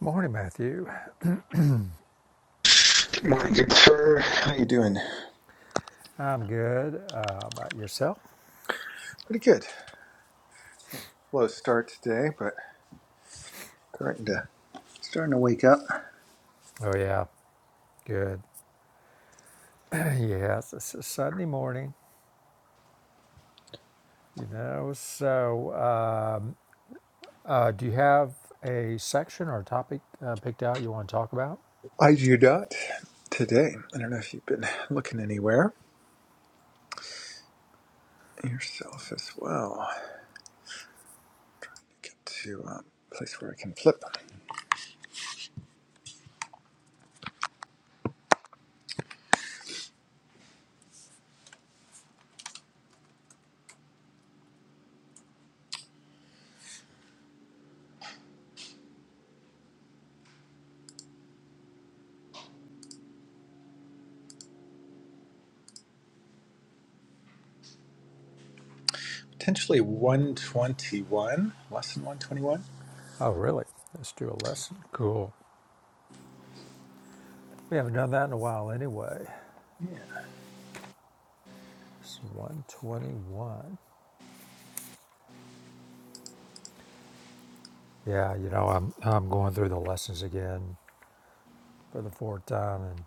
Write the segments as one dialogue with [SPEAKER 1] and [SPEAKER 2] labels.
[SPEAKER 1] Morning, Matthew.
[SPEAKER 2] Good morning, good sir. How you doing?
[SPEAKER 1] I'm good. Uh, about yourself?
[SPEAKER 2] Pretty good. Oh, slow start today, but starting to starting to wake up.
[SPEAKER 1] Oh, yeah, good. yes, it's a Sunday morning, you know. So, um, uh, do you have a section or a topic uh, picked out you want to talk about?
[SPEAKER 2] I do not today. I don't know if you've been looking anywhere yourself as well. Get to um, a place where I can flip. Potentially 121, lesson 121.
[SPEAKER 1] Oh, really? Let's do a lesson. Cool. We haven't done that in a while anyway.
[SPEAKER 2] Yeah.
[SPEAKER 1] It's 121. Yeah, you know, I'm, I'm going through the lessons again for the fourth time, and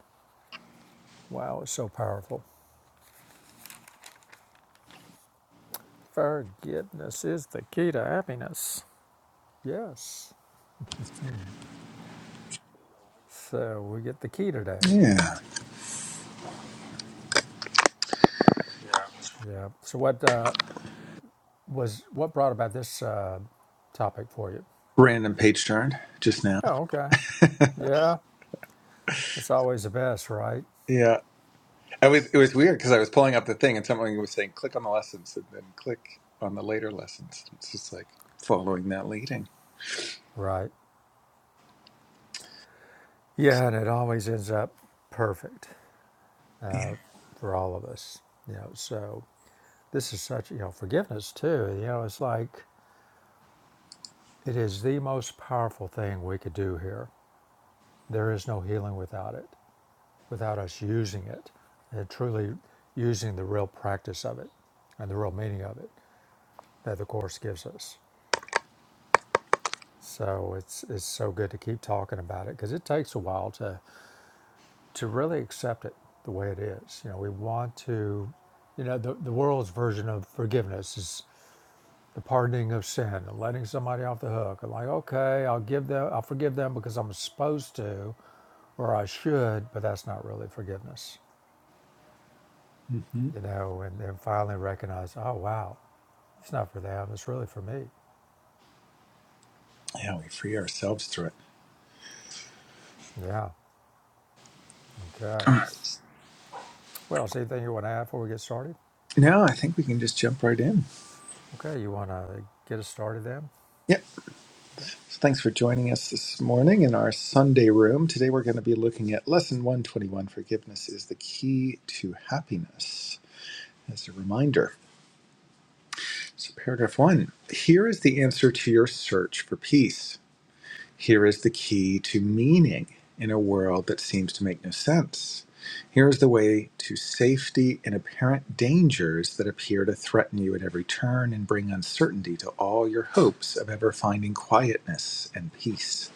[SPEAKER 1] wow, it's so powerful. Forgiveness is the key to happiness. Yes. So we get the key today.
[SPEAKER 2] Yeah.
[SPEAKER 1] Yeah. So what uh, was what brought about this uh, topic for you?
[SPEAKER 2] Random page turn just now.
[SPEAKER 1] Oh, okay. Yeah. It's always the best, right?
[SPEAKER 2] Yeah. It was it was weird because I was pulling up the thing and someone was saying click on the lessons and then click on the later lessons. It's just like following that leading.
[SPEAKER 1] Right. Yeah, and it always ends up perfect
[SPEAKER 2] Yeah.
[SPEAKER 1] uh, for all of us. You know. So this is such you know forgiveness too. You know, it's like it is the most powerful thing we could do here. There is no healing without it. without us using it, and truly using the real practice of it and the real meaning of it that the course gives us. So it's it's so good to keep talking about it because it takes a while to to really accept it the way it is. You know, we want to, you know, the the world's version of forgiveness is the pardoning of sin and letting somebody off the hook. And like, okay, I'll give them, I'll forgive them because I'm supposed to or I should, but that's not really forgiveness
[SPEAKER 2] hmm
[SPEAKER 1] you know, and then finally recognize, oh wow, It's not for them. It's really for me.
[SPEAKER 2] Yeah, we free ourselves through it.
[SPEAKER 1] Yeah. Okay.
[SPEAKER 2] All right.
[SPEAKER 1] Well, is there anything you want to add before we get started?
[SPEAKER 2] Now I think we can just jump right in.
[SPEAKER 1] Okay. You want to get us started then?
[SPEAKER 2] Yep.
[SPEAKER 1] Okay.
[SPEAKER 2] So thanks for joining us this morning in our Sunday room. Today we're going to be looking at Lesson 121 Forgiveness is the Key to Happiness. As a reminder, so paragraph one here is the answer to your search for peace. Here is the key to meaning in a world that seems to make no sense. Here is the way to safety in apparent dangers that appear to threaten you at every turn and bring uncertainty to all your hopes of ever finding quietness and peace.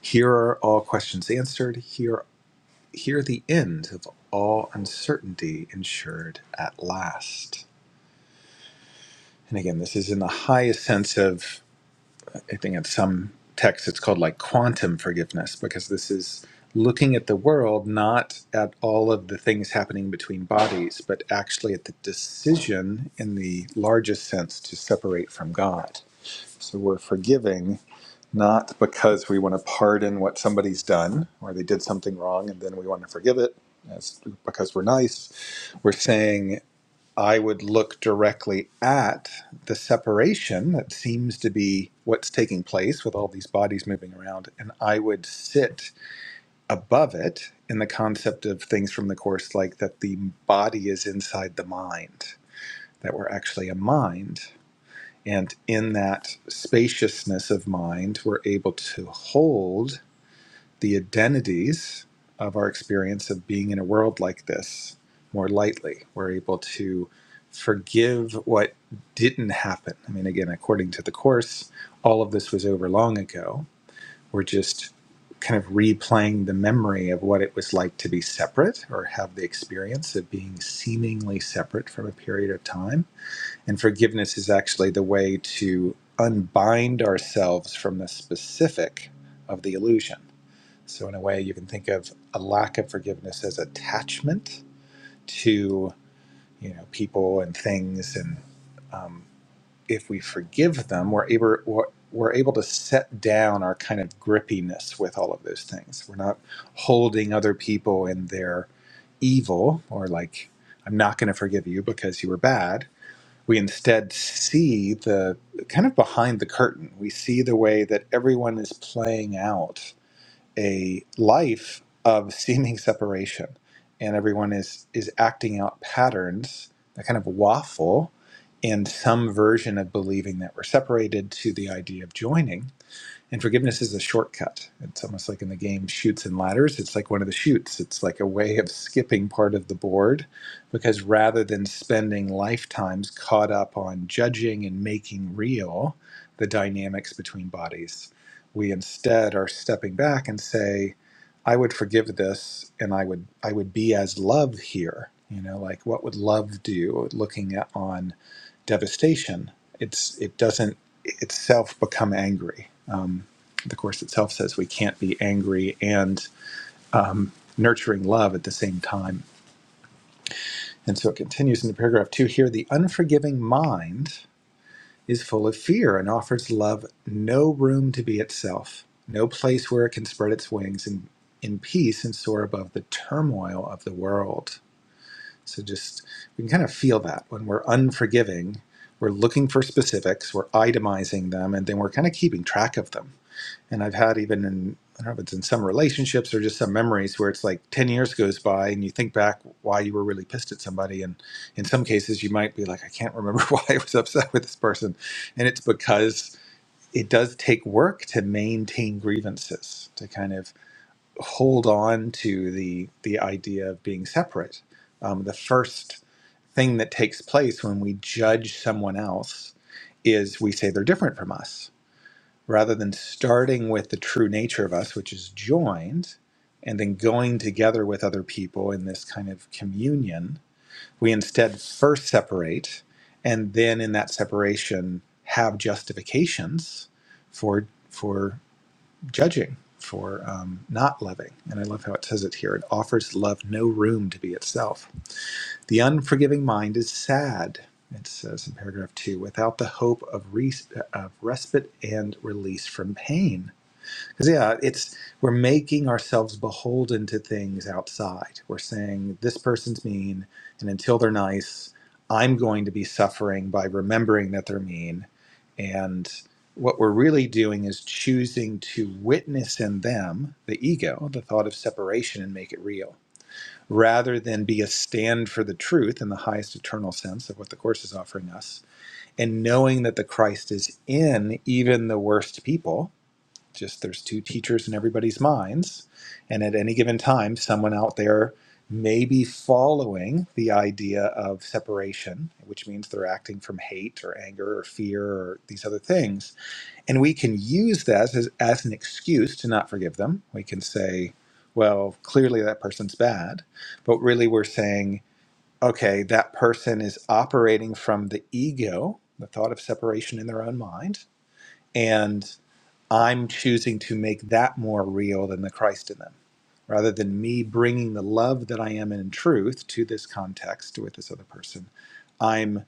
[SPEAKER 2] Here are all questions answered. Here, here the end of all uncertainty ensured at last. And again, this is in the highest sense of. I think in some texts it's called like quantum forgiveness because this is looking at the world not at all of the things happening between bodies, but actually at the decision in the largest sense to separate from God. So we're forgiving not because we want to pardon what somebody's done or they did something wrong and then we want to forgive it as because we're nice. We're saying I would look directly at the separation that seems to be what's taking place with all these bodies moving around, and I would sit above it in the concept of things from the Course, like that the body is inside the mind, that we're actually a mind. And in that spaciousness of mind, we're able to hold the identities of our experience of being in a world like this more lightly. We're able to forgive what didn't happen. I mean, again, according to the Course, all of this was over long ago. We're just kind of replaying the memory of what it was like to be separate or have the experience of being seemingly separate from a period of time. And forgiveness is actually the way to unbind ourselves from the specific of the illusion so in a way, you can think of a lack of forgiveness as attachment to you know people and things, and um, if we forgive them, we're able we're, we're able to set down our kind of grippiness with all of those things. We're not holding other people in their evil or like I'm not going to forgive you because you were bad. We instead see the kind of behind the curtain. We see the way that everyone is playing out a life of seeming separation and everyone is is acting out patterns that kind of waffle in some version of believing that we're separated to the idea of joining and forgiveness is a shortcut. It's almost like in the game Shoots and Ladders. It's like one of the shoots. It's like a way of skipping part of the board because rather than spending lifetimes caught up on judging and making real the dynamics between bodies, we instead are stepping back and say, I would forgive this and I would I would be as love here. You know, like what would love do looking at on devastation? It's it doesn't itself become angry. Um, the Course itself says we can't be angry and um, nurturing love at the same time. And so it continues into paragraph two here the unforgiving mind is full of fear and offers love no room to be itself, no place where it can spread its wings in, in peace and soar above the turmoil of the world. So just, we can kind of feel that when we're unforgiving, we're looking for specifics, we're itemizing them, and then we're kind of keeping track of them and I've had even in I don't know if it's in some relationships or just some memories where it's like ten years goes by and you think back why you were really pissed at somebody, and in some cases you might be like, I can't remember why I was upset with this person, and it's because it does take work to maintain grievances to kind of hold on to the the idea of being separate. Um, the first thing that takes place when we judge someone else is we say they're different from us rather than starting with the true nature of us, which is joined, and then going together with other people in this kind of communion, we instead first separate, and then in that separation have justifications for for judging, for um, not loving. And I love how it says it here. It offers love no room to be itself. The unforgiving mind is sad. It says in paragraph two, without the hope of, res- of respite and release from pain 'Cause, yeah, it's we're making ourselves beholden to things outside. We're saying this person's mean, and until they're nice, I'm going to be suffering by remembering that they're mean. And what we're really doing is choosing to witness in them the ego, the thought of separation, and make it real, rather than be a stand for the truth in the highest eternal sense of what the Course is offering us. And knowing that the Christ is in even the worst people, just there's two teachers in everybody's minds and at any given time someone out there may be following the idea of separation which means they're acting from hate or anger or fear or these other things and we can use that as, as an excuse to not forgive them we can say well clearly that person's bad but really we're saying okay that person is operating from the ego the thought of separation in their own mind and. I'm choosing to make that more real than the Christ in them, rather than me bringing the love that I am in truth to this context with this other person. I'm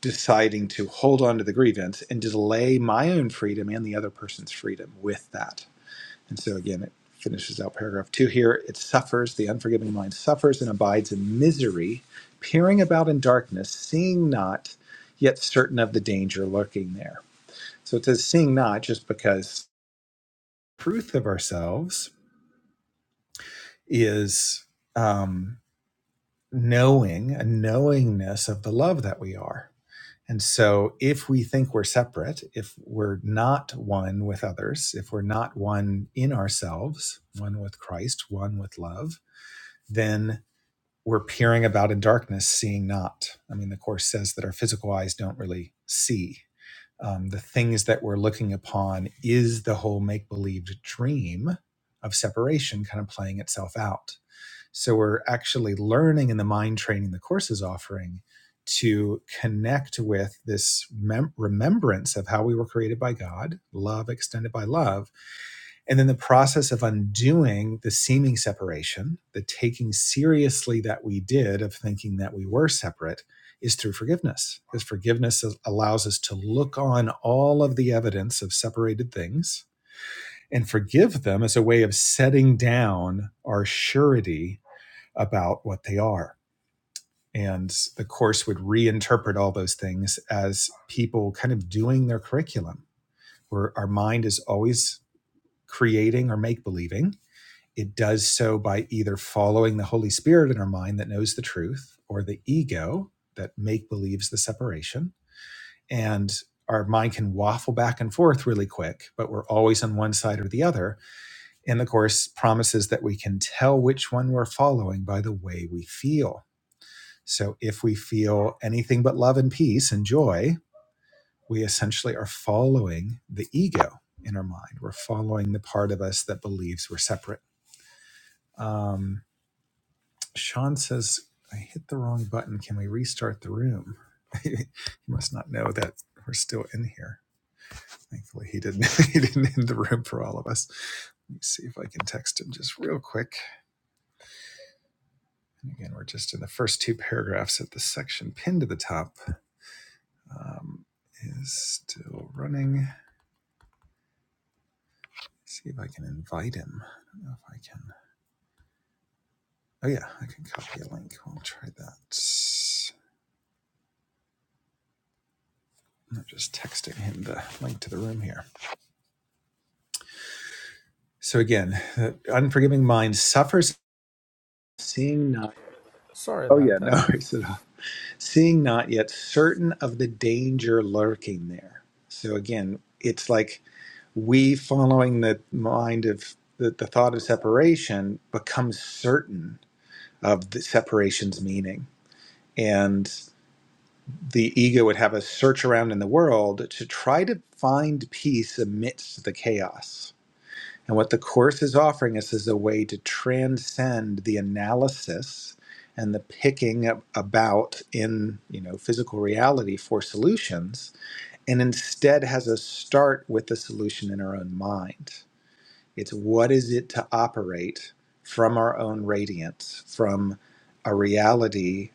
[SPEAKER 2] deciding to hold on to the grievance and delay my own freedom and the other person's freedom with that. And so, again, it finishes out paragraph two here. It suffers, the unforgiving mind suffers and abides in misery, peering about in darkness, seeing not, yet certain of the danger lurking there. So it says seeing not just because truth of ourselves is um, knowing a knowingness of the love that we are and so if we think we're separate if we're not one with others if we're not one in ourselves one with christ one with love then we're peering about in darkness seeing not i mean the course says that our physical eyes don't really see um, the things that we're looking upon is the whole make believed dream of separation kind of playing itself out. So we're actually learning in the mind training the course is offering to connect with this mem- remembrance of how we were created by God, love extended by love, and then the process of undoing the seeming separation, the taking seriously that we did of thinking that we were separate, is through forgiveness. Because forgiveness allows us to look on all of the evidence of separated things and forgive them as a way of setting down our surety about what they are. And the course would reinterpret all those things as people kind of doing their curriculum, where our mind is always creating or make believing it does so by either following the Holy Spirit in our mind that knows the truth or the ego that make believes the separation. And our mind can waffle back and forth really quick, but we're always on one side or the other. And the Course promises that we can tell which one we're following by the way we feel. So if we feel anything but love and peace and joy, we essentially are following the ego in our mind. We're following the part of us that believes we're separate. Um, Sean says, I hit the wrong button. Can we restart the room? he must not know that we're still in here. Thankfully, he didn't. He didn't end the room for all of us. Let me see if I can text him just real quick. And again, we're just in the first two paragraphs of the section pinned to the top. Um, is still running. Let's See if I can invite him. I don't know if I can. Oh yeah, I can copy a link. We'll try that. I'm just texting him the link to the room here. So again, the unforgiving mind suffers seeing not.
[SPEAKER 1] Sorry
[SPEAKER 2] Oh
[SPEAKER 1] about
[SPEAKER 2] yeah, no
[SPEAKER 1] that.
[SPEAKER 2] worries at all. Seeing not yet certain of the danger lurking there. So again, it's like we following the mind of the, the thought of separation becomes certain of the separation's meaning. And the ego would have us search around in the world to try to find peace amidst the chaos And what the Course is offering us is a way to transcend the analysis and the picking up about in you know physical reality for solutions and instead has us start with the solution in our own mind it's what is it to operate from our own radiance from a reality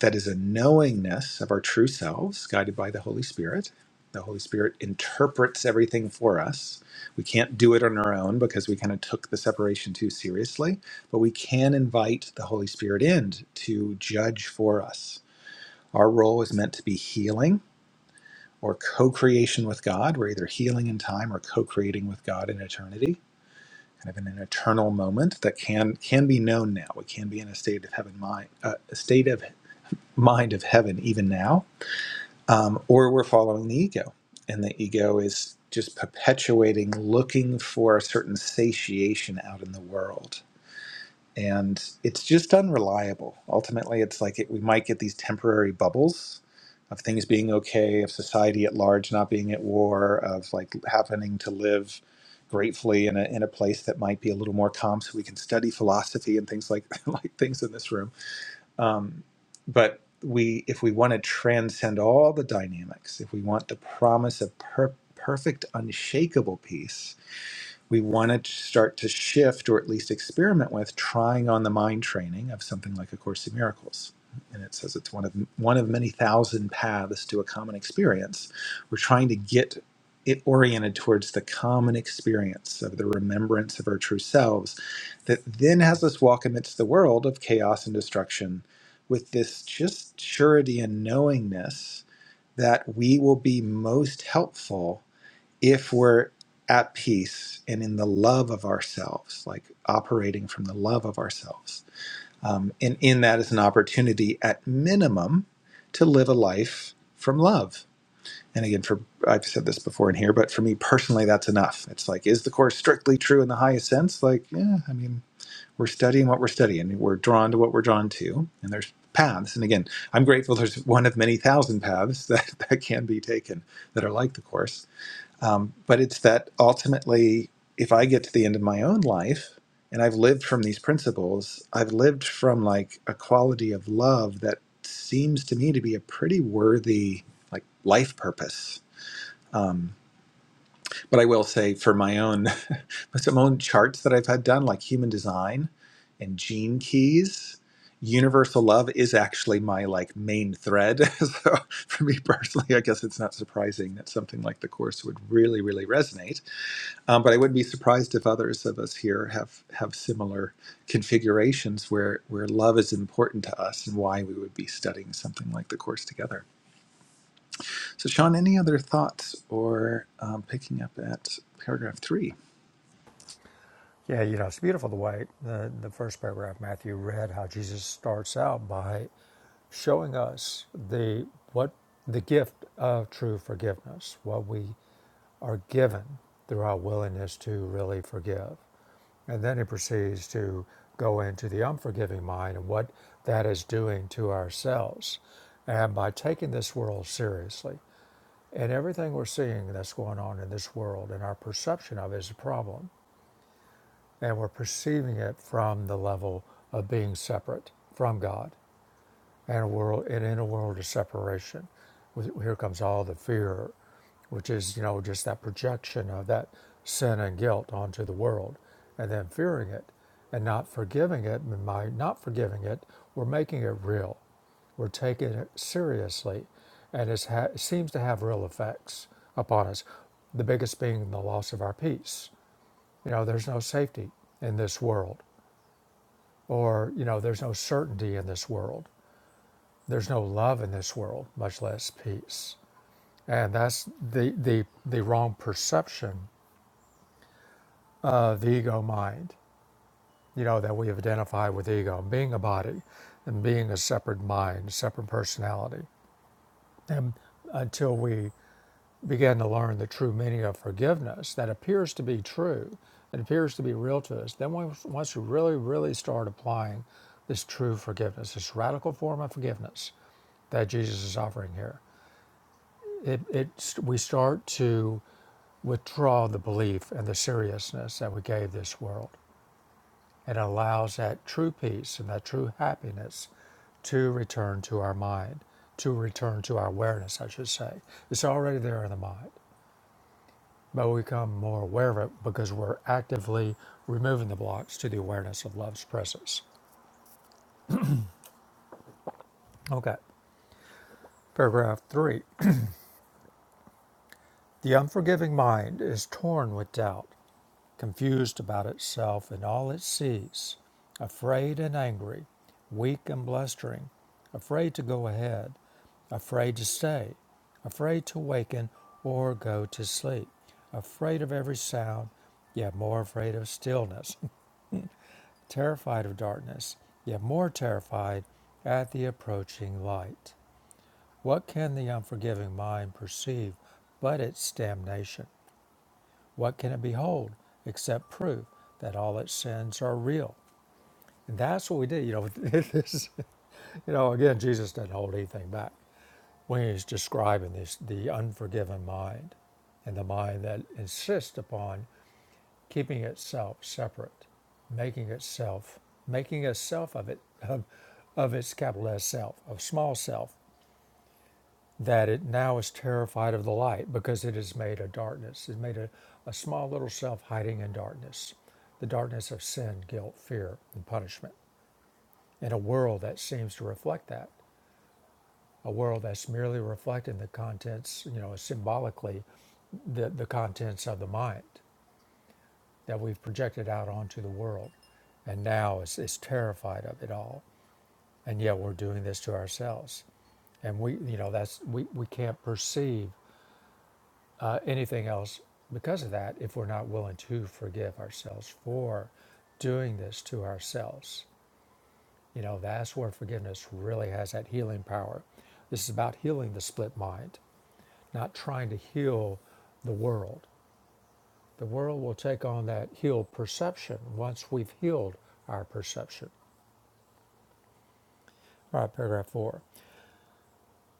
[SPEAKER 2] that is a knowingness of our true selves guided by the Holy Spirit. The Holy Spirit interprets everything for us. We can't do it on our own because we kind of took the separation too seriously, but we can invite the Holy Spirit in to judge for us. Our role is meant to be healing or co creation with God. We're either healing in time or co creating with God in eternity. Kind of in an eternal moment that can can be known now. We can be in a state of heaven mind, uh, a state of mind of heaven even now um, or we're following the ego. And the ego is just perpetuating, looking for a certain satiation out in the world. And it's just unreliable. Ultimately, it's like it, we might get these temporary bubbles of things being okay, of society at large not being at war, of like happening to live gratefully in a, in a place that might be a little more calm so we can study philosophy and things like like things in this room um, but we, if we want to transcend all the dynamics, if we want the promise of per- perfect, unshakable peace, we want to start to shift or at least experiment with trying on the mind training of something like a course in miracles and it says it's one of one of many thousand paths to a common experience we're trying to get it oriented towards the common experience of the remembrance of our true selves that then has us walk amidst the world of chaos and destruction with this just surety and knowingness that we will be most helpful if we're at peace and in the love of ourselves, like operating from the love of ourselves, um, and in that is an opportunity at minimum to live a life from love. And again, for I've said this before in here, but for me personally, that's enough. It's like, is the course strictly true in the highest sense? Like, yeah, I mean, we're studying what we're studying, we're drawn to what we're drawn to, and there's paths. And again, I'm grateful there's one of many thousand paths that, that can be taken that are like the course um, but it's that ultimately, if I get to the end of my own life and I've lived from these principles, I've lived from like a quality of love that seems to me to be a pretty worthy like life purpose. Um, but I will say for my own, some own charts that I've had done, like human design and gene keys, universal love is actually my like main thread. so for me personally, I guess it's not surprising that something like the course would really, really resonate um, but I wouldn't be surprised if others of us here have have similar configurations where where love is important to us and why we would be studying something like the course together. So, Sean, any other thoughts or um, picking up at paragraph three?
[SPEAKER 1] Yeah. You know, it's beautiful the way the, the first paragraph Matthew read how Jesus starts out by showing us the what the gift of true forgiveness, what we are given through our willingness to really forgive. And then he proceeds to go into the unforgiving mind and what that is doing to ourselves. And by taking this world seriously, and everything we're seeing that's going on in this world and our perception of it is a problem, and we're perceiving it from the level of being separate from God and a world and in a world of separation here comes all the fear which is you know just that projection of that sin and guilt onto the world and then fearing it and not forgiving it and by not forgiving it we're making it real we're taking it seriously and it's ha- it seems to have real effects upon us the biggest being the loss of our peace you know there's no safety in this world or you know there's no certainty in this world there's no love in this world, much less peace. And that's the, the, the wrong perception of the ego mind, you know, that we have identified with ego, being a body and being a separate mind, separate personality. And until we begin to learn the true meaning of forgiveness that appears to be true, it appears to be real to us, then once, once we really, really start applying this true forgiveness, this radical form of forgiveness that Jesus is offering here, it, it we start to withdraw the belief and the seriousness that we gave this world it allows that true peace and that true happiness to return to our mind to return to our awareness i should say it's already there in the mind but we become more aware of it because we're actively removing the blocks to the awareness of love's presence okay paragraph 3 the unforgiving mind is torn with doubt confused about itself and all it sees, afraid and angry, weak and blustering, afraid to go ahead, afraid to stay, afraid to waken or go to sleep, afraid of every sound, yet more afraid of stillness, terrified of darkness, yet more terrified at the approaching light. What can the unforgiving mind perceive but its damnation? What can it behold except proof that all its sins are real? And that's what we did. You know, this, is- you know, again, Jesus doesn't hold anything back when he's describing this the unforgiven mind and the mind that insists upon keeping itself separate, making itself, making a self of it, of, of its capital S self, of small self, that it now is terrified of the light because it is made a darkness, It's made a, a small little self hiding in darkness, the darkness of sin, guilt, fear, and punishment, in a world that seems to reflect that, a world that's merely reflecting the contents, you know, symbolically, the, the contents of the mind that we've projected out onto the world. And now is, is terrified of it all. And yet we're doing this to ourselves. And we, you know, that's, we, we can't perceive uh, anything else because of that if we're not willing to forgive ourselves for doing this to ourselves. You know, that's where forgiveness really has that healing power. This is about healing the split mind, not trying to heal the world. The world will take on that healed perception once we've healed our perception. All right, paragraph four.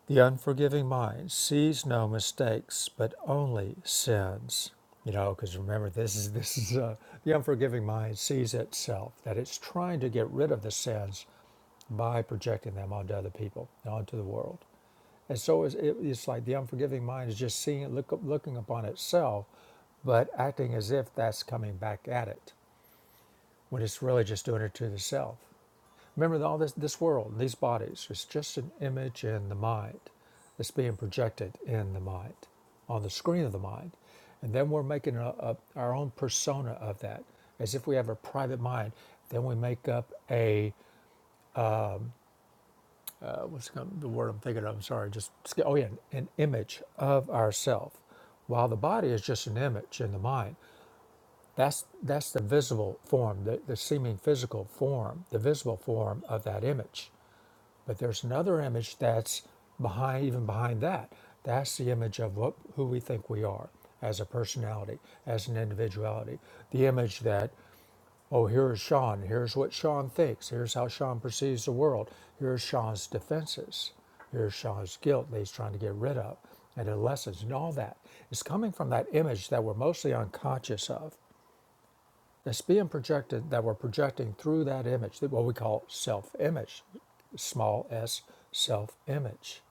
[SPEAKER 1] The unforgiving mind sees no mistakes, but only sins. You know, because remember, this is this is uh, the unforgiving mind sees itself that it's trying to get rid of the sins by projecting them onto other people and onto the world. And so it's, it, it's like the unforgiving mind is just seeing, it, look, looking upon itself, but acting as if that's coming back at it when it's really just doing it to the self. Remember, all this this world, these bodies, is just an image in the mind. It's being projected in the mind, on the screen of the mind, and then we're making a, a, our own persona of that, as if we have a private mind. Then we make up a what's the word I'm thinking of? I'm sorry, just oh yeah, an image of ourself, while the body is just an image in the mind. That's that's the visible form, the, the seeming physical form, the visible form of that image But there's another image that's behind, even behind that. That's the image of what, who we think we are as a personality, as an individuality. The image that, oh, here's Sean, here's what Sean thinks, here's how Sean perceives the world, here's Sean's defenses, here's Sean's guilt that he's trying to get rid of, and adolescence, and all that. It's coming from that image that we're mostly unconscious of that's being projected that we're projecting through that image that what we call self-image small s self-image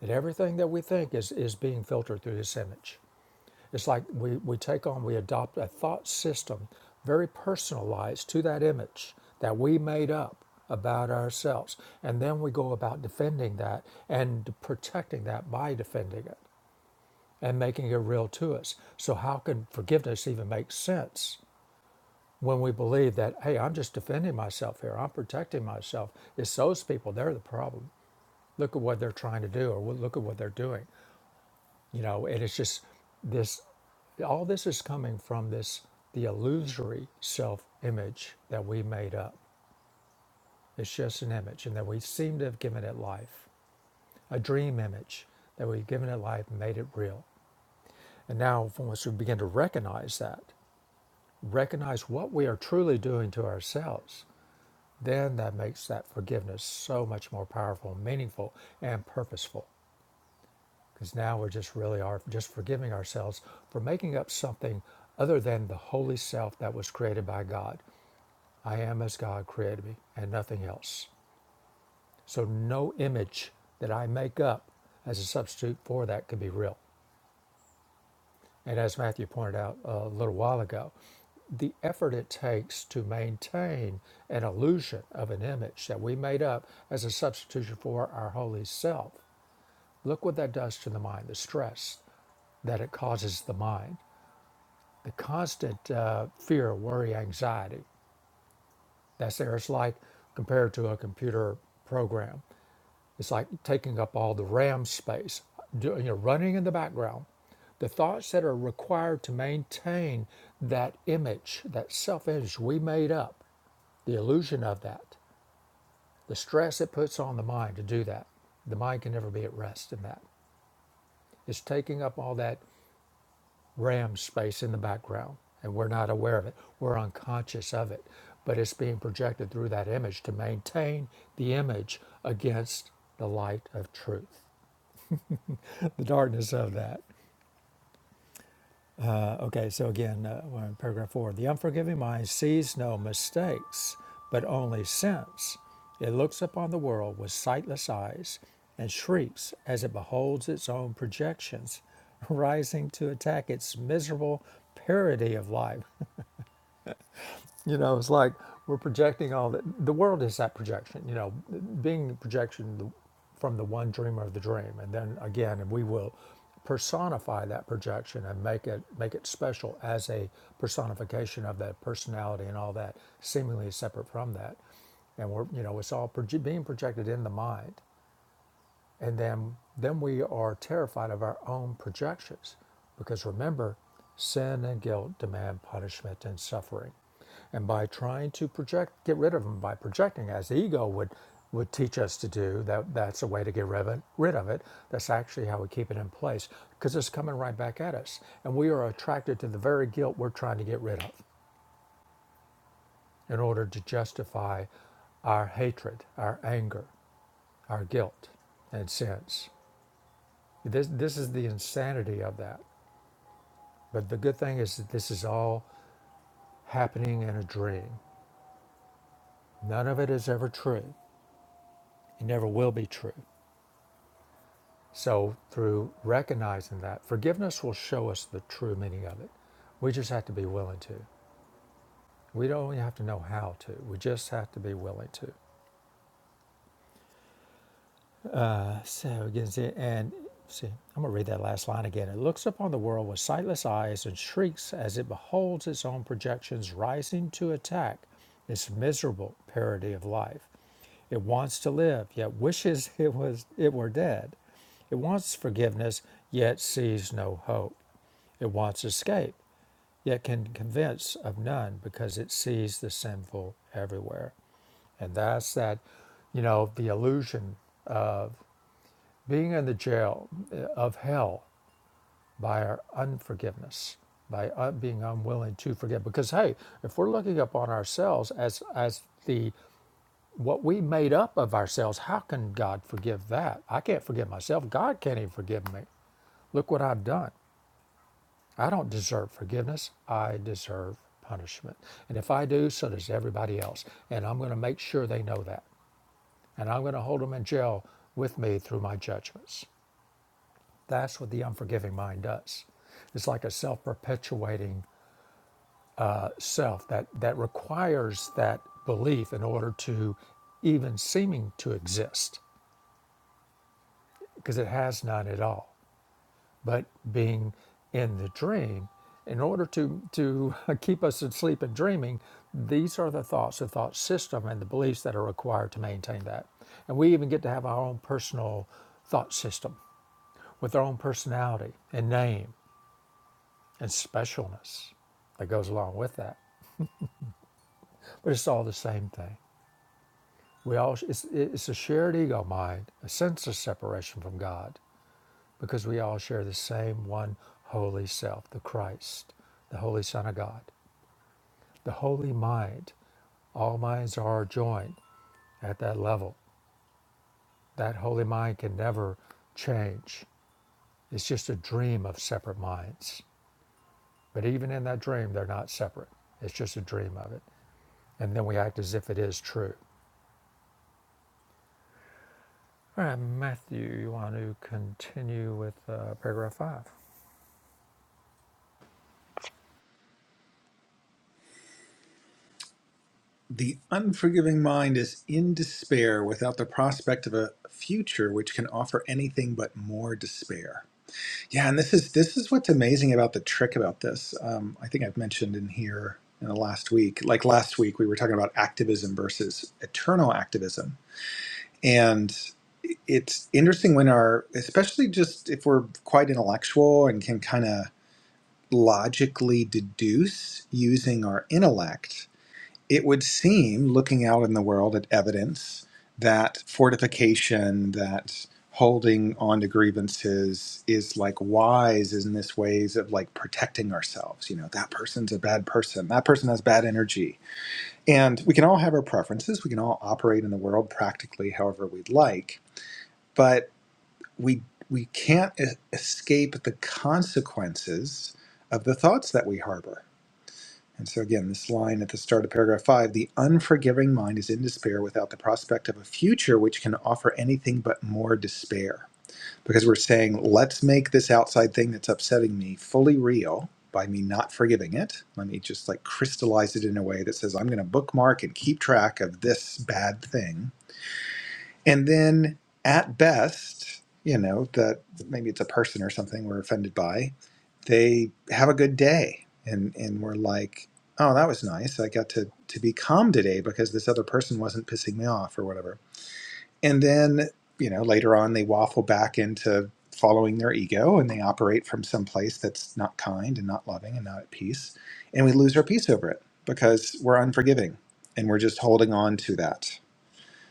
[SPEAKER 1] that everything that we think is is being filtered through this image it's like we we take on we adopt a thought system very personalized to that image that we made up about ourselves and then we go about defending that and protecting that by defending it and making it real to us so how can forgiveness even make sense when we believe that, hey, I'm just defending myself here, I'm protecting myself. It's those people, they're the problem. Look at what they're trying to do, or "Well, look at what they're doing. You know, and it's just this all this is coming from this the illusory self image that we made up. It's just an image, and that we seem to have given it life, a dream image that we've given it life and made it real. And now, once we begin to recognize that, recognize what we are truly doing to ourselves, Then that makes that forgiveness so much more powerful, meaningful, and purposeful. Because now we're just really are just forgiving ourselves for making up something other than the holy self that was created by God. I am as God created me and nothing else. So no image that I make up as a substitute for that could be real. And as Matthew pointed out a little while ago, the effort it takes to maintain an illusion of an image that we made up as a substitution for our holy self. Look what that does to the mind, the stress that it causes the mind, the constant uh, fear, worry, anxiety. That's there. It's like compared to a computer program it's like taking up all the RAM space, you know, running in the background. The thoughts that are required to maintain that image, that self image we made up, the illusion of that, the stress it puts on the mind to do that. The mind can never be at rest in that. It's taking up all that RAM space in the background, and we're not aware of it. We're unconscious of it, but it's being projected through that image to maintain the image against the light of truth. the darkness of that. Uh, okay, so again, uh, we're in paragraph four. The unforgiving mind sees no mistakes, but only sins. It looks upon the world with sightless eyes and shrieks as it beholds its own projections rising to attack its miserable parody of life. You know, it's like we're projecting all that. The world is that projection, you know, being the projection the- from the one dreamer of the dream. And then again, and we will personify that projection and make it make it special as a personification of that personality and all that seemingly separate from that and we're you know it's all proje- being projected in the mind and then, then we are terrified of our own projections. Because remember, sin and guilt demand punishment and suffering. And by trying to project, get rid of them, by projecting, as the ego would, would teach us to do, that, that's a way to get rid of, it, rid of it. That's actually how we keep it in place because it's coming right back at us. And we are attracted to the very guilt we're trying to get rid of in order to justify our hatred, our anger, our guilt, and sins. This, this is the insanity of that. But the good thing is that this is all happening in a dream. None of it is ever true. It never will be true. So, through recognizing that, forgiveness will show us the true meaning of it. We just have to be willing to. We don't even have to know how to. We just have to be willing to. So you can see, and see, I'm gonna read that last line again. It looks upon the world with sightless eyes and shrieks as it beholds its own projections rising to attack its miserable parody of life. It wants to live, yet wishes it was it were dead. It wants forgiveness, yet sees no hope. It wants escape, yet can convince of none because it sees the sinful everywhere. And that's that, you know, the illusion of. Being in the jail uh, of hell by our unforgiveness, by uh, being unwilling to forgive. Because hey, if we're looking upon ourselves as as the what we made up of ourselves, how can God forgive that? I can't forgive myself. God can't even forgive me. Look what I've done. I don't deserve forgiveness. I deserve punishment. And if I do, so does everybody else. And I'm going to make sure they know that. And I'm going to hold them in jail with me through my judgments. That's what the unforgiving mind does. It's like a self perpetuating self that, that requires that belief in order to even seeming to exist because it has none at all. But being in the dream, in order to, to keep us asleep and dreaming, these are the thoughts, the thought system, and the beliefs that are required to maintain that. And we even get to have our own personal thought system with our own personality and name and specialness that goes along with that. But it's all the same thing. We all it's, it's a shared ego mind, a sense of separation from God, because we all share the same one holy self, the Christ, the Holy Son of God, the holy mind. All minds are joined at that level. That holy mind can never change. It's just a dream of separate minds. But even in that dream, they're not separate. It's just a dream of it. And then we act as if it is true. All right, Matthew, you want to continue with uh, paragraph five?
[SPEAKER 2] The unforgiving mind is in despair without the prospect of a future which can offer anything but more despair. Yeah, and this is this is what's amazing about the trick about this. Um, I think I've mentioned in here in the last week, like last week, we were talking about activism versus eternal activism, and it's interesting when our, especially just if we're quite intellectual and can kind of logically deduce using our intellect it would seem, looking out in the world at evidence, that fortification, that holding on to grievances is like wise in this ways of like protecting ourselves. You know, that person's a bad person. That person has bad energy. And we can all have our preferences. We can all operate in the world practically however we'd like, but we we can't e- escape the consequences of the thoughts that we harbor and so, again, this line at the start of paragraph five the unforgiving mind is in despair without the prospect of a future which can offer anything but more despair. Because we're saying, let's make this outside thing that's upsetting me fully real by me not forgiving it. Let me just like crystallize it in a way that says, I'm going to bookmark and keep track of this bad thing and then at best, you know, that maybe it's a person or something we're offended by, they have a good day and, and we're like, oh, that was nice. I got to, to be calm today because this other person wasn't pissing me off or whatever. And then, you know, later on they waffle back into following their ego and they operate from some place that's not kind and not loving and not at peace. And we lose our peace over it because we're unforgiving and we're just holding on to that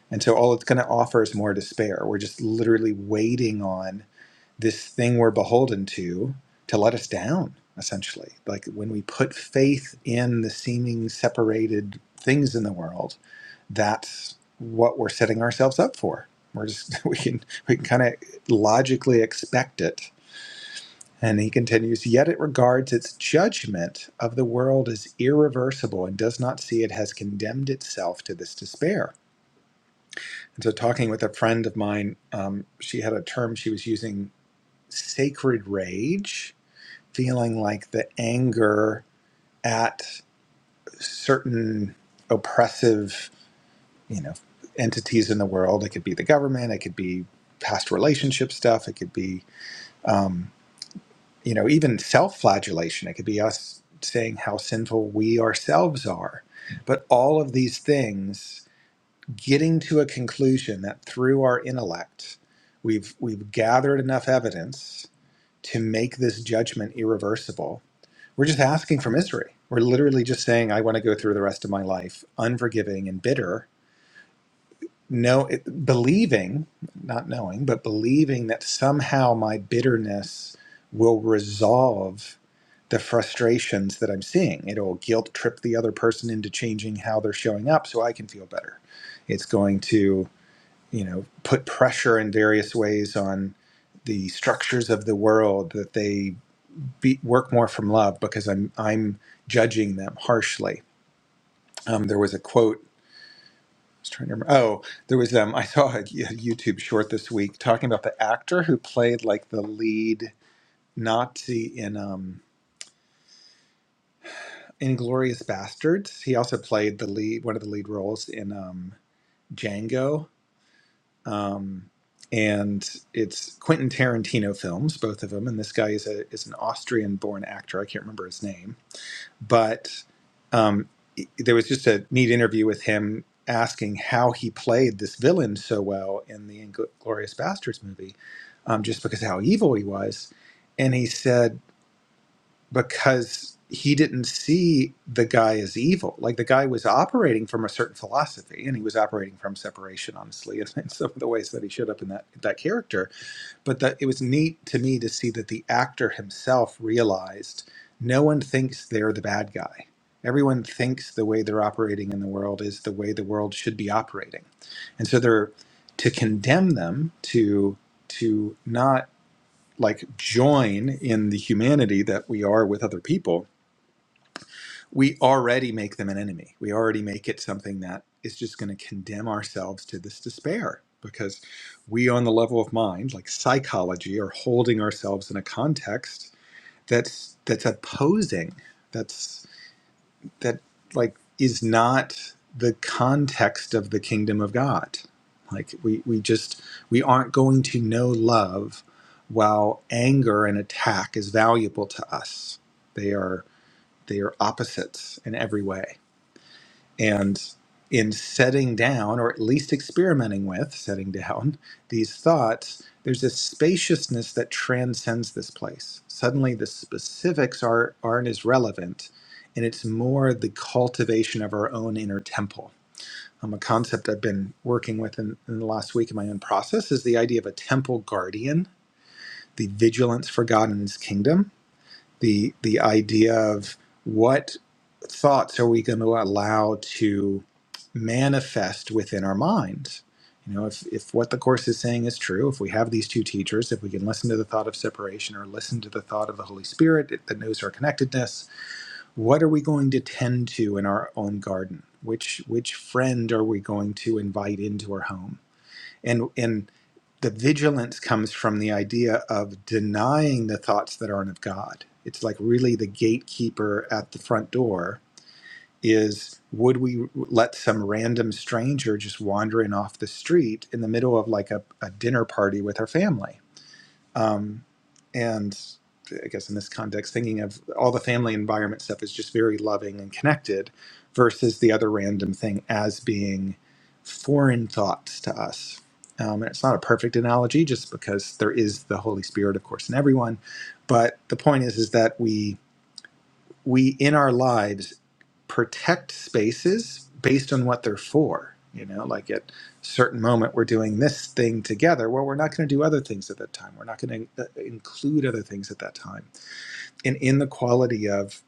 [SPEAKER 2] and so all it's going to offer is more despair. We're just literally waiting on this thing we're beholden to to let us down, essentially. Like when we put faith in the seeming separated things in the world, that's what we're setting ourselves up for. We're just we can we can kind of logically expect it. And he continues, yet it regards its judgment of the world as irreversible and does not see it has condemned itself to this despair and so, talking with a friend of mine, um, she had a term she was using sacred rage, feeling like the anger at certain oppressive, you know, entities in the world. It could be the government, it could be past relationship stuff, it could be, um, you know, even self flagellation. It could be us saying how sinful we ourselves are. But all of these things. getting to a conclusion that through our intellect we've we've gathered enough evidence to make this judgment irreversible we're just asking for misery we're literally just saying i want to go through the rest of my life unforgiving and bitter no it, believing not knowing but believing that somehow my bitterness will resolve the frustrations that i'm seeing it'll guilt trip the other person into changing how they're showing up so i can feel better it's going to you know, put pressure in various ways on the structures of the world that they be, work more from love because I'm I'm judging them harshly. Um, there was a quote. I was trying to remember. Oh, there was um. I saw a, a YouTube short this week talking about the actor who played like the lead Nazi in um Inglorious Bastards. He also played the lead one of the lead roles in um Django um, and it's Quentin Tarantino films, both of them. And this guy is a is an Austrian-born actor. I can't remember his name, but um, i- there was just a neat interview with him asking how he played this villain so well in the Inglorious Bastards movie, um, just because of how evil he was. And he said because he didn't see the guy as evil. Like the guy was operating from a certain philosophy, and he was operating from separation, honestly, in, in some of the ways that he showed up in that that character. But that it was neat to me to see that the actor himself realized no one thinks they're the bad guy. Everyone thinks the way they're operating in the world is the way the world should be operating, and so they're to condemn them to to not like join in the humanity that we are with other people, we already make them an enemy. We already make it something that is just going to condemn ourselves to this despair because we, on the level of mind, like psychology, are holding ourselves in a context that's that's opposing. That's that like is not the context of the kingdom of God. Like we we just we aren't going to know love while anger and attack is valuable to us. They are they are opposites in every way. And in setting down, or at least experimenting with setting down these thoughts, there's a spaciousness that transcends this place. Suddenly, the specifics are, aren't as relevant, and it's more the cultivation of our own inner temple. Um, a concept I've been working with in, in the last week in my own process is the idea of a temple guardian, the vigilance for God and His kingdom the the idea of what thoughts are we going to allow to manifest within our minds you know if, if what the course is saying is true if we have these two teachers if we can listen to the thought of separation or listen to the thought of the holy spirit that knows our connectedness what are we going to tend to in our own garden which which friend are we going to invite into our home and and the vigilance comes from the idea of denying the thoughts that aren't of God. It's like really the gatekeeper at the front door is would we let some random stranger just wandering off the street in the middle of like a, a dinner party with her family? Um, and I guess in this context, thinking of all the family environment stuff is just very loving and connected versus the other random thing as being foreign thoughts to us. Um, and it's not a perfect analogy just because there is the Holy Spirit, of course, in everyone. But the point is, is that we, we in our lives protect spaces based on what they're for. You know, like at a certain moment we're doing this thing together. Well, we're not going to do other things at that time. We're not going to include other things at that time. And in the quality of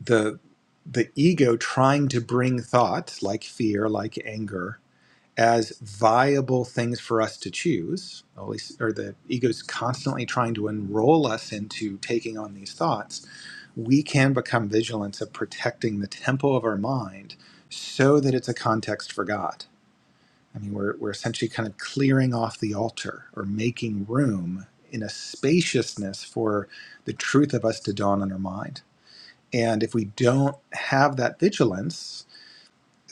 [SPEAKER 2] the the ego trying to bring thoughts like fear, like anger, as viable things for us to choose, or, at least, or the ego's constantly trying to enroll us into taking on these thoughts we can become vigilant of protecting the temple of our mind so that it's a context for God. I mean, we're, we're essentially kind of clearing off the altar or making room in a spaciousness for the truth of us to dawn on our mind. And if we don't have that vigilance,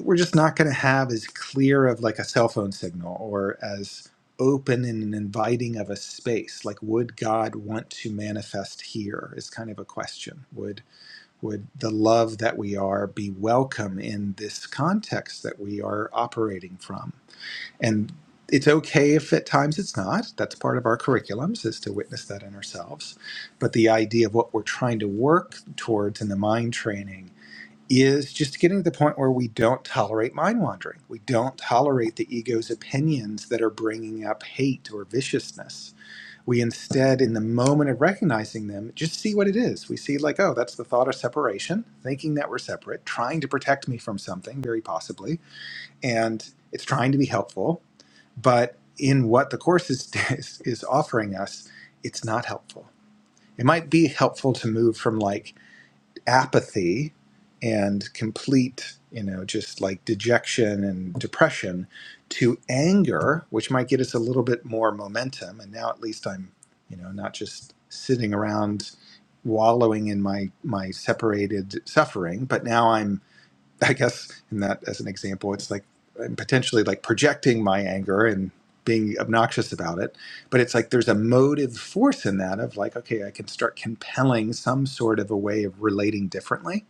[SPEAKER 2] we're just not going to have as clear of like a cell phone signal or as open and inviting of a space. Like, would God want to manifest here? Is kind of a question. Would would the love that we are be welcome in this context that we are operating from and it's okay if at times it's not that's part of our curriculums is to witness that in ourselves but the idea of what we're trying to work towards in the mind training is just getting to the point where we don't tolerate mind wandering we don't tolerate the ego's opinions that are bringing up hate or viciousness we instead, in the moment of recognizing them, just see what it is. We see, like, oh, that's the thought of separation, thinking that we're separate, trying to protect me from something, very possibly. And it's trying to be helpful. But in what the Course is, is, is offering us, it's not helpful. It might be helpful to move from like apathy and complete, you know, just like dejection and depression to anger, which might get us a little bit more momentum. And now at least I'm, you know, not just sitting around wallowing in my my separated suffering, but now I'm I guess in that as an example, it's like I'm potentially like projecting my anger and being obnoxious about it. But it's like there's a motive force in that of like, okay, I can start compelling some sort of a way of relating differently.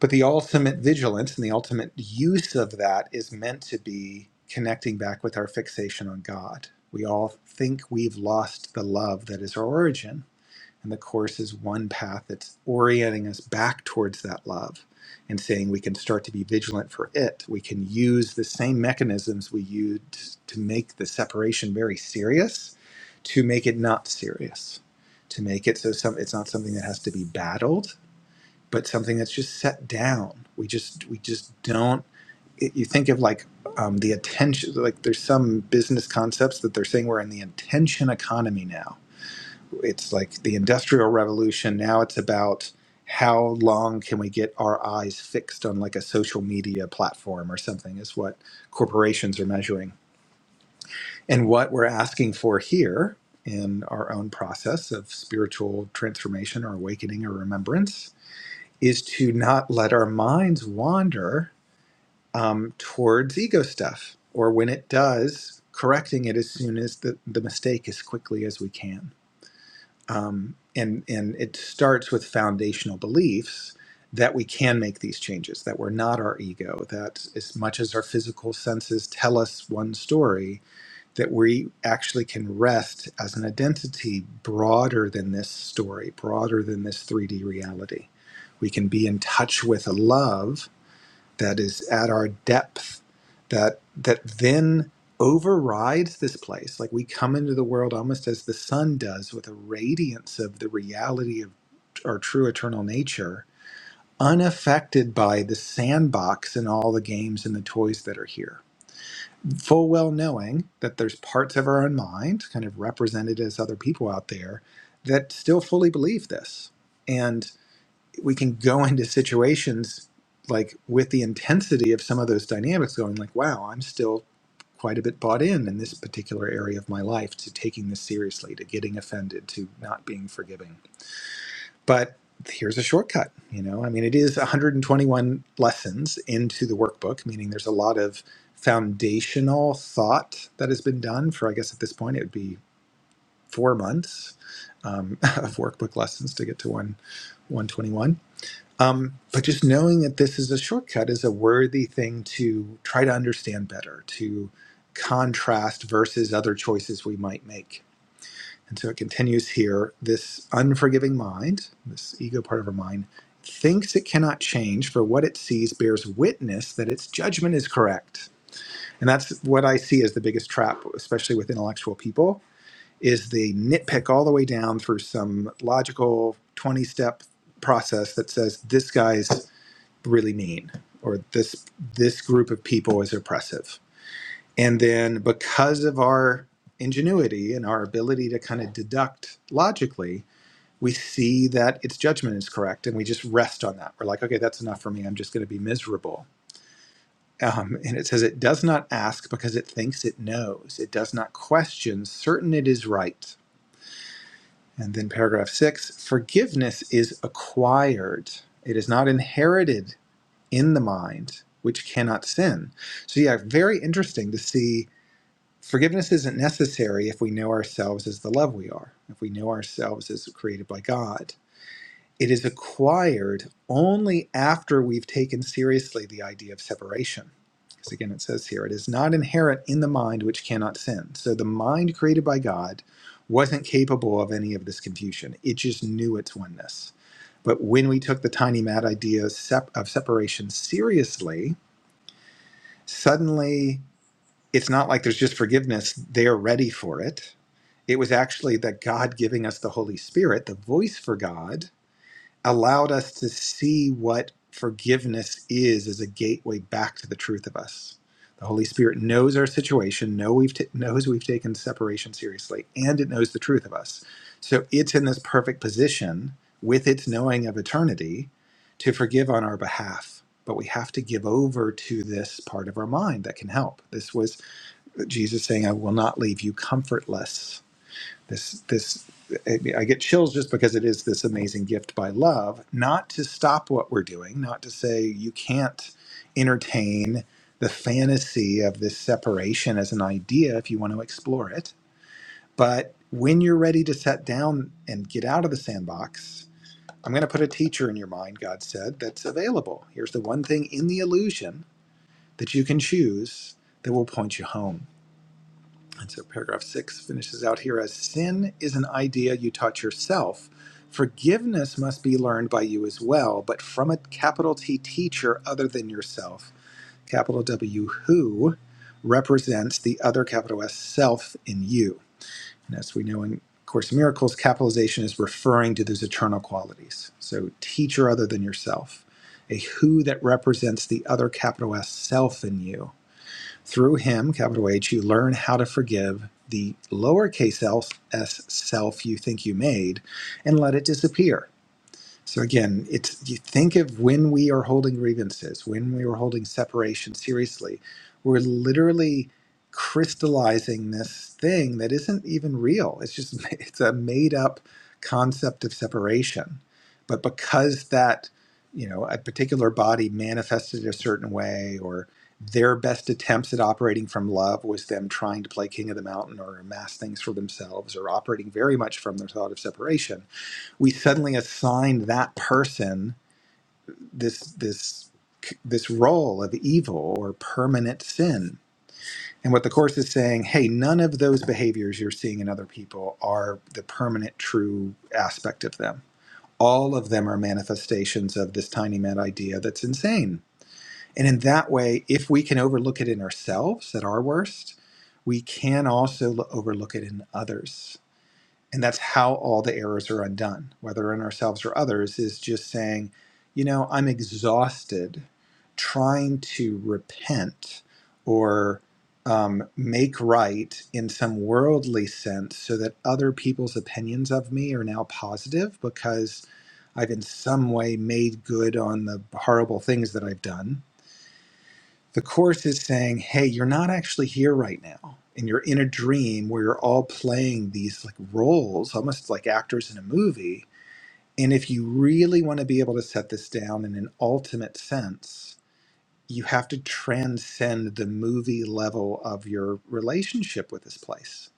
[SPEAKER 2] But the ultimate vigilance and the ultimate use of that is meant to be connecting back with our fixation on God. We all think we've lost the love that is our origin and the Course is one path that's orienting us back towards that love and saying we can start to be vigilant for it. We can use the same mechanisms we used to make the separation very serious to make it not serious, to make it so some, it's not something that has to be battled, but something that's just set down. We just, we just don't. It, you think of like um, the attention, like there's some business concepts that they're saying we're in the attention economy now it's like the industrial revolution now it's about how long can we get our eyes fixed on like a social media platform or something is what corporations are measuring and what we're asking for here in our own process of spiritual transformation or awakening or remembrance is to not let our minds wander um, towards ego stuff or when it does correcting it as soon as the, the mistake as quickly as we can um, and and it starts with foundational beliefs that we can make these changes that we're not our ego that as much as our physical senses tell us one story that we actually can rest as an identity broader than this story broader than this 3d reality we can be in touch with a love that is at our depth that that then overrides this place like we come into the world almost as the sun does with a radiance of the reality of our true eternal nature unaffected by the sandbox and all the games and the toys that are here full well knowing that there's parts of our own mind kind of represented as other people out there that still fully believe this and we can go into situations like with the intensity of some of those dynamics going like wow i'm still quite a bit bought in in this particular area of my life to taking this seriously to getting offended to not being forgiving but here's a shortcut you know i mean it is 121 lessons into the workbook meaning there's a lot of foundational thought that has been done for i guess at this point it would be four months um, of workbook lessons to get to one 121 um, but just knowing that this is a shortcut is a worthy thing to try to understand better, to contrast versus other choices we might make. And so it continues here this unforgiving mind, this ego part of our mind, thinks it cannot change, for what it sees bears witness that its judgment is correct. And that's what I see as the biggest trap, especially with intellectual people, is they nitpick all the way down through some logical 20 step process that says this guy's really mean or this this group of people is oppressive and then because of our ingenuity and our ability to kind of deduct logically we see that its judgment is correct and we just rest on that we're like okay that's enough for me i'm just going to be miserable um, and it says it does not ask because it thinks it knows it does not question certain it is right and then paragraph six forgiveness is acquired it is not inherited in the mind which cannot sin. So, yeah, very interesting to see forgiveness isn't necessary if we know ourselves as the love we are, if we know ourselves as created by God. It is acquired only after we've taken seriously the idea of separation. Because again, it says here, it is not inherent in the mind which cannot sin. So the mind created by God wasn't capable of any of this confusion, it just knew its oneness. But when we took the tiny mad idea sep- of separation seriously, suddenly it's not like there's just forgiveness, they're ready for it. It was actually that God giving us the Holy Spirit, the voice for God, allowed us to see what forgiveness is as a gateway back to the truth of us. The Holy Spirit knows our situation, know we've ta- knows we've taken separation seriously, and it knows the truth of us. So it's in this perfect position with its knowing of eternity to forgive on our behalf. But we have to give over to this part of our mind that can help. This was Jesus saying, I will not leave you comfortless this this I get chills just because it is this amazing gift by love, not to stop what we're doing, not to say you can't entertain the fantasy of this separation as an idea if you want to explore it, but when you're ready to set down and get out of the sandbox, I'm going to put a teacher in your mind, God said, that's available. Here's the one thing in the illusion that you can choose that will point you home and so paragraph six finishes out here as sin is an idea you taught yourself. Forgiveness must be learned by you as well, but from a capital T teacher other than yourself, capital W, who represents the other capital S self in you. And as we know in Course in Miracles, capitalization is referring to those eternal qualities. So, teacher other than yourself, a who that represents the other capital S self in you through him, capital H, you learn how to forgive the lowercase s self you think you made and let it disappear. So again, it's you think of when we are holding grievances, when we are holding separation seriously, we're literally crystallizing this thing that isn't even real. It's just it's a made up concept of separation. But because that, you know, a particular body manifested a certain way or their best attempts at operating from love was them trying to play king of the mountain or amass things for themselves or operating very much from their thought of separation we suddenly assign that person this this this role of evil or permanent sin. And what the course is saying, hey, none of those behaviors you're seeing in other people are the permanent true aspect of them. All of them are manifestations of this tiny mad idea that's insane. And in that way, if we can overlook it in ourselves at our worst, we can also lo- overlook it in others and that's how all the errors are undone, whether in ourselves or others, is just saying, you know, I'm exhausted trying to repent or um, make right in some worldly sense so that other people's opinions of me are now positive because I've in some way made good on the horrible things that I've done the Course is saying, hey, you're not actually here right now. And you're in a dream where you're all playing these like roles, almost like actors in a movie. And if you really want to be able to set this down in an ultimate sense, you have to transcend the movie level of your relationship with this place.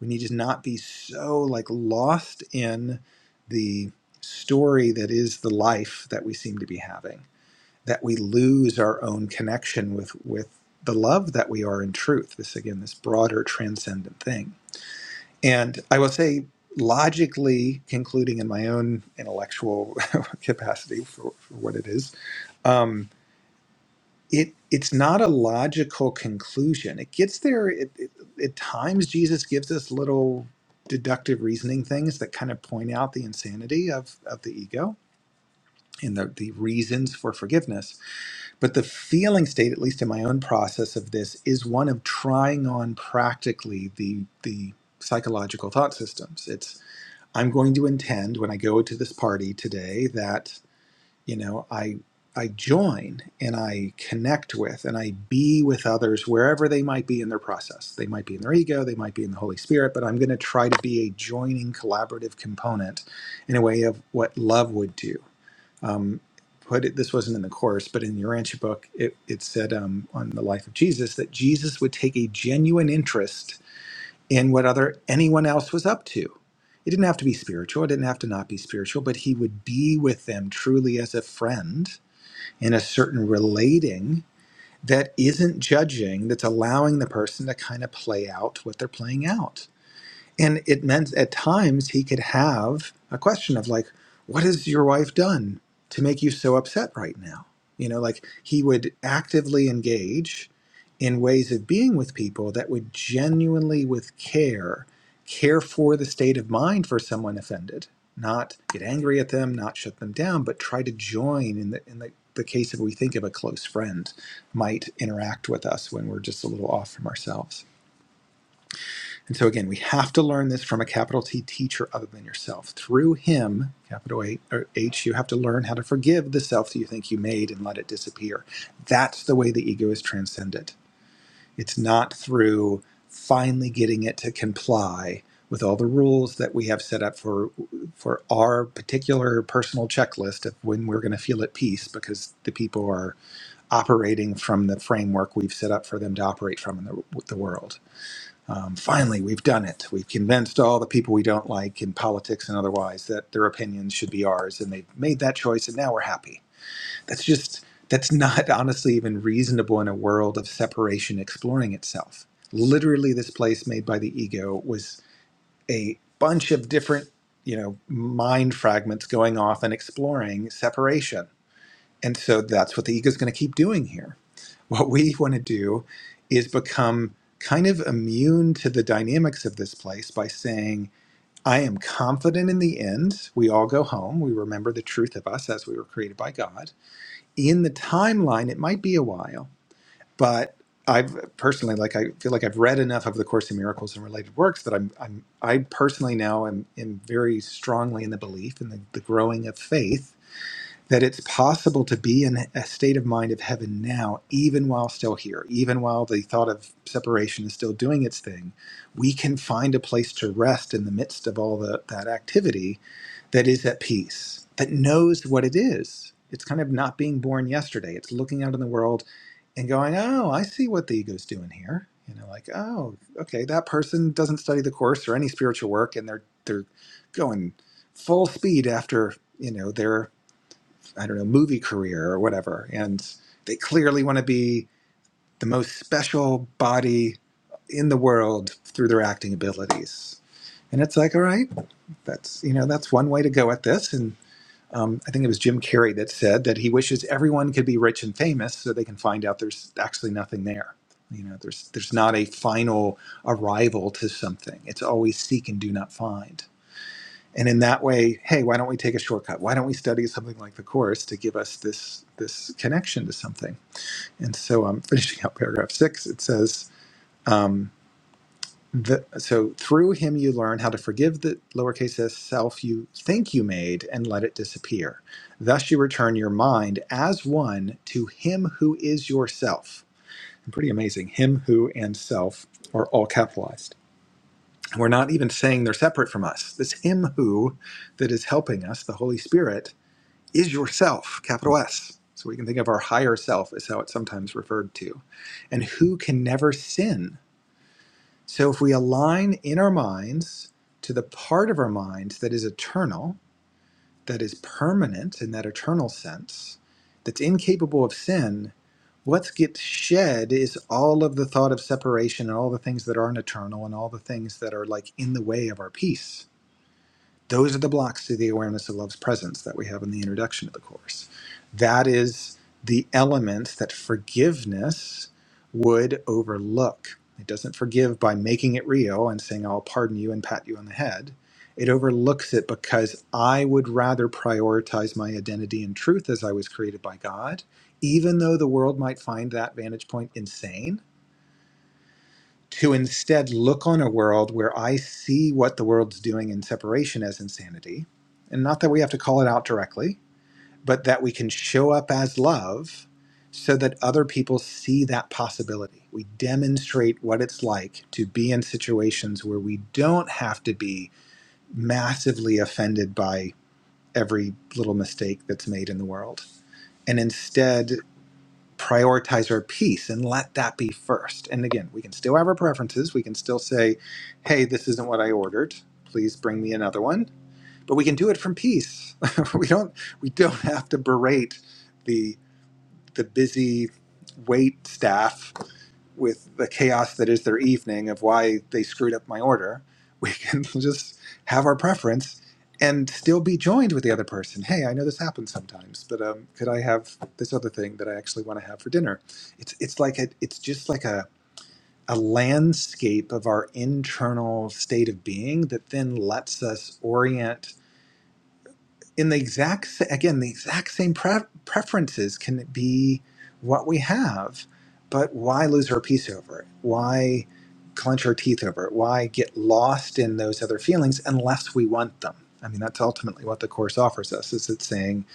[SPEAKER 2] We need to not be so like lost in the story that is the life that we seem to be having that we lose our own connection with with the love that we are in truth this again this broader transcendent thing and i will say logically concluding in my own intellectual capacity for, for what it is um, it it's not a logical conclusion it gets there it, it, at times jesus gives us little deductive reasoning things that kind of point out the insanity of of the ego and the, the reasons for forgiveness But the feeling state, at least in my own process of this, is one of trying on practically the the psychological thought systems. It's I'm going to intend when I go to this party today that, you know, I I join and I connect with and I be with others wherever they might be in their process. They might be in their ego, they might be in the Holy Spirit, but I'm going to try to be a joining collaborative component in a way of what love would do um, put it this wasn't in the course but in the urantia book it, it said um, on the life of jesus that jesus would take a genuine interest in what other anyone else was up to it didn't have to be spiritual it didn't have to not be spiritual but he would be with them truly as a friend in a certain relating that isn't judging that's allowing the person to kind of play out what they're playing out and it meant at times he could have a question of, like, what has your wife done to make you so upset right now? You know, like he would actively engage in ways of being with people that would genuinely, with care, care for the state of mind for someone offended, not get angry at them, not shut them down, but try to join in the, in the, the case of we think of a close friend might interact with us when we're just a little off from ourselves. And so again, we have to learn this from a capital T teacher other than yourself. Through him, capital H, or H, you have to learn how to forgive the self that you think you made and let it disappear. That's the way the ego is transcended. It's not through finally getting it to comply with all the rules that we have set up for for our particular personal checklist of when we're going to feel at peace because the people are operating from the framework we've set up for them to operate from in the, the world um, finally, we've done it. We've convinced all the people we don't like in politics and otherwise that their opinions should be ours, and they've made that choice, and now we're happy. That's just, that's not honestly even reasonable in a world of separation exploring itself. Literally, this place made by the ego was a bunch of different, you know, mind fragments going off and exploring separation. And so that's what the ego is going to keep doing here what we want to do is become kind of immune to the dynamics of this place by saying, I am confident in the end. We all go home. We remember the truth of us as we were created by God. In the timeline, it might be a while, but I've personally, like, I feel like I've read enough of the Course in Miracles and related works that I'm, I'm I personally now am, am very strongly in the belief in the, the growing of faith that it's possible to be in a state of mind of heaven now, even while still here, even while the thought of separation is still doing its thing. We can find a place to rest in the midst of all the, that activity that is at peace, that knows what it is. It's kind of not being born yesterday. It's looking out in the world and going, oh, I see what the ego's doing here. You know, like, oh, okay, that person doesn't study the course or any spiritual work, and they're they're going full speed after you know their I don't know, movie career or whatever. And they clearly want to be the most special body in the world through their acting abilities. And it's like, all right, that's you know, that's one way to go at this. And um, I think it was Jim Carrey that said that he wishes everyone could be rich and famous so they can find out there's actually nothing there. You know, there's there's not a final arrival to something. It's always seek and do not find and in that way hey why don't we take a shortcut why don't we study something like the course to give us this this connection to something and so i'm finishing up paragraph six it says um, the, so through him you learn how to forgive the lowercase s self you think you made and let it disappear thus you return your mind as one to him who is yourself And pretty amazing him who and self are all capitalized we're not even saying they're separate from us this him who that is helping us the holy spirit is yourself, capital S. So we can think of our higher self as how it's sometimes referred to, and who can never sin. So if we align in our minds to the part of our minds that is eternal, that is permanent in that eternal sense, that's incapable of sin, what gets shed is all of the thought of separation and all the things that aren't eternal and all the things that are like in the way of our peace those are the blocks to the awareness of love's presence that we have in the introduction of the Course. That is the element that forgiveness would overlook. It doesn't forgive by making it real and saying, I'll pardon you and pat you on the head. It overlooks it because I would rather prioritize my identity and truth as I was created by God, even though the world might find that vantage point insane to instead look on a world where I see what the world's doing in separation as insanity. And not that we have to call it out directly, but that we can show up as love so that other people see that possibility. We demonstrate what it's like to be in situations where we don't have to be massively offended by every little mistake that's made in the world and instead prioritize our peace and let that be first. And again, we can still have our preferences. We can still say, hey, this isn't what I ordered. Please bring me another one. But we can do it from peace. we don't we don't have to berate the the busy wait staff with the chaos that is their evening of why they screwed up my order. We can just have our preference and still be joined with the other person. Hey, I know this happens sometimes, but um, could I have this other thing that I actually want to have for dinner? It's it's like a, it's just like a a landscape of our internal state of being that then lets us orient in the exact sa- again the exact same pre- preferences can be what we have but why lose our peace over it why clench our teeth over it why get lost in those other feelings unless we want them i mean that's ultimately what the course offers us is it's saying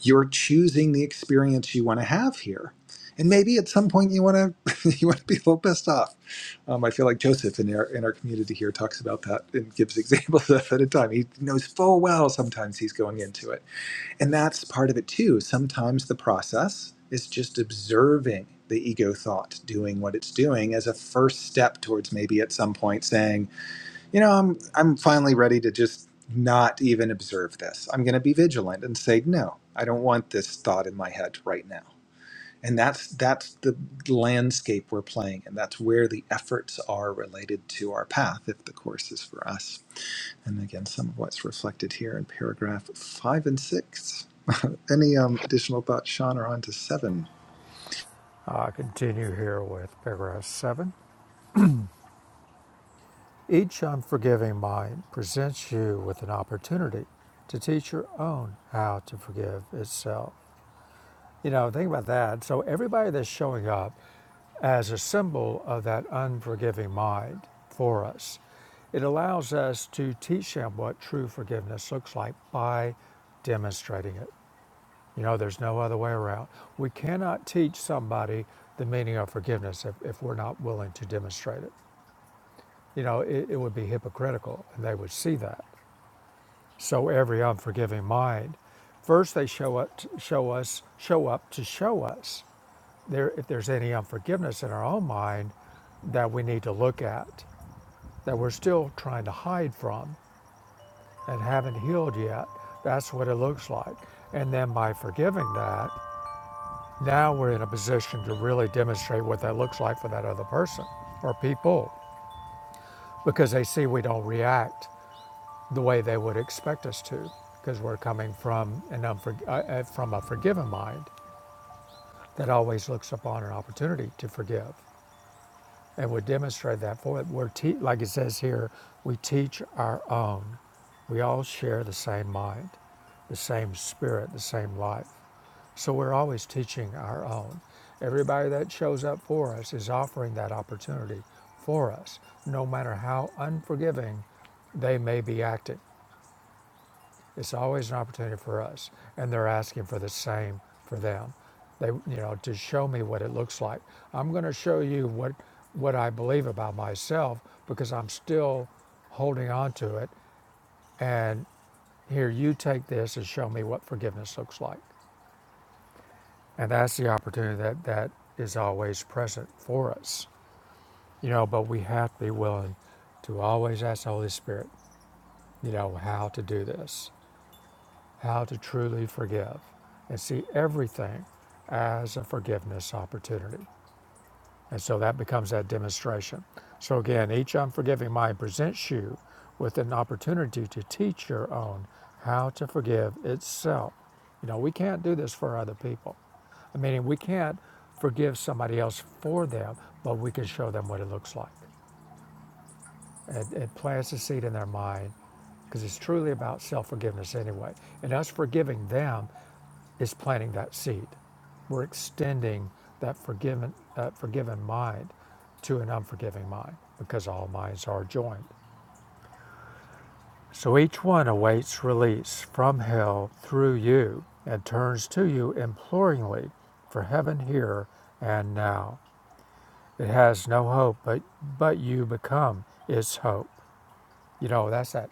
[SPEAKER 2] you're choosing the experience you want to have here and maybe at some point you want to you want to be a little pissed off um, I feel like Joseph in our in our community here talks about that and gives examples of it at a time. He knows full well sometimes he's going into it and that's part of it too. Sometimes the process is just observing the ego thought doing what it's doing as a first step towards maybe at some point saying, you know, I'm I'm finally ready to just not even observe this. I'm going to be vigilant and say, no, I don't want this thought in my head right now. And that's that's the landscape we're playing and that's where the efforts are related to our path if the course is for us. And again, some of what's reflected here in paragraph five and six. Any um, additional thoughts, Sean, or on to seven?
[SPEAKER 1] I continue here with paragraph seven. Each unforgiving mind presents you with an opportunity to teach your own how to forgive itself. You know, think about that. So, everybody that's showing up as a symbol of that unforgiving mind for us, it allows us to teach them what true forgiveness looks like by demonstrating it. You know, there's no other way around. We cannot teach somebody the meaning of forgiveness if, if we're not willing to demonstrate it. You know, it, it would be hypocritical, and they would see that. So every unforgiving mind, first they show up, to, show us, show up to show us there if there's any unforgiveness in our own mind that we need to look at, that we're still trying to hide from and haven't healed yet. That's what it looks like. And then by forgiving that, Now we're in a position to really demonstrate what that looks like for that other person or people because they see we don't react the way they would expect us to because we're coming from, an unfor- uh, uh, from a forgiven mind that always looks upon an opportunity to forgive. And we demonstrate that for it. We're te- like it says here, we teach our own. We all share the same mind, the same spirit, the same life. So we're always teaching our own. Everybody that shows up for us is offering that opportunity for us, no matter how unforgiving they may be acting. It's always an opportunity for us, and they're asking for the same for them. They, you know, to show me what it looks like. I'm going to show you what what I believe about myself because I'm still holding on to it. And here, you take this and show me what forgiveness looks like. And that's the opportunity that, that is always present for us. You know, but we have to be willing to always ask the Holy Spirit, you know, how to do this, how to truly forgive, and see everything as a forgiveness opportunity. And so that becomes that demonstration. So again, each unforgiving mind presents you with an opportunity to teach your own how to forgive itself. You know, we can't do this for other people. I mean, we can't forgive somebody else for them, but we can show them what it looks like. It, it plants a seed in their mind because it's truly about self forgiveness anyway. And us forgiving them is planting that seed. We're extending that forgiven, that forgiven mind to an unforgiving mind because all minds are joined. So each one awaits release from hell through you and turns to you imploringly for heaven here and now. It has no hope, but but you become its hope. You know that's that.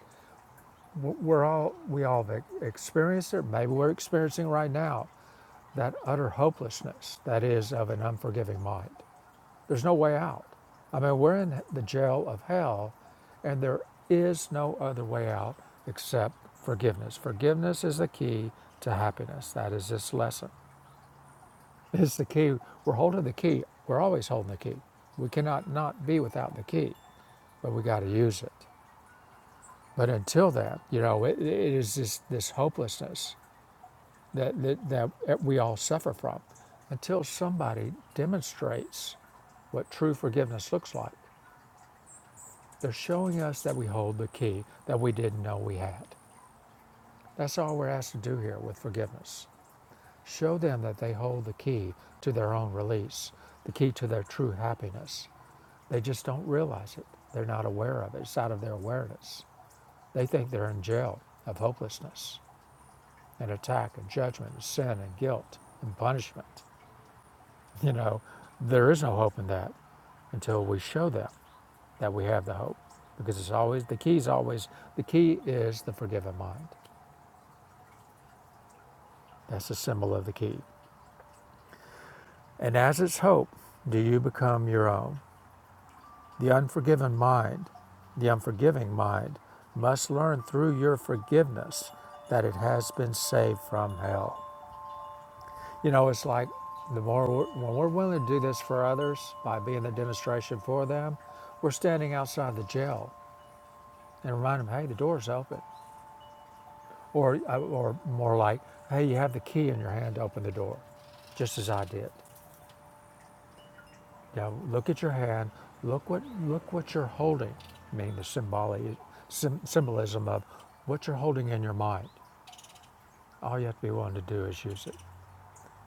[SPEAKER 1] We're all we all have e-, experienced it. Maybe we're experiencing right now that utter hopelessness that is of an unforgiving mind. There's no way out. I mean, we're in the jail of hell, and there is no other way out except forgiveness. Forgiveness is the key to happiness. That is this lesson. It's the key. We're holding the key. We're always holding the key. We cannot not be without the key, but we got to use it. But until then, you know, it, it is this, this hopelessness that, that, that we all suffer from. Until somebody demonstrates what true forgiveness looks like, they're showing us that we hold the key that we didn't know we had. That's all we're asked to do here with forgiveness. Show them that they hold the key to their own release, the key to their true happiness. They just don't realize it. They're not aware of it. It's out of their awareness. They think they're in jail of hopelessness and attack and judgment and sin and guilt and punishment. You know, there is no hope in that until we show them that we have the hope. Because it's always the key is always the key is the forgiven mind. That's the symbol of the key. And as its hope, do you become your own? The unforgiven mind, the unforgiving mind, must learn through your forgiveness that it has been saved from hell. You know, it's like the more we're, when we're willing to do this for others by being the demonstration for them, we're standing outside the jail and remind them, hey, the door's open. Or, uh, or more like, hey, you have the key in your hand to open the door, just as I did. Now look at your hand. Look what look what you're holding. I mean the symbolic sym- symbolism of what you're holding in your mind. All you have to be willing to do is use it.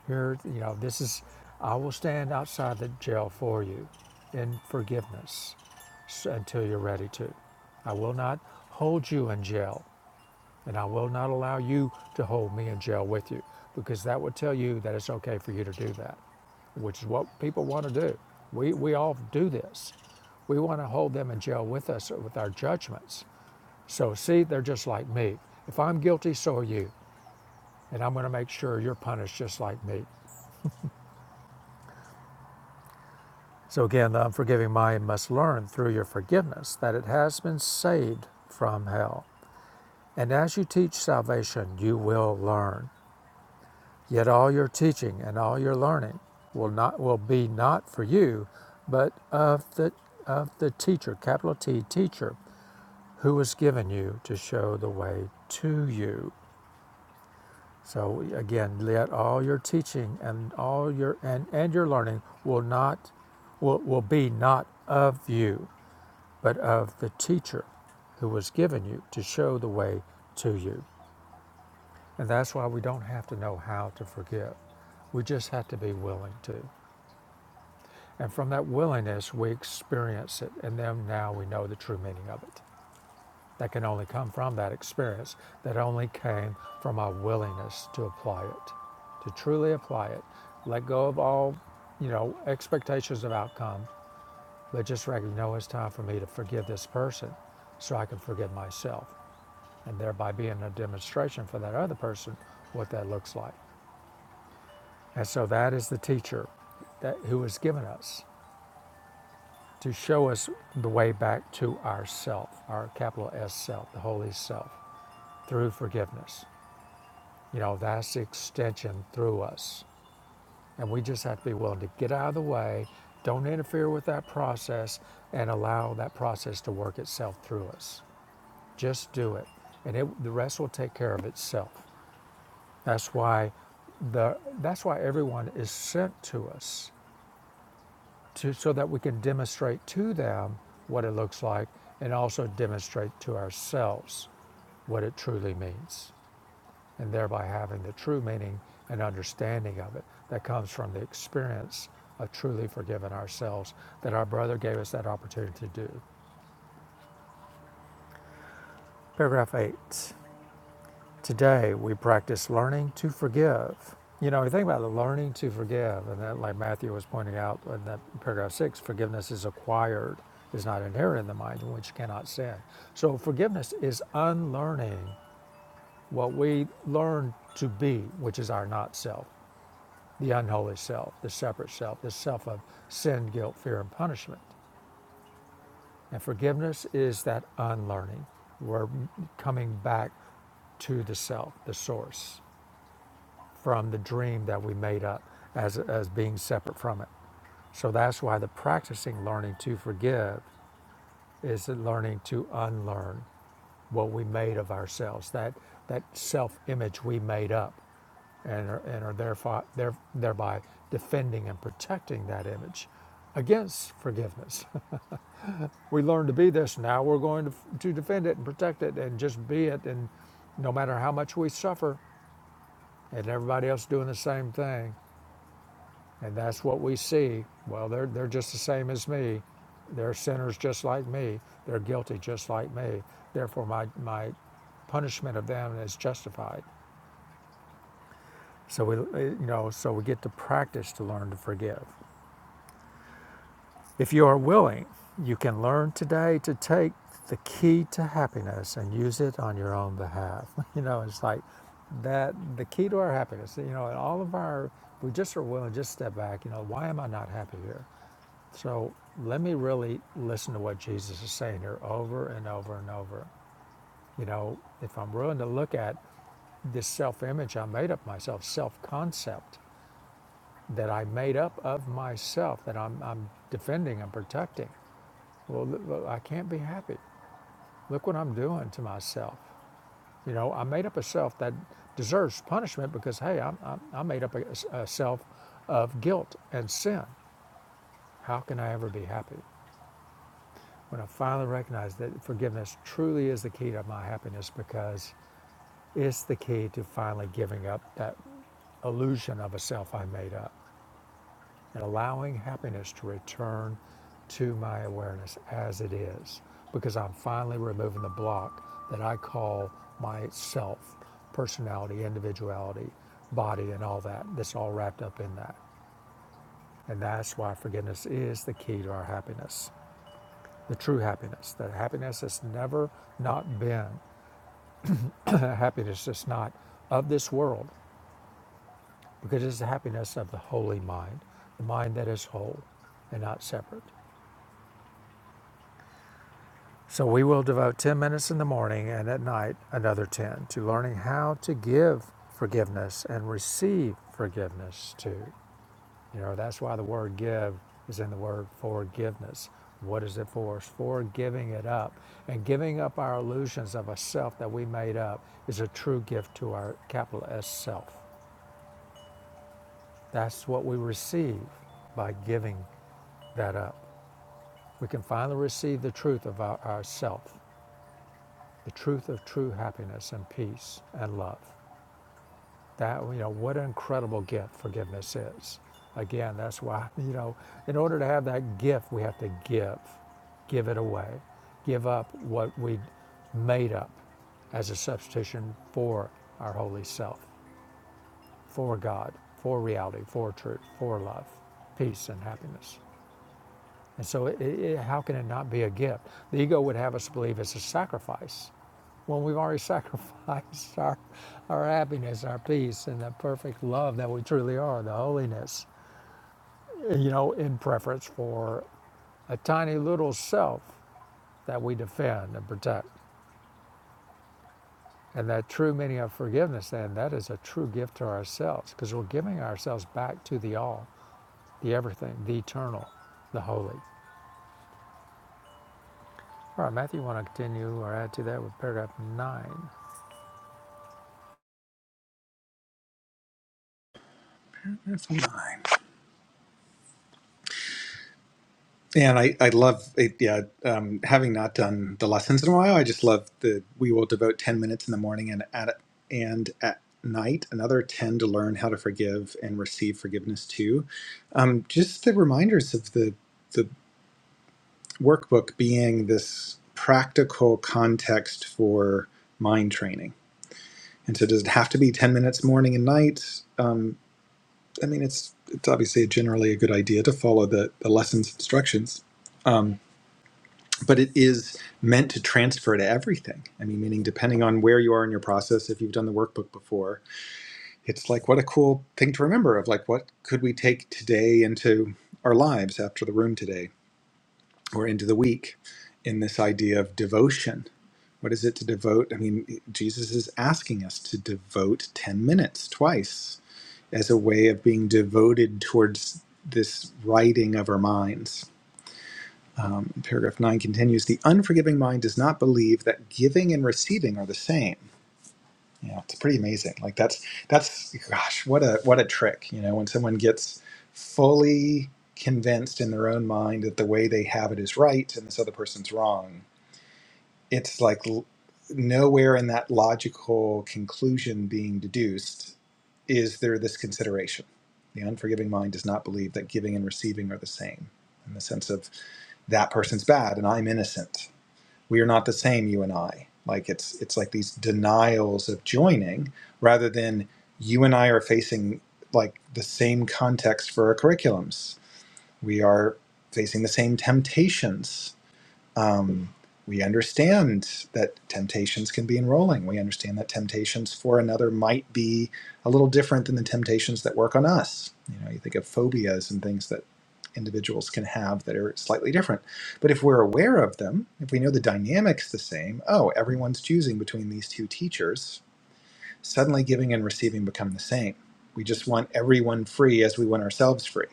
[SPEAKER 1] Here, you know, this is. I will stand outside the jail for you, in forgiveness, until you're ready to. I will not hold you in jail And I will not allow you to hold me in jail with you because that would tell you that it's okay for you to do that, which is what people want to do. We, we all do this. We want to hold them in jail with us with our judgments. So, see, they're just like me. If I'm guilty, so are you. And I'm going to make sure you're punished just like me. So, again, the unforgiving mind must learn through your forgiveness that it has been saved from hell. And as you teach salvation, you will learn. Yet all your teaching and all your learning will not will be not for you, but of the of the teacher, capital T teacher, who was given you to show the way to you. So again, let all your teaching and all your and, and your learning will not will, will be not of you, but of the teacher who was given you to show the way to you. And that's why we don't have to know how to forgive. We just have to be willing to. And from that willingness, we experience it. And then now we know the true meaning of it. That can only come from that experience, that only came from our willingness to apply it, to truly apply it. Let go of all, you know, expectations of outcome, but just recognize "No, it's time for me to forgive this person so I can forgive myself. And thereby being a demonstration for that other person what that looks like. And so that is the teacher that who was given us. to show us the way back to ourself, our capital S self, the holy self, through forgiveness. You know, that's the extension through us. And we just have to be willing to get out of the way, don't interfere with that process, and allow that process to work itself through us. Just do it. And it, the rest will take care of itself. That's why the that's why everyone is sent to us to, so that we can demonstrate to them what it looks like and also demonstrate to ourselves what it truly means, and thereby having the true meaning and understanding of it that comes from the experience of truly forgiving ourselves that our brother gave us that opportunity to do. Paragraph 8. Today, we practice learning to forgive. You know, you think about the learning to forgive, and that, like Matthew was pointing out in that paragraph six, forgiveness is acquired, is not inherent in the mind, in which you cannot sin. So, forgiveness is unlearning what we learn to be, which is our not self, the unholy self, the separate self, the self of sin, guilt, fear, and punishment. And forgiveness is that unlearning. We're coming back to the self, the source. from the dream that we made up as, as being separate from it. So that's why the practicing learning to forgive is learning to unlearn what we made of ourselves, that, that self image we made up, and are, and are therefore, there, thereby defending and protecting that image against forgiveness. we learn to be this, now we're going to, to defend it and protect it and just be it, and no matter how much we suffer, and everybody else doing the same thing And that's what we see. Well, they're, they're just the same as me. They're sinners just like me. They're guilty just like me. Therefore, my, my punishment of them is justified. So we, you know, so we get to practice to learn to forgive. If you are willing, you can learn today to take the key to happiness and use it on your own behalf. You know, it's like that the key to our happiness, you know, in all of our, we just are willing to just step back, you know, why am I not happy here? So let me really listen to what Jesus is saying here over and over and over. You know, if I'm willing to look at this self image I made up myself, self concept that I made up of myself, that I'm, I'm defending and protecting, well, I can't be happy. Look what I'm doing to myself. You know, I made up a self that deserves punishment because, hey, i i I made up a, a self of guilt and sin. How can I ever be happy? When I finally recognized that forgiveness truly is the key to my happiness because it's the key to finally giving up that illusion of a self I made up and allowing happiness to return to my awareness as it is because I'm finally removing the block that I call my self, personality, individuality, body, and all that that's all wrapped up in that. And that's why forgiveness is the key to our happiness. the true happiness, the happiness that's never not been, happiness that's not of this world, because it's the happiness of the holy mind, the mind that is whole and not separate. So we will devote 10 minutes in the morning and at night another 10 to learning how to give forgiveness and receive forgiveness too. You know, that's why the word give is in the word forgiveness. What is it for? It's for giving it up. And giving up our illusions of a self that we made up is a true gift to our capital S self. That's what we receive by giving that up. We can finally receive the truth of our, our self, the truth of true happiness and peace and love. That, you know, what an incredible gift forgiveness is. Again, that's why, you know, in order to have that gift, we have to give, give it away, give up what we made up as a substitution for our holy self, for God, for reality, for truth, for love, peace, and happiness. And so, it, it, how can it not be a gift? The ego would have us believe it's a sacrifice when we've already sacrificed our, our happiness, our peace, and the perfect love that we truly are, the holiness, you know, in preference for a tiny little self that we defend and protect. And that true meaning of forgiveness, then, that is a true gift to ourselves because we're giving ourselves back to the all, the everything, the eternal, the holy. All right, Matthew, you want to continue or add to that with paragraph nine?
[SPEAKER 2] Paragraph nine. And I, I love it. Yeah, um, having not done the lessons in a while, I just love the we will devote 10 minutes in the morning and at and at night, another 10 to learn how to forgive and receive forgiveness too. Um, just the reminders of the, the workbook being this practical context for mind training And so, does it have to be 10 minutes morning and night? Um, I mean, it's, it's obviously generally a good idea to follow the, the lessons instructions, um, but it is meant to transfer to everything. I mean, meaning depending on where you are in your process, if you've done the workbook before, it's like what a cool thing to remember of like, what could we take today into our lives after the room today or into the week in this idea of devotion? What is it to devote? I mean, Jesus is asking us to devote 10 minutes twice as a way of being devoted towards this writing of our minds. Um, paragraph 9 continues The unforgiving mind does not believe that giving and receiving are the same. You know, it's pretty amazing. Like that's that's gosh, what a what a trick, you know, when someone gets fully convinced in their own mind that the way they have it is right and this other person's wrong. It's like l- nowhere in that logical conclusion being deduced is there this consideration? The unforgiving mind does not believe that giving and receiving are the same, in the sense of that person's bad and I'm innocent. We are not the same, you and I. Like it's it's like these denials of joining, rather than you and I are facing like the same context for our curriculums. We are facing the same temptations um, we understand that temptations can be enrolling. We understand that temptations for another might be a little different than the temptations that work on us. You know, you think of phobias and things that individuals can have that are slightly different. But if we're aware of them, if we know the dynamics the same, oh, everyone's choosing between these two teachers, suddenly giving and receiving become the same. We just want everyone free as we want ourselves free.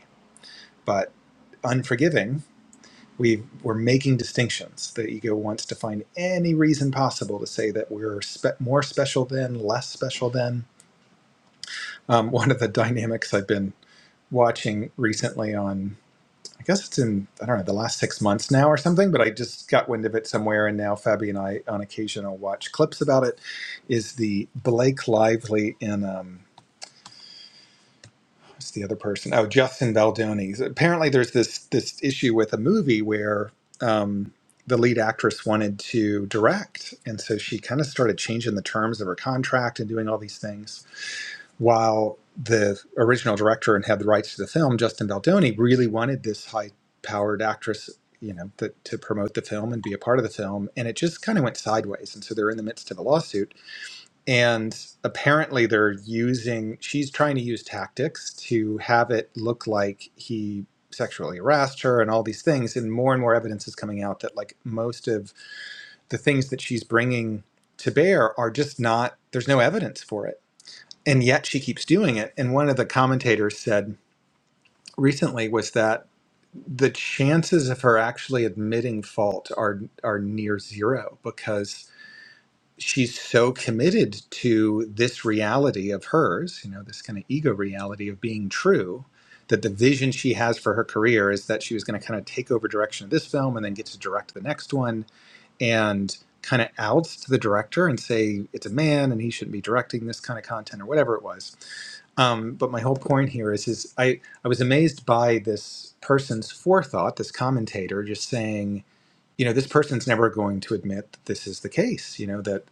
[SPEAKER 2] But unforgiving we we're making distinctions. The ego wants to find any reason possible to say that we're spe- more special than, less special than. Um, one of the dynamics I've been watching recently on, I guess it's in I don't know the last six months now or something, but I just got wind of it somewhere, and now Fabi and I on occasion will watch clips about it. Is the Blake Lively in? Um, What's the other person? Oh, Justin Valdonis. Apparently, there's this this issue with a movie where um, the lead actress wanted to direct, and so she kind of started changing the terms of her contract and doing all these things. While the original director and had the rights to the film, Justin Baldoni really wanted this high powered actress. You know, that to promote the film and be a part of the film, and it just kind of went sideways. And so they're in the midst of a lawsuit, and apparently, they're using, she's trying to use tactics to have it look like he sexually harassed her and all these things. And more and more evidence is coming out that, like, most of the things that she's bringing to bear are just not, there's no evidence for it. And yet she keeps doing it. And one of the commentators said recently was that the chances of her actually admitting fault are are near zero because she's so committed to this reality of hers, you know, this kind of ego reality of being true, that the vision she has for her career is that she was going to kind of take over direction of this film and then get to direct the next one and kind of outs to the director and say it's a man and he shouldn't be directing this kind of content or whatever it was. Um, but my whole point here is, is I, I was amazed by this person's forethought, this commentator just saying, you know this person's never going to admit that this is the case you know that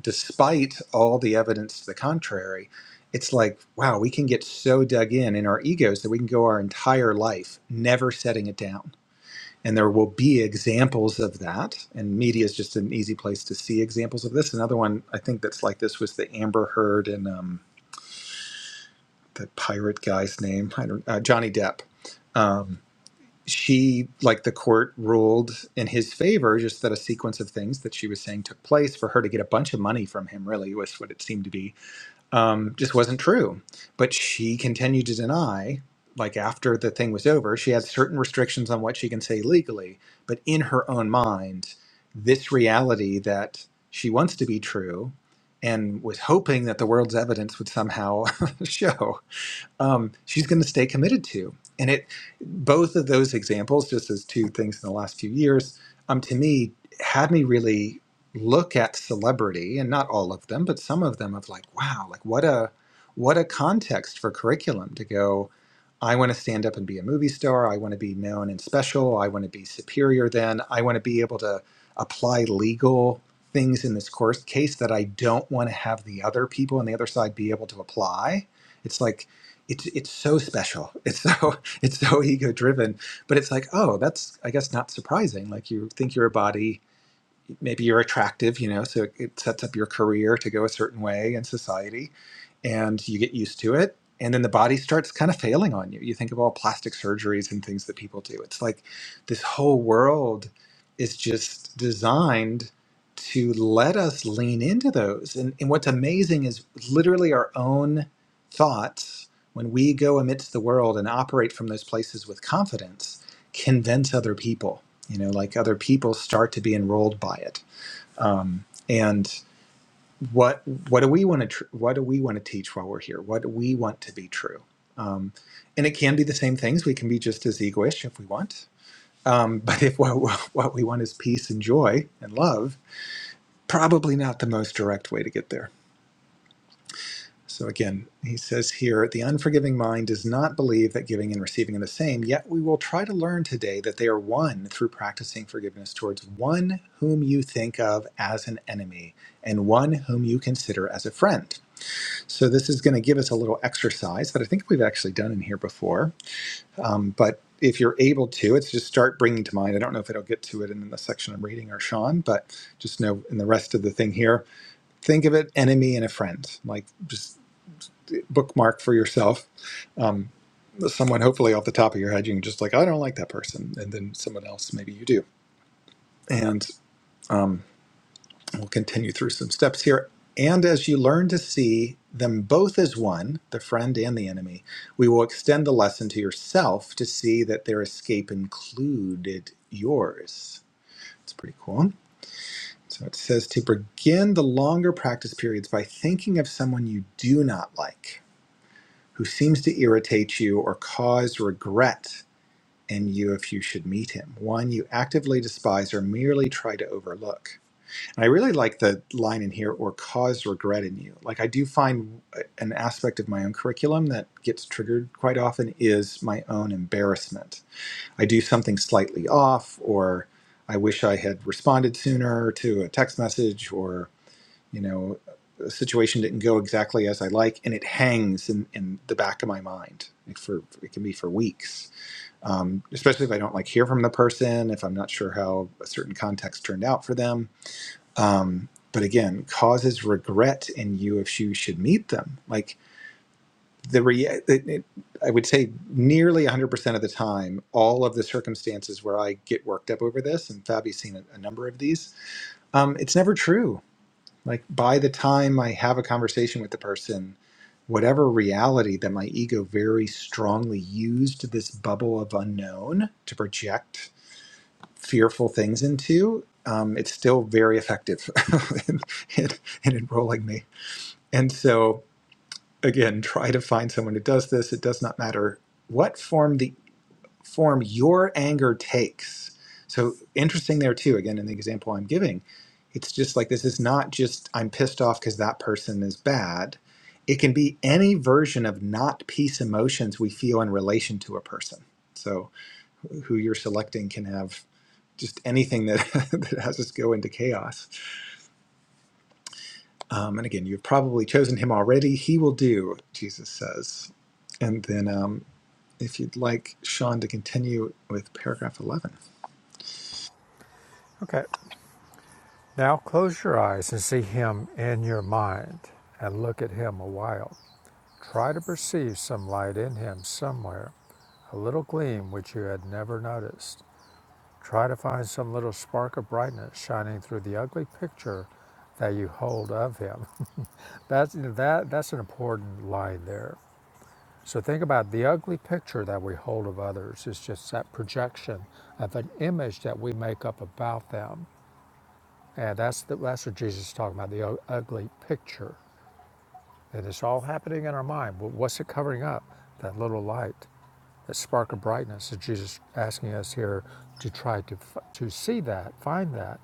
[SPEAKER 2] despite all the evidence to the contrary it's like wow we can get so dug in in our egos that we can go our entire life never setting it down and there will be examples of that and media is just an easy place to see examples of this another one i think that's like this was the amber heard and um, the pirate guy's name i don't uh, johnny depp Um, she like the court ruled in his favor just that a sequence of things that she was saying took place for her to get a bunch of money from him really was what it seemed to be um, just wasn't true but she continued to deny like after the thing was over she had certain restrictions on what she can say legally but in her own mind this reality that she wants to be true and was hoping that the world's evidence would somehow show um, she's going to stay committed to. And it, both of those examples, just as two things in the last few years, um, to me had me really look at celebrity, and not all of them, but some of them of like, wow, like what a, what a context for curriculum to go. I want to stand up and be a movie star. I want to be known and special. I want to be superior than. I want to be able to apply legal things in this course case that I don't want to have the other people on the other side be able to apply. It's like it's it's so special. It's so it's so ego driven. But it's like, oh, that's I guess not surprising. Like you think you're a body, maybe you're attractive, you know, so it sets up your career to go a certain way in society and you get used to it. And then the body starts kind of failing on you. You think of all plastic surgeries and things that people do. It's like this whole world is just designed to let us lean into those. And, and what's amazing is literally our own thoughts, when we go amidst the world and operate from those places with confidence, convince other people you know like other people start to be enrolled by it um, and what what do we want to tr- what do we want to teach while we're here what do we want to be true um, and it can be the same things we can be just as egoish if we want um, but if what, what we want is peace and joy and love probably not the most direct way to get there So again, he says here the unforgiving mind does not believe that giving and receiving are the same, yet we will try to learn today that they are one through practicing forgiveness towards one whom you think of as an enemy and one whom you consider as a friend. So this is going to give us a little exercise that I think we've actually done in here before. Um, but if you're able to, it's just start bringing to mind. I don't know if it'll get to it in the section I'm reading or Sean, but just know in the rest of the thing here, think of it enemy and a friend. Like just bookmark for yourself um, someone hopefully off the top of your head you can just like i don't like that person and then someone else maybe you do and um, we'll continue through some steps here and as you learn to see them both as one the friend and the enemy we will extend the lesson to yourself to see that their escape included yours it's pretty cool so it says to begin the longer practice periods by thinking of someone you do not like who seems to irritate you or cause regret in you if you should meet him, one you actively despise or merely try to overlook. And I really like the line in here, or cause regret in you. Like, I do find uh, an aspect of my own curriculum that gets triggered quite often is my own embarrassment. I do something slightly off, or I wish I had responded sooner to a text message, or you know the situation didn't go exactly as i like and it hangs in, in the back of my mind for it can be for weeks um, especially if i don't like hear from the person if i'm not sure how a certain context turned out for them um, but again causes regret in you if you should meet them like the re- it, it, i would say nearly 100% of the time all of the circumstances where i get worked up over this and fabi's seen a, a number of these um, it's never true like by the time I have a conversation with the person, whatever reality that my ego very strongly used this bubble of unknown to project fearful things into, um, it's still very effective in, in, in enrolling me. And so, again, try to find someone who does this. It does not matter what form the form your anger takes. So interesting there too. Again, in the example I'm giving, it's just like this is not just I'm pissed off because that person is bad. It can be any version of not peace emotions we feel in relation to a person. So who you're selecting can have just anything that, that has us go into chaos. Um, and again, you've probably chosen him already. He will do, Jesus says. And then um, if you'd like Sean to continue with paragraph 11.
[SPEAKER 1] Okay. Now close your eyes and see him in your mind and look at him a while. Try to perceive some light in him somewhere, a little gleam which you had never noticed. Try to find some little spark of brightness shining through the ugly picture that you hold of him. That's that that's an important line there. So think about the ugly picture that we hold of others. It's just that projection of an image that we make up about them And that's, the, that's what Jesus is talking about the ugly picture. And it's all happening in our mind. But what's it covering up? That little light, that spark of brightness that Jesus is asking us here to try to, to see that, find that,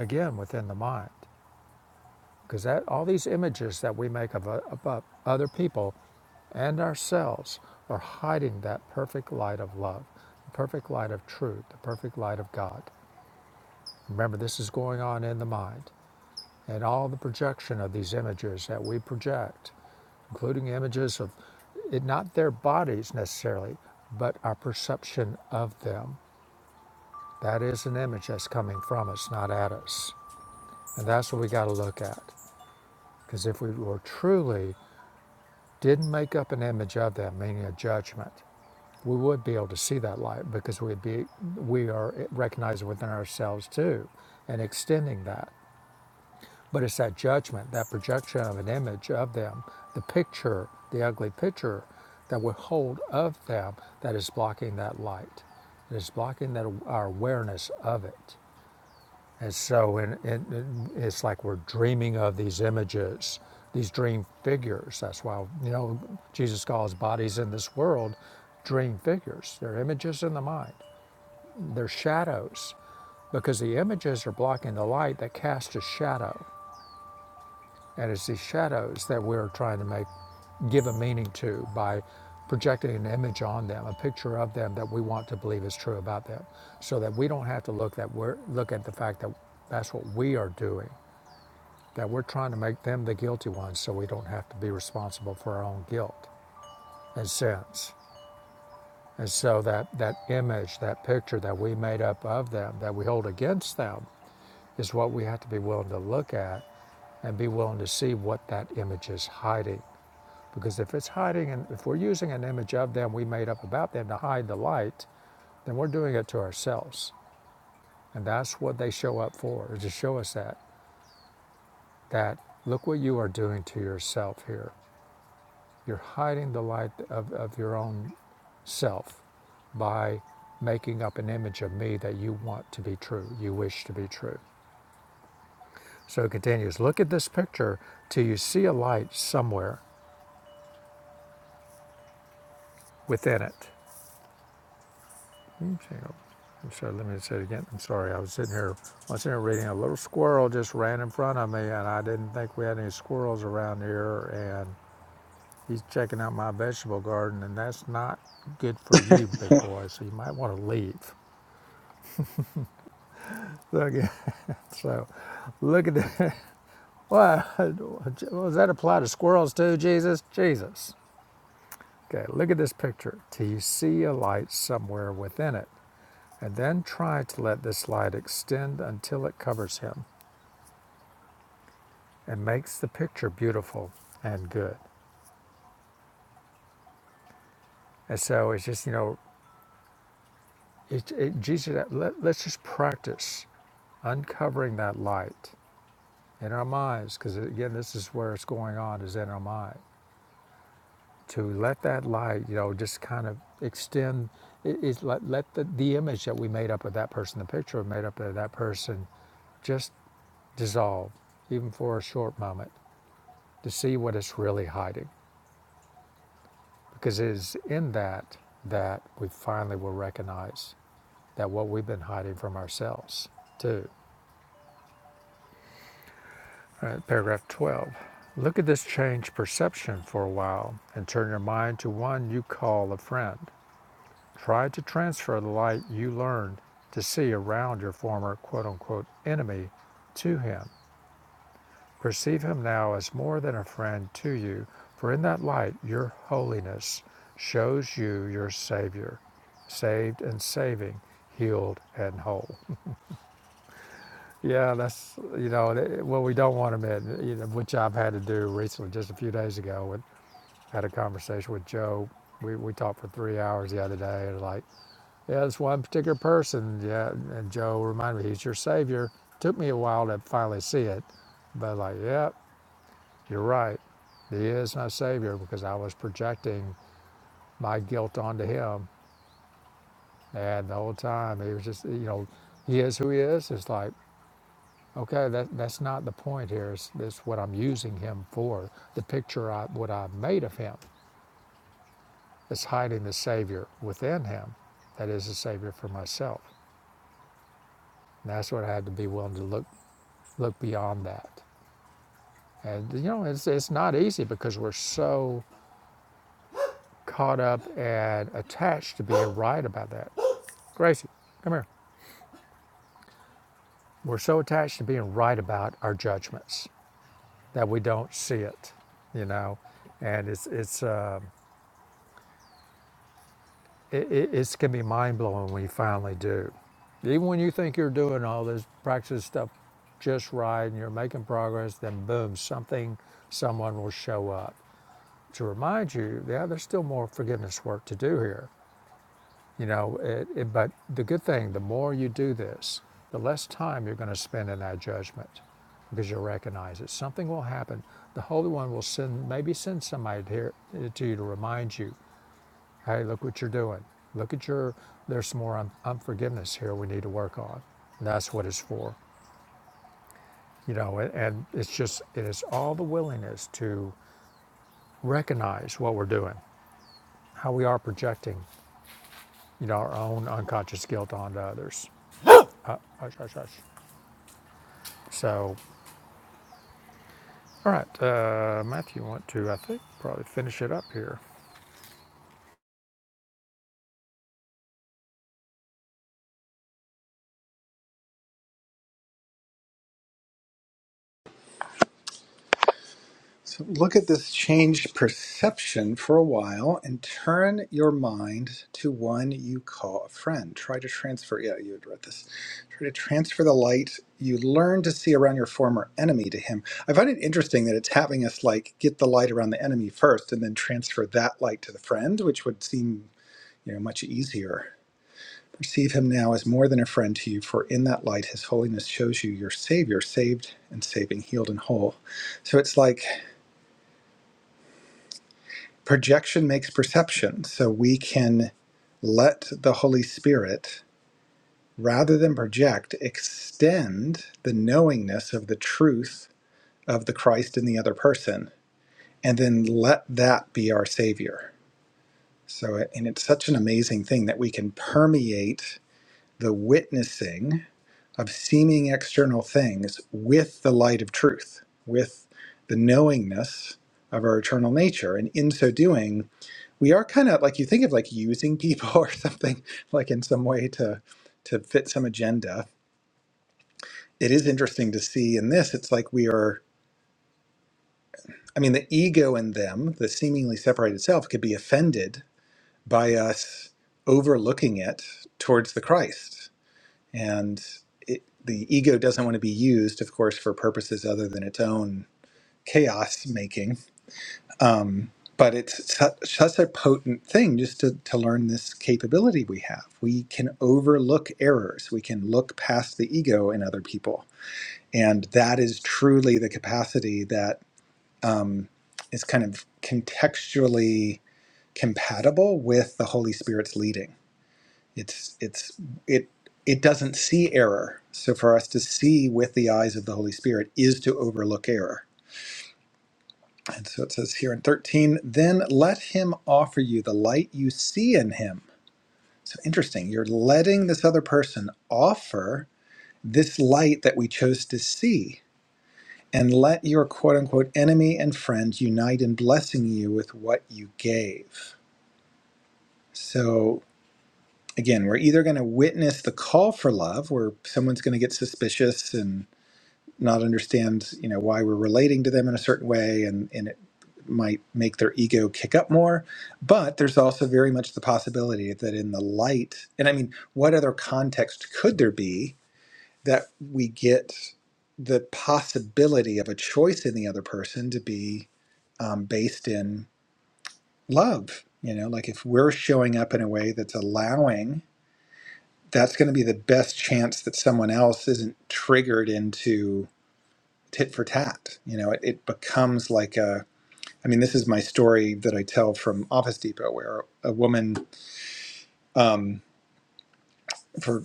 [SPEAKER 1] again, within the mind. Because that, all these images that we make of, of other people and ourselves are hiding that perfect light of love, the perfect light of truth, the perfect light of God. Remember, this is going on in the mind. And all the projection of these images that we project, including images of it, not their bodies necessarily, but our perception of them. That is an image that's coming from us, not at us. And that's what we got to look at. Because if we were truly didn't make up an image of them, meaning a judgment, we would be able to see that light because we'd be we are recognizing within ourselves too, and extending that. But it's that judgment, that projection of an image of them, the picture, the ugly picture that we hold of them that is blocking that light. It is blocking that our awareness of it. And so in, in, it's like we're dreaming of these images, these dream figures. That's why, you know, Jesus calls bodies in this world dream figures. They're images in the mind, they're shadows because the images are blocking the light that casts a shadow. And it's these shadows that we're trying to make, give a meaning to by projecting an image on them, a picture of them that we want to believe is true about them, so that we don't have to look that we're look at the fact that that's what we are doing, that we're trying to make them the guilty ones, so we don't have to be responsible for our own guilt and sins. And so that that image, that picture that we made up of them, that we hold against them, is what we have to be willing to look at and be willing to see what that image is hiding Because if it's hiding, and if we're using an image of them we made up about them to hide the light, then we're doing it to ourselves. And that's what they show up for, is to show us that, that look what you are doing to yourself here. You're hiding the light of, of your own self by making up an image of me that you want to be true, you wish to be true. So it continues, look at this picture till you see a light somewhere within it. Okay. I'm sorry, let me say it again. I'm sorry, I was sitting here, I was sitting here reading, a little squirrel just ran in front of me, and I didn't think we had any squirrels around here, and he's checking out my vegetable garden, and that's not good for you, big boy, so you might want to leave. Look at, so, look at that. What, does that apply to squirrels too, Jesus? Jesus. Okay, look at this picture. Till you see a light somewhere within it, and then try to let this light extend until it covers him. It makes the picture beautiful and good. And so it's just, you know, it, it, Jesus, let, let's just practice uncovering that light in our minds, because again, this is where it's going on, is in our mind. To let that light, you know, just kind of extend, it, it's let, let the, the image that we made up of that person, the picture we made up of that person, just dissolve, even for a short moment, to see what it's really hiding. Because it is in that that we finally will recognize that what we've been hiding from ourselves, too. All right, paragraph 12. Look at this change perception for a while and turn your mind to one you call a friend. Try to transfer the light you learned to see around your former quote unquote enemy to him. Perceive him now as more than a friend to you, for in that light your holiness shows you your Savior, saved and saving, healed and whole. Yeah, that's you know th- what we don't want them in. You know, which I've had to do recently, just a few days ago. With, had a conversation with Joe. We we talked for three hours the other day, and like, yeah, this one particular person. Yeah, and Joe reminded me he's your savior. Took me a while to finally see it, but like, yeah, you're right. He is my savior because I was projecting my guilt onto him, and the whole time he was just you know, he is who he is. It's like Okay, that, that's not the point here. It's, it's what I'm using him for. The picture I, what I have made of him is hiding the Savior within him. That is the Savior for myself. And that's what I had to be willing to look, look beyond that. And, you know, it's, it's not easy because we're so caught up and attached to being right about that. Gracie, come here. We're so attached to being right about our judgments that we don't see it, you know? And it's, it's, uh, it, it, it's going to be mind blowing when you finally do. Even when you think you're doing all this practice stuff just right and you're making progress, then boom, something, someone will show up to remind you, yeah, there's still more forgiveness work to do here. You know, it, it, but the good thing, the more you do this, the less time you're going to spend in that judgment because you'll recognize it. Something will happen. The Holy One will send, maybe send somebody here, to you to remind you Hey, look what you're doing. Look at your, there's some more un- unforgiveness here we need to work on. And that's what it's for. You know, and, and it's just, it is all the willingness to recognize what we're doing, how we are projecting, you know, our own unconscious guilt onto others. Uh, hush, hush, hush. So, all right, uh, Matthew, you want to, I think, probably finish it up here.
[SPEAKER 2] So look at this changed perception for a while and turn your mind to one you call a friend. Try to transfer, yeah, you had read this. Try to transfer the light you learn to see around your former enemy to him. I find it interesting that it's having us like get the light around the enemy first and then transfer that light to the friend, which would seem, you know, much easier. Perceive him now as more than a friend to you, for in that light his holiness shows you your Savior, saved and saving, healed and whole. So it's like projection makes perception. So we can let the Holy Spirit, rather than project, extend the knowingness of the truth of the Christ in the other person, and then let that be our Savior. So, and it's such an amazing thing that we can permeate the witnessing of seeming external things with the light of truth, with the knowingness of our eternal nature. And in so doing, we are kind of like you think of like using people or something like in some way to to fit some agenda it is interesting to see in this it's like we are i mean the ego in them the seemingly separated self could be offended by us overlooking it towards the christ and it, the ego doesn't want to be used of course for purposes other than its own chaos making Um, but it's su- such a potent thing just to, to learn this capability we have. We can overlook errors, we can look past the ego in other people. And that is truly the capacity that um, is kind of contextually compatible with the Holy Spirit's leading. It's, it's, it, it doesn't see error. So for us to see with the eyes of the Holy Spirit is to overlook error And so it says here in 13, then let him offer you the light you see in him. So interesting. You're letting this other person offer this light that we chose to see. And let your quote unquote enemy and friend unite in blessing you with what you gave. So again, we're either going to witness the call for love, where someone's going to get suspicious and not understand you know why we're relating to them in a certain way and and it might make their ego kick up more but there's also very much the possibility that in the light and i mean what other context could there be that we get the possibility of a choice in the other person to be um, based in love you know like if we're showing up in a way that's allowing that's going to be the best chance that someone else isn't triggered into tit for tat. You know, it, it becomes like a. I mean, this is my story that I tell from Office Depot, where a woman, um, for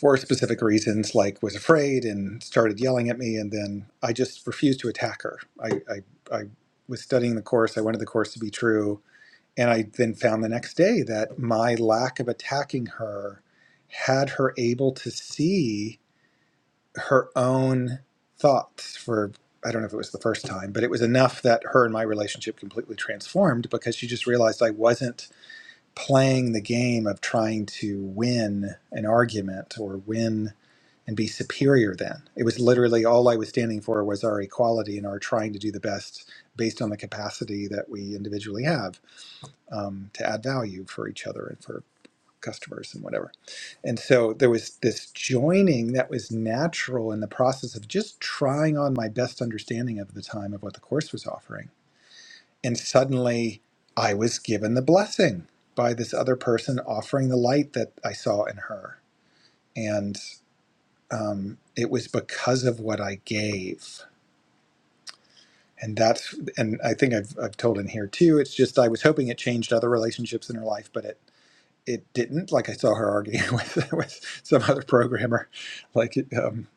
[SPEAKER 2] for specific reasons, like was afraid and started yelling at me, and then I just refused to attack her. I I, I was studying the course. I wanted the course to be true, and I then found the next day that my lack of attacking her had her able to see. her own thoughts for I don't know if it was the first time, but it was enough that her and my relationship completely transformed because she just realized I wasn't playing the game of trying to win an argument or win and be superior then. It was literally all I was standing for was our equality and our trying to do the best based on the capacity that we individually have um, to add value for each other and for customers and whatever. And so there was this joining that was natural in the process of just trying on my best understanding of the time of what the course was offering. And suddenly I was given the blessing by this other person offering the light that I saw in her. And um, it was because of what I gave. And that's, and I think I've, I've told in here too, it's just I was hoping it changed other relationships in her life, but it it didn't. Like I saw her arguing with with some other programmer, like um,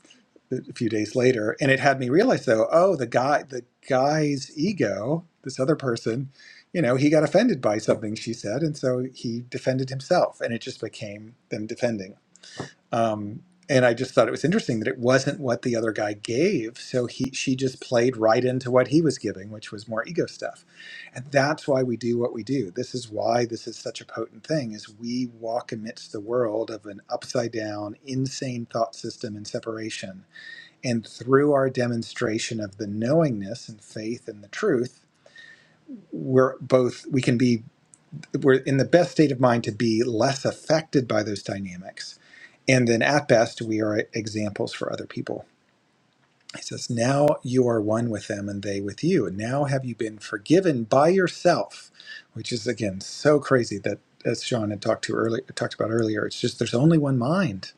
[SPEAKER 2] a few days later, and it had me realize though, oh, the guy, the guy's ego, this other person, you know, he got offended by something she said, and so he defended himself, and it just became them defending um, and I just thought it was interesting that it wasn't what the other guy gave. So he she just played right into what he was giving, which was more ego stuff. And that's why we do what we do. This is why this is such a potent thing is we walk amidst the world of an upside down, insane thought system and separation. And through our demonstration of the knowingness and faith and the truth, we're both we can be we're in the best state of mind to be less affected by those dynamics. And then at best, we are examples for other people. He says, Now you are one with them and they with you. And now have you been forgiven by yourself, which is again so crazy that as Sean had talked to earlier talked about earlier, it's just there's only one mind.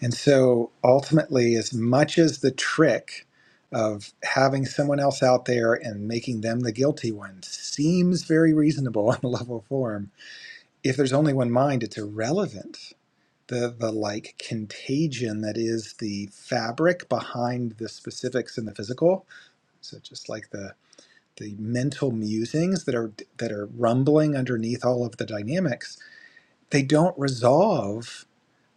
[SPEAKER 2] And so ultimately, as much as the trick of having someone else out there and making them the guilty one seems very reasonable on a level form, if there's only one mind, it's irrelevant. The, the like contagion that is the fabric behind the specifics in the physical. So just like the the mental musings that are that are rumbling underneath all of the dynamics, they don't resolve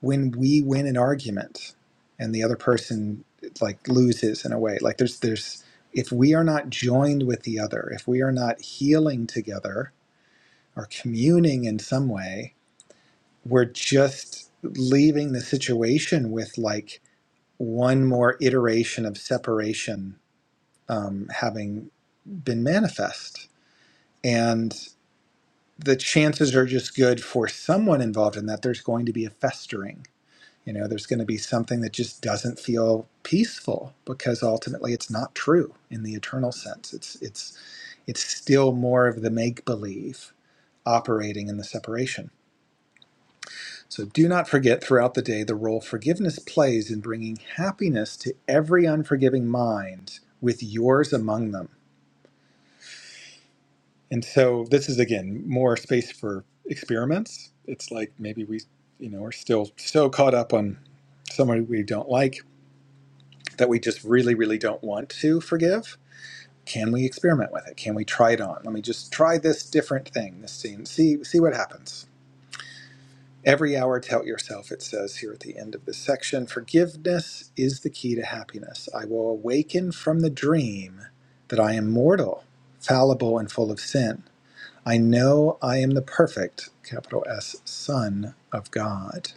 [SPEAKER 2] when we win an argument and the other person like loses in a way. Like there's there's if we are not joined with the other, if we are not healing together or communing in some way, we're just leaving the situation with like one more iteration of separation um, having been manifest. And the chances are just good for someone involved in that there's going to be a festering. You know, there's going to be something that just doesn't feel peaceful because ultimately it's not true in the eternal sense. It's it's it's still more of the make believe operating in the separation. So do not forget throughout the day the role forgiveness plays in bringing happiness to every unforgiving mind, with yours among them. And so this is again more space for experiments. It's like maybe we, you know, are still so caught up on somebody we don't like that we just really, really don't want to forgive. Can we experiment with it? Can we try it on? Let me just try this different thing, this scene. See see what happens Every hour, tell yourself, it says here at the end of this section, forgiveness is the key to happiness. I will awaken from the dream that I am mortal, fallible, and full of sin. I know I am the perfect, capital S, Son of God.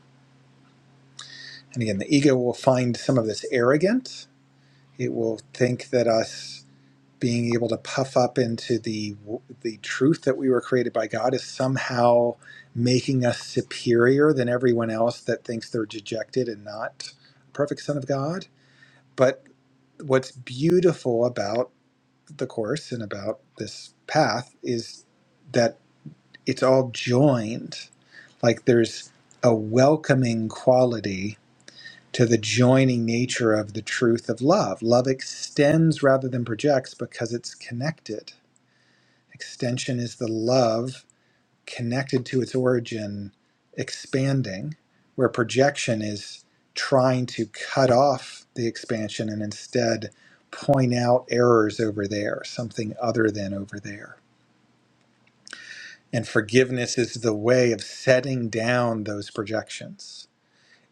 [SPEAKER 2] And again, the ego will find some of this arrogant. It will think that us being able to puff up into the the truth that we were created by God is somehow making us superior than everyone else that thinks they're dejected and not a perfect son of God. But what's beautiful about the course and about this path is that it's all joined. Like there's a welcoming quality to the joining nature of the truth of love. Love extends rather than projects because it's connected Extension is the love connected to its origin expanding, where projection is trying to cut off the expansion and instead point out errors over there, something other than over there. And forgiveness is the way of setting down those projections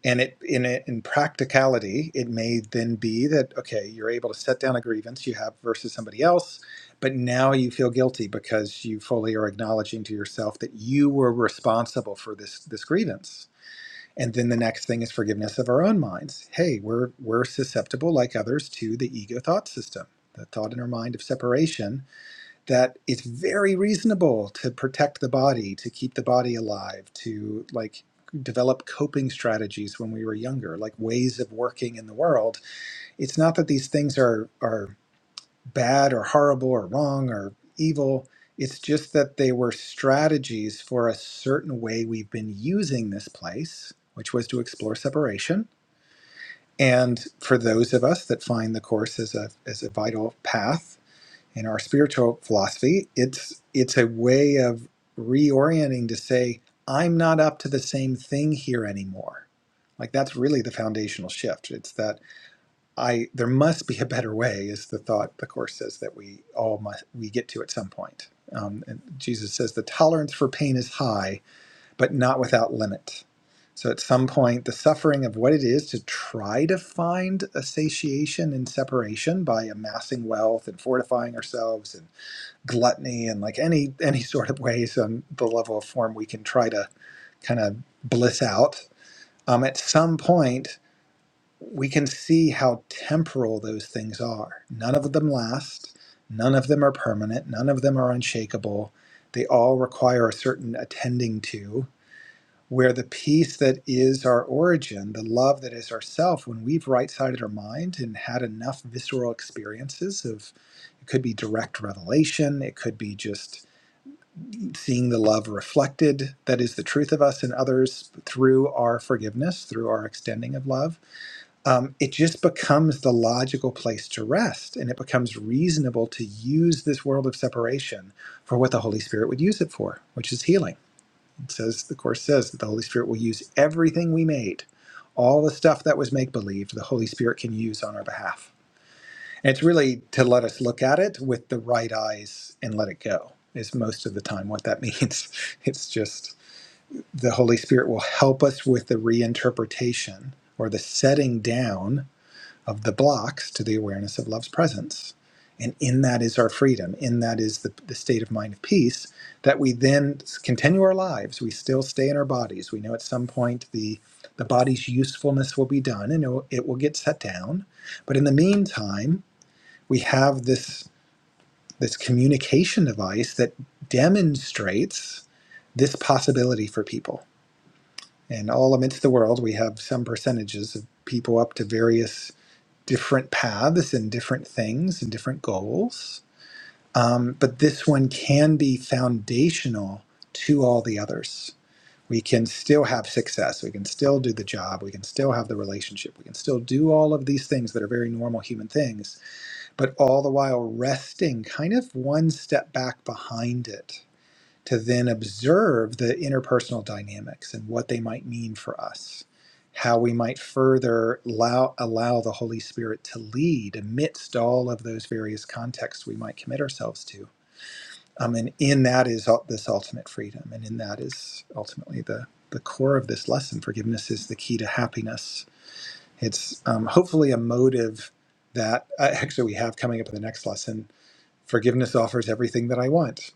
[SPEAKER 2] and it in it, in practicality, it may then be that okay, you're able to set down a grievance you have versus somebody else, but now you feel guilty because you fully are acknowledging to yourself that you were responsible for this this grievance. And then the next thing is forgiveness of our own minds. Hey, we're we're susceptible like others to the ego thought system, the thought in our mind of separation that it's very reasonable to protect the body, to keep the body alive, to like develop coping strategies when we were younger, like ways of working in the world. It's not that these things are are bad or horrible or wrong or evil. It's just that they were strategies for a certain way we've been using this place, which was to explore separation. And for those of us that find the course as a as a vital path, in our spiritual philosophy it's it's a way of reorienting to say i'm not up to the same thing here anymore like that's really the foundational shift it's that i there must be a better way is the thought the course says that we all must we get to at some point um, and jesus says the tolerance for pain is high but not without limit so at some point the suffering of what it is to try to find a satiation in separation by amassing wealth and fortifying ourselves and gluttony and like any any sort of ways on the level of form we can try to kind of bliss out um, at some point we can see how temporal those things are none of them last none of them are permanent none of them are unshakable they all require a certain attending to where the peace that is our origin the love that is ourself when we've right-sided our mind and had enough visceral experiences of it could be direct revelation it could be just seeing the love reflected that is the truth of us and others through our forgiveness, through our extending of love, um, it just becomes the logical place to rest. And it becomes reasonable to use this world of separation for what the Holy Spirit would use it for, which is healing. It says, the Course says that the Holy Spirit will use everything we made, all the stuff that was make believe, the Holy Spirit can use on our behalf. It's really to let us look at it with the right eyes and let it go, is most of the time what that means. It's just the Holy Spirit will help us with the reinterpretation or the setting down of the blocks to the awareness of love's presence. And in that is our freedom. In that is the, the state of mind of peace that we then continue our lives. We still stay in our bodies. We know at some point the, the body's usefulness will be done and it will, it will get set down. But in the meantime, we have this this communication device that demonstrates this possibility for people. And all amidst the world, we have some percentages of people up to various different paths and different things and different goals. Um, but this one can be foundational to all the others. We can still have success. We can still do the job. We can still have the relationship. We can still do all of these things that are very normal human things but all the while resting kind of one step back behind it to then observe the interpersonal dynamics and what they might mean for us, how we might further allow, allow the Holy Spirit to lead amidst all of those various contexts we might commit ourselves to. Um, and in that is ul- this ultimate freedom, and in that is ultimately the the core of this lesson. Forgiveness is the key to happiness. It's um, hopefully a motive that uh, actually we have coming up in the next lesson Forgiveness offers everything that I want.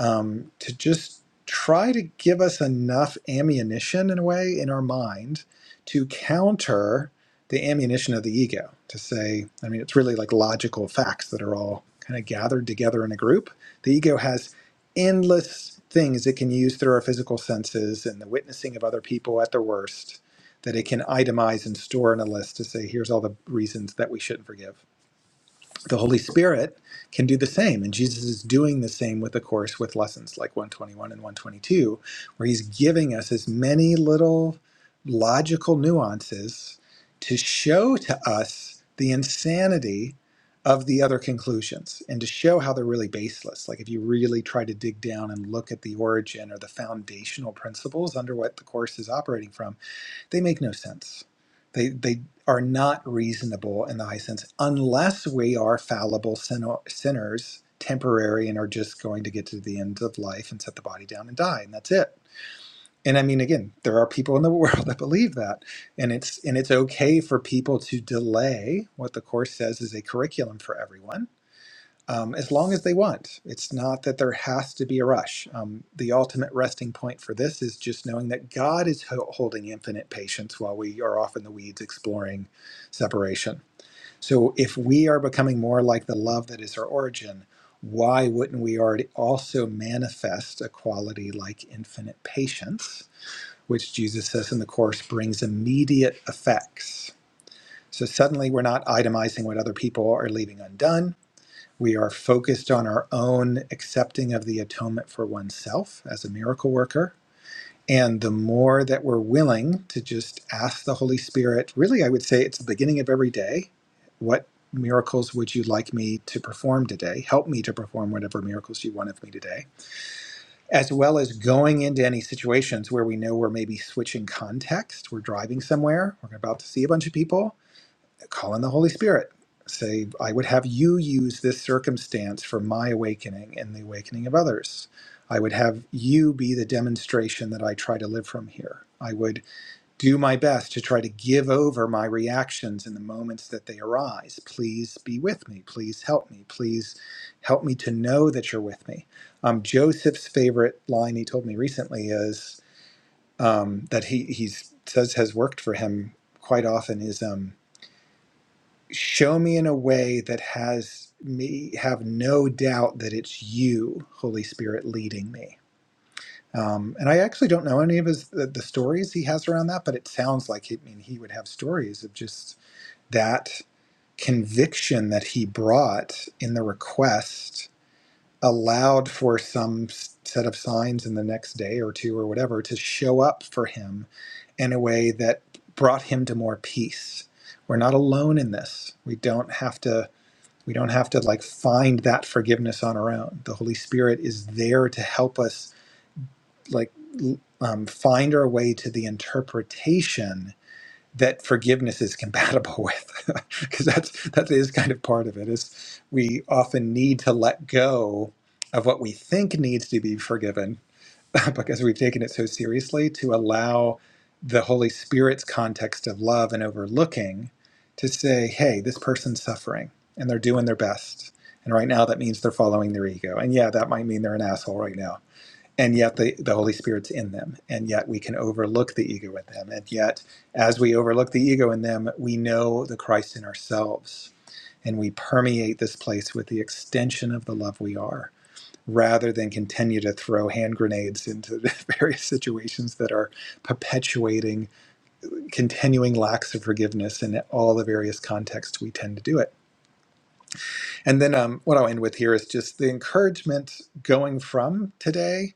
[SPEAKER 2] Um, to just try to give us enough ammunition in a way in our mind to counter the ammunition of the ego. To say, I mean, it's really like logical facts that are all kind of gathered together in a group. The ego has endless things it can use through our physical senses and the witnessing of other people at their worst that it can itemize and store in a list to say, here's all the reasons that we shouldn't forgive the Holy Spirit can do the same. And Jesus is doing the same with the Course with lessons like 121 and 122, where he's giving us as many little logical nuances to show to us the insanity of the other conclusions and to show how they're really baseless. Like if you really try to dig down and look at the origin or the foundational principles under what the Course is operating from, they make no sense. They, they are not reasonable in the high sense unless we are fallible sin- sinners, temporary, and are just going to get to the end of life and set the body down and die, and that's it. And I mean, again, there are people in the world that believe that, and it's and it's okay for people to delay what the course says is a curriculum for everyone um, as long as they want. It's not that there has to be a rush. Um, the ultimate resting point for this is just knowing that God is ho- holding infinite patience while we are off in the weeds exploring separation. So if we are becoming more like the love that is our origin, why wouldn't we already also manifest a quality like infinite patience, which Jesus says in the Course brings immediate effects? So suddenly we're not itemizing what other people are leaving undone we are focused on our own accepting of the atonement for oneself as a miracle worker. And the more that we're willing to just ask the Holy Spirit, really, I would say it's the beginning of every day. What miracles would you like me to perform today? Help me to perform whatever miracles you want of me today. As well as going into any situations where we know we're maybe switching context, we're driving somewhere, we're about to see a bunch of people, call on the Holy Spirit. Say, I would have you use this circumstance for my awakening and the awakening of others. I would have you be the demonstration that I try to live from here. I would do my best to try to give over my reactions in the moments that they arise. Please be with me. Please help me. Please help me to know that you're with me. Um, Joseph's favorite line he told me recently is um, that he he says has worked for him quite often is. Um, show me in a way that has me have no doubt that it's you, Holy Spirit, leading me. Um, and I actually don't know any of his the, the stories he has around that, but it sounds like he, I mean he would have stories of just that conviction that he brought in the request allowed for some s- set of signs in the next day or two or whatever to show up for him in a way that brought him to more peace. We're not alone in this. We don't have to we don't have to like find that forgiveness on our own. The Holy Spirit is there to help us like l- um, find our way to the interpretation that forgiveness is compatible with, because that's that is kind of part of it. Is we often need to let go of what we think needs to be forgiven because we've taken it so seriously to allow the Holy Spirit's context of love and overlooking to say, hey, this person's suffering and they're doing their best. And right now that means they're following their ego. And yeah, that might mean they're an asshole right now. And yet the, the Holy Spirit's in them. And yet we can overlook the ego in them. And yet, as we overlook the ego in them, we know the Christ in ourselves. And we permeate this place with the extension of the love we are rather than continue to throw hand grenades into the various situations that are perpetuating continuing lacks of forgiveness in all the various contexts we tend to do it. And then um, what I'll end with here is just the encouragement going from today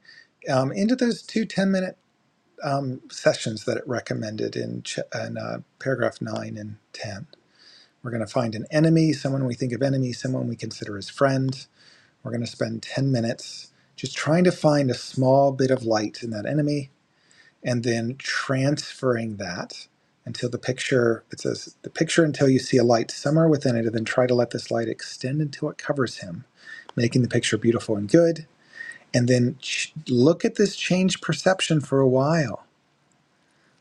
[SPEAKER 2] um, into those two 10 minute um, sessions that it recommended in, ch- in uh, paragraph 9 and 10. We're going to find an enemy, someone we think of enemy, someone we consider as friend We're going to spend 10 minutes just trying to find a small bit of light in that enemy and then transferring that until the picture, it says the picture until you see a light somewhere within it, and then try to let this light extend until it covers him, making the picture beautiful and good. And then ch- look at this change perception for a while.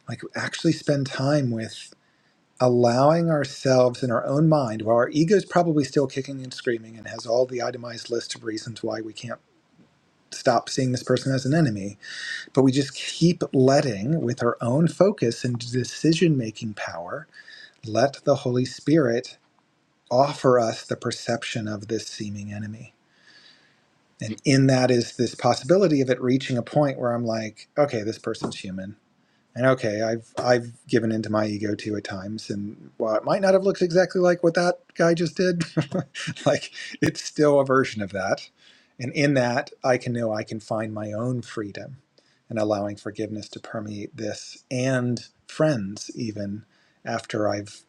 [SPEAKER 2] Like actually spend time with allowing ourselves in our own mind, while our ego's probably still kicking and screaming and has all the itemized list of reasons why we can't stop seeing this person as an enemy. But we just keep letting, with our own focus and decision making power, let the Holy Spirit offer us the perception of this seeming enemy. And in that is this possibility of it reaching a point where I'm like, okay, this person's human. And okay, I've I've given into my ego too at times, and while it might not have looked exactly like what that guy just did, like it's still a version of that. And in that, I can know I can find my own freedom, and allowing forgiveness to permeate this and friends even after I've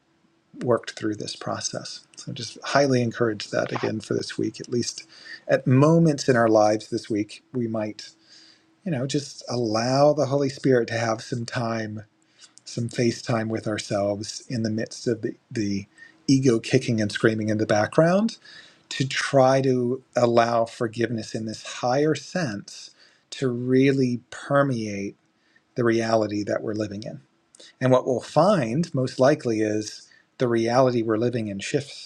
[SPEAKER 2] worked through this process. So just highly encourage that again for this week, at least at moments in our lives this week, we might you know just allow the Holy Spirit to have some time some face time with ourselves in the midst of the, the ego kicking and screaming in the background to try to allow forgiveness in this higher sense to really permeate the reality that we're living in. And what we'll find most likely is the reality we're living in shifts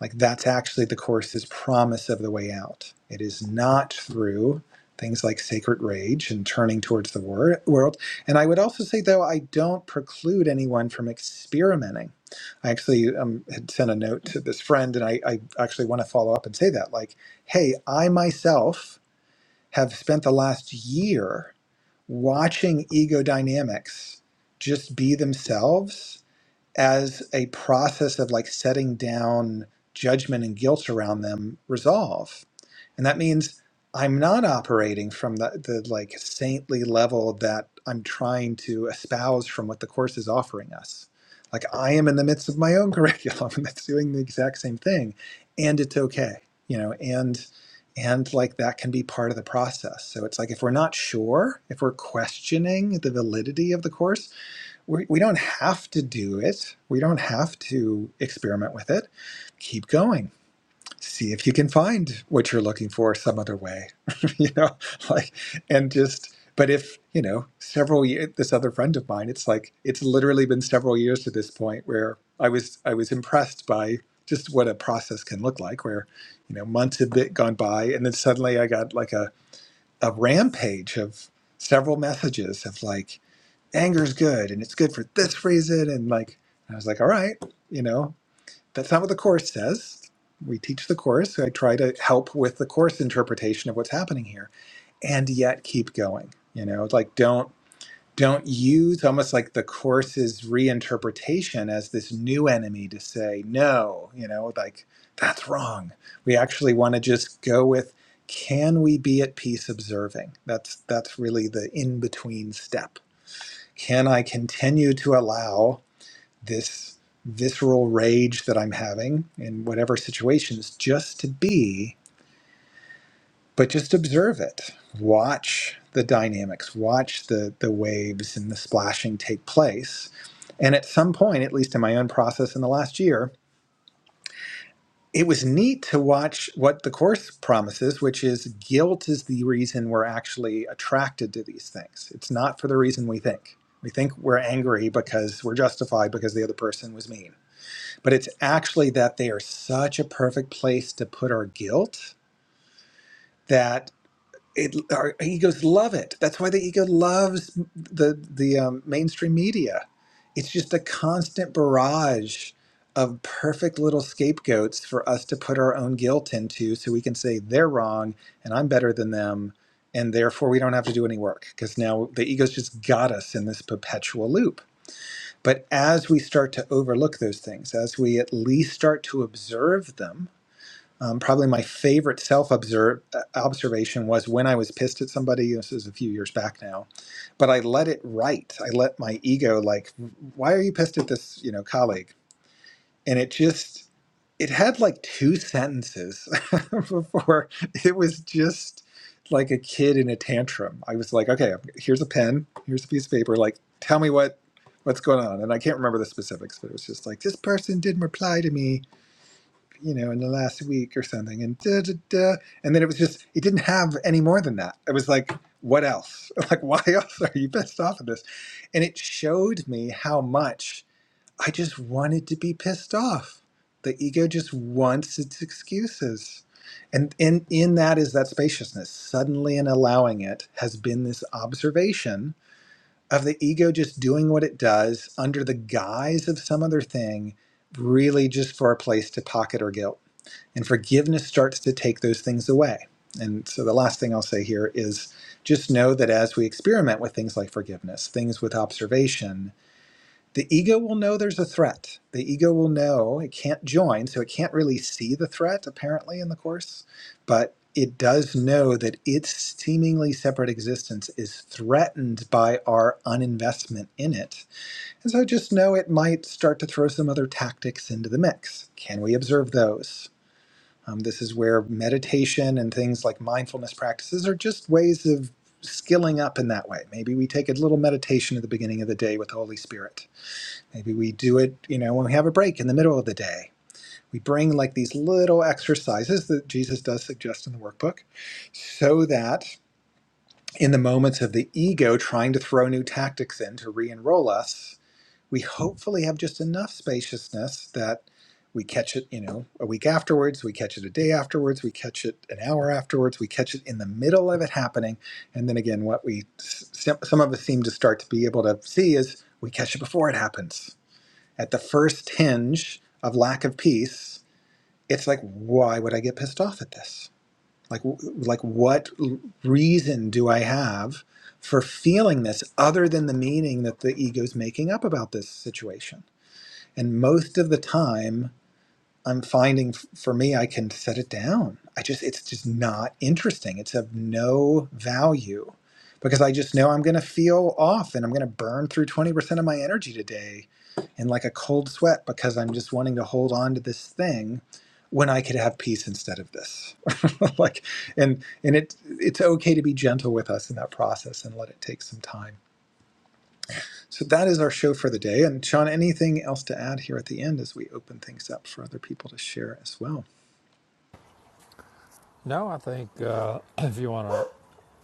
[SPEAKER 2] like that's actually the course's promise of the way out. It is not through things like sacred rage and turning towards the wor- world. And I would also say, though, I don't preclude anyone from experimenting. I actually um, had sent a note to this friend, and I, I actually want to follow up and say that, like, hey, I myself have spent the last year watching ego dynamics just be themselves as a process of like setting down judgment and guilt around them resolve and that means i'm not operating from the, the like saintly level that i'm trying to espouse from what the course is offering us like i am in the midst of my own curriculum that's doing the exact same thing and it's okay you know and and like that can be part of the process so it's like if we're not sure if we're questioning the validity of the course we, we don't have to do it. We don't have to experiment with it. Keep going. See if you can find what you're looking for some other way, you know, like, and just, but if, you know, several years, this other friend of mine, it's like, it's literally been several years to this point where I was, I was impressed by just what a process can look like where, you know, months had been gone by and then suddenly I got like a, a rampage of several messages of like, anger is good and it's good for this reason and like i was like all right you know that's not what the course says we teach the course i try to help with the course interpretation of what's happening here and yet keep going you know It's like don't don't use almost like the course's reinterpretation as this new enemy to say no you know like that's wrong we actually want to just go with can we be at peace observing that's that's really the in between step can I continue to allow this visceral rage that I'm having in whatever situations just to be, but just observe it? Watch the dynamics, watch the, the waves and the splashing take place. And at some point, at least in my own process in the last year, it was neat to watch what the course promises, which is guilt is the reason we're actually attracted to these things. It's not for the reason we think. We think we're angry because we're justified because the other person was mean. But it's actually that they are such a perfect place to put our guilt that it, our egos love it. That's why the ego loves the the um, mainstream media. It's just a constant barrage of perfect little scapegoats for us to put our own guilt into, so we can say they're wrong and I'm better than them, and therefore we don't have to do any work because now the ego's just got us in this perpetual loop. But as we start to overlook those things, as we at least start to observe them, um, probably my favorite self observation was when I was pissed at somebody. This is a few years back now, but I let it write. I let my ego like, why are you pissed at this, you know, colleague? And it just, it had like two sentences before it was just like a kid in a tantrum. I was like, okay, here's a pen, here's a piece of paper. Like, tell me what what's going on. And I can't remember the specifics, but it was just like this person didn't reply to me you know, in the last week or something, and da da da. And then it was just, it didn't have any more than that. It was like, what else? Like, why else are you pissed off at this? And it showed me how much I just wanted to be pissed off. The ego just wants its excuses. And in, in that is that spaciousness. Suddenly, in allowing it, has been this observation of the ego just doing what it does under the guise of some other thing, really just for a place to pocket or guilt and forgiveness starts to take those things away. And so the last thing I'll say here is just know that as we experiment with things like forgiveness, things with observation, the ego will know there's a threat. The ego will know it can't join, so it can't really see the threat apparently in the course, but it does know that its seemingly separate existence is threatened by our uninvestment in it. And so just know it might start to throw some other tactics into the mix. Can we observe those? Um, this is where meditation and things like mindfulness practices are just ways of skilling up in that way. Maybe we take a little meditation at the beginning of the day with the Holy Spirit. Maybe we do it, you know, when we have a break in the middle of the day. We bring like these little exercises that Jesus does suggest in the workbook so that in the moments of the ego trying to throw new tactics in to re enroll us, we hopefully have just enough spaciousness that we catch it, you know, a week afterwards, we catch it a day afterwards, we catch it an hour afterwards, we catch it in the middle of it happening. And then again, what we some of us seem to start to be able to see is we catch it before it happens. At the first hinge of lack of peace, it's like, why would I get pissed off at this? Like, like what reason do I have for feeling this other than the meaning that the ego's making up about this situation? and most of the time i'm finding f- for me i can set it down i just it's just not interesting it's of no value because i just know i'm going to feel off and i'm going to burn through 20% of my energy today in like a cold sweat because i'm just wanting to hold on to this thing when i could have peace instead of this like and and it it's okay to be gentle with us in that process and let it take some time so that is our show for the day. And Sean, anything else to add here at the end as we open things up for other people to share as well?
[SPEAKER 1] No, I think uh, if you want to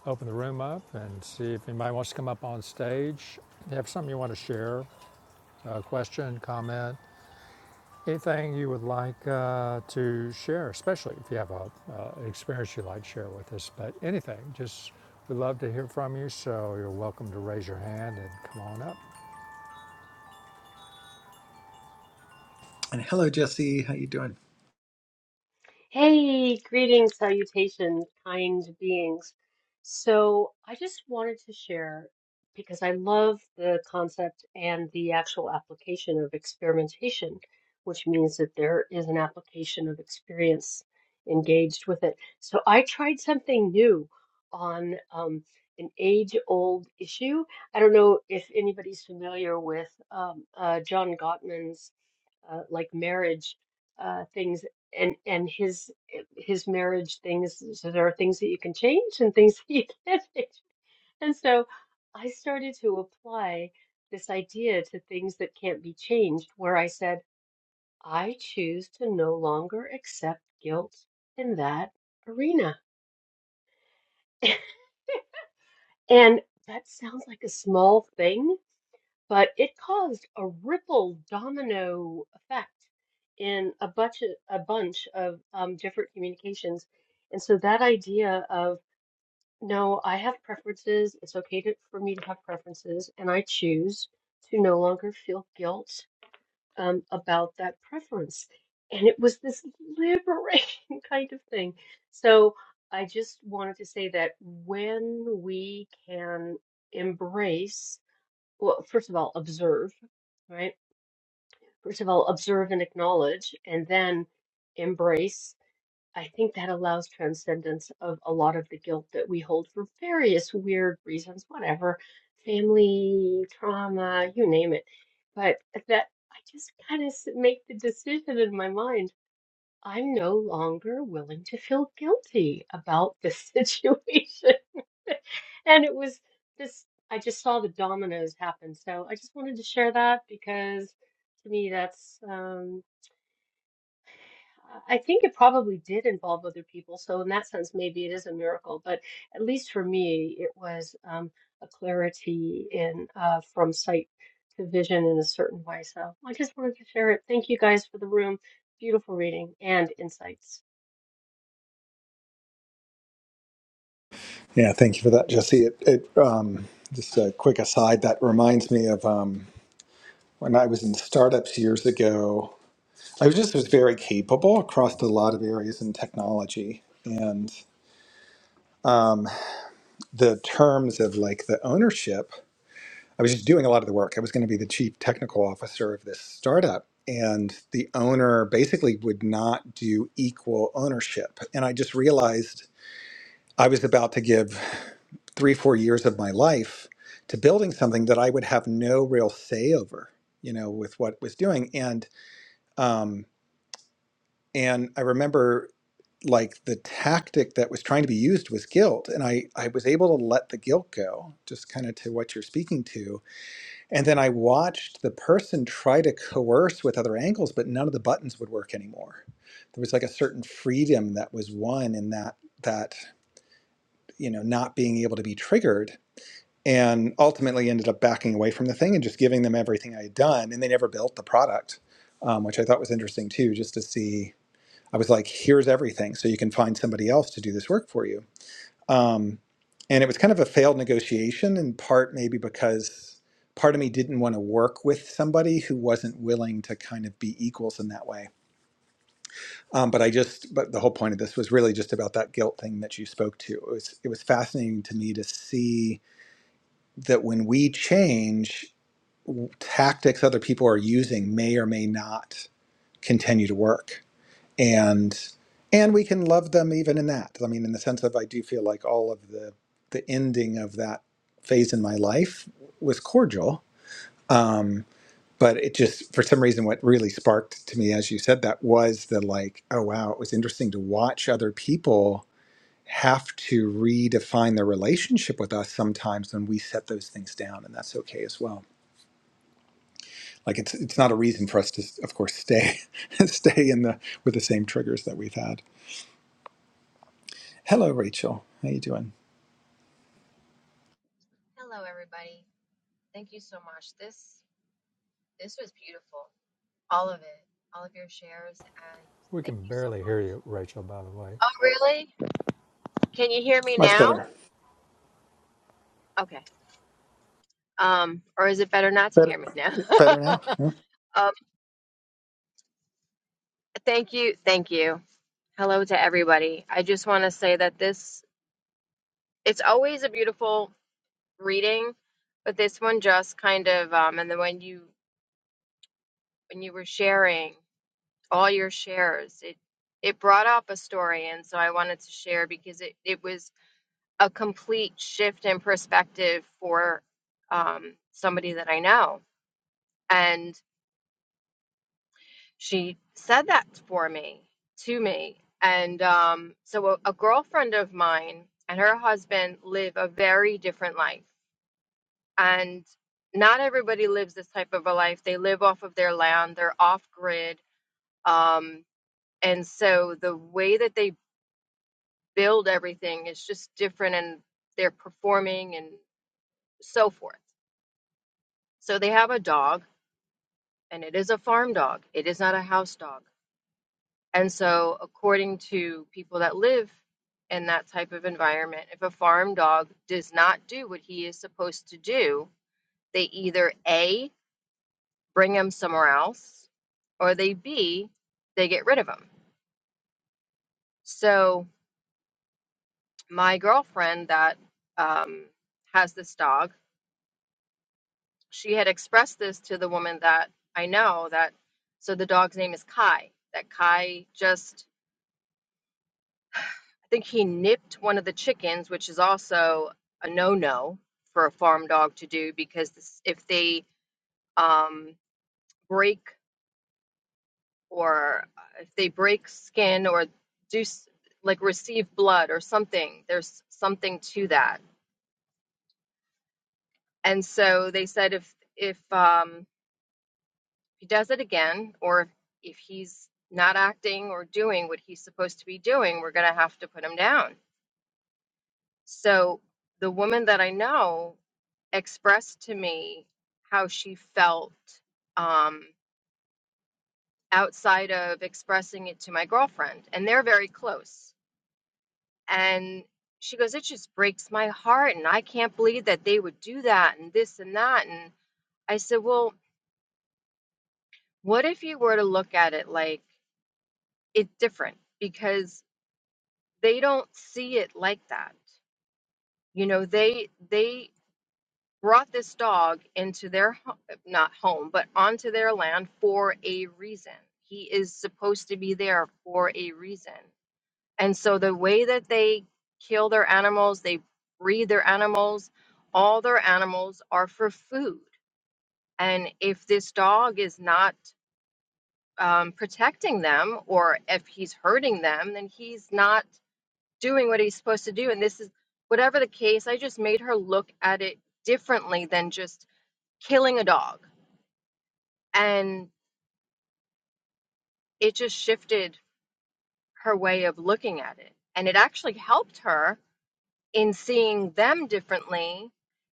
[SPEAKER 1] open the room up and see if anybody wants to come up on stage, if you have something you want to share, uh, question, comment, anything you would like uh, to share, especially if you have a, uh, experience you'd like to share with us. But anything, just we'd love to hear from you. So you're welcome to raise your hand and come on up.
[SPEAKER 2] And hello, Jesse. How you doing?
[SPEAKER 3] Hey, greetings, salutations, kind beings. So, I just wanted to share because I love the concept and the actual application of experimentation, which means that there is an application of experience engaged with it. So, I tried something new on um, an age-old issue. I don't know if anybody's familiar with um, uh, John Gottman's uh, like marriage uh, things and and his his marriage things so there are things that you can change and things that you can't change and so i started to apply this idea to things that can't be changed where i said i choose to no longer accept guilt in that arena and that sounds like a small thing but it caused a ripple domino effect in a bunch of, a bunch of um, different communications. And so that idea of, no, I have preferences, it's okay to, for me to have preferences, and I choose to no longer feel guilt um, about that preference. And it was this liberating kind of thing. So I just wanted to say that when we can embrace well, first of all, observe, right? First of all, observe and acknowledge, and then embrace. I think that allows transcendence of a lot of the guilt that we hold for various weird reasons, whatever, family, trauma, you name it. But that I just kind of make the decision in my mind I'm no longer willing to feel guilty about this situation. And it was this, I just saw the dominoes happen. So I just wanted to share that because to me, that's, um, I think it probably did involve other people. So in that sense, maybe it is a miracle. But at least for me, it was um, a clarity in uh, from sight to vision in a certain way. So I just wanted to share it. Thank you guys for the room. Beautiful reading and insights.
[SPEAKER 2] Yeah, thank you for that, Jesse. It, it um, just a quick aside that reminds me of um, when I was in startups years ago. I was just was very capable across a lot of areas in technology, and um, the terms of like the ownership. I was just doing a lot of the work. I was going to be the chief technical officer of this startup. And the owner basically would not do equal ownership. And I just realized I was about to give three, four years of my life to building something that I would have no real say over, you know, with what it was doing. And um, and I remember like the tactic that was trying to be used was guilt. And I, I was able to let the guilt go, just kind of to what you're speaking to and then I watched the person try to coerce with other angles, but none of the buttons would work anymore. There was like a certain freedom that was won in that that you know not being able to be triggered, and ultimately ended up backing away from the thing and just giving them everything I had done, and they never built the product, um, which I thought was interesting too, just to see. I was like, here's everything, so you can find somebody else to do this work for you um, and it was kind of a failed negotiation, in part maybe because part of me didn't want to work with somebody who wasn't willing to kind of be equals in that way. Um, but I just, but the whole point of this was really just about that guilt thing that you spoke to. It was, it was fascinating to me to see that when we change, w- tactics other people are using may or may not continue to work and and we can love them even in that i mean in the sense of i do feel like all of the the ending of that phase in my life was cordial uh, but it just for some reason what really sparked to me as you said that was the like oh wow it was interesting to watch other people have to redefine their relationship with us sometimes when we set those things down and that's okay as well like it's it's not a reason for us to of course stay stay in the with the same triggers that we've had hello rachel how you doing
[SPEAKER 4] Hello, everybody. Thank you so much. This this was beautiful. All of it, all of your shares, and
[SPEAKER 1] We
[SPEAKER 4] thank
[SPEAKER 1] can
[SPEAKER 4] you so
[SPEAKER 1] barely
[SPEAKER 4] much.
[SPEAKER 1] hear you, Rachel. By the way,
[SPEAKER 4] Oh, really? Can you hear me
[SPEAKER 2] Much
[SPEAKER 4] now?
[SPEAKER 2] better.
[SPEAKER 4] Okay. Um, or is it better not to
[SPEAKER 2] Better,
[SPEAKER 4] hear me now?
[SPEAKER 2] better now. Yeah,
[SPEAKER 4] um, thank you, thank you. Hello to everybody. I just want to say that this it's always a beautiful reading, but this one just kind of um, and then when you when you were sharing. all your shares. It it brought up a story, and so I wanted to share because it it was a complete shift in perspective for um, somebody that I know, and she said that for me to me, and um, so a, a girlfriend of mine and her husband live a very different life, and not everybody lives this type of a life. They live off of their land. They're off grid. Um, and so the way that they build everything is just different and they're performing and so forth. So they have a dog and it is a farm dog. It is not a house dog. And so according to people that live in that type of environment, if a farm dog does not do what he is supposed to do, they either A bring him somewhere else or they B they get rid of him. So my girlfriend that um, has this dog she had expressed this to the woman that I know that so the dog's name is Kai. That Kai just I think he nipped one of the chickens, which is also a no-no for a farm dog to do because this, if they um, break or uh, if they break skin or do s- like receive blood or something, there's something to that. And so they said if if um, he does it again, or if, if he's not acting or doing what he's supposed to be doing, we're going to have to put him down. So the woman that I know expressed to me how she felt um, outside of expressing it to my girlfriend, and they're very close. And she goes, It just breaks my heart, and I can't believe that they would do that, and this and that. And I said, Well, what if you were to look at it like it's different? Because they don't see it like that you know they they brought this dog into their ho- not home but onto their land for a reason he is supposed to be there for a reason and so the way that they kill their animals they breed their animals all their animals are for food and if this dog is not um, protecting them or if he's hurting them then he's not doing what he's supposed to do and this is whatever the case i just made her look at it differently than just killing a dog and it just shifted her way of looking at it and it actually helped her in seeing them differently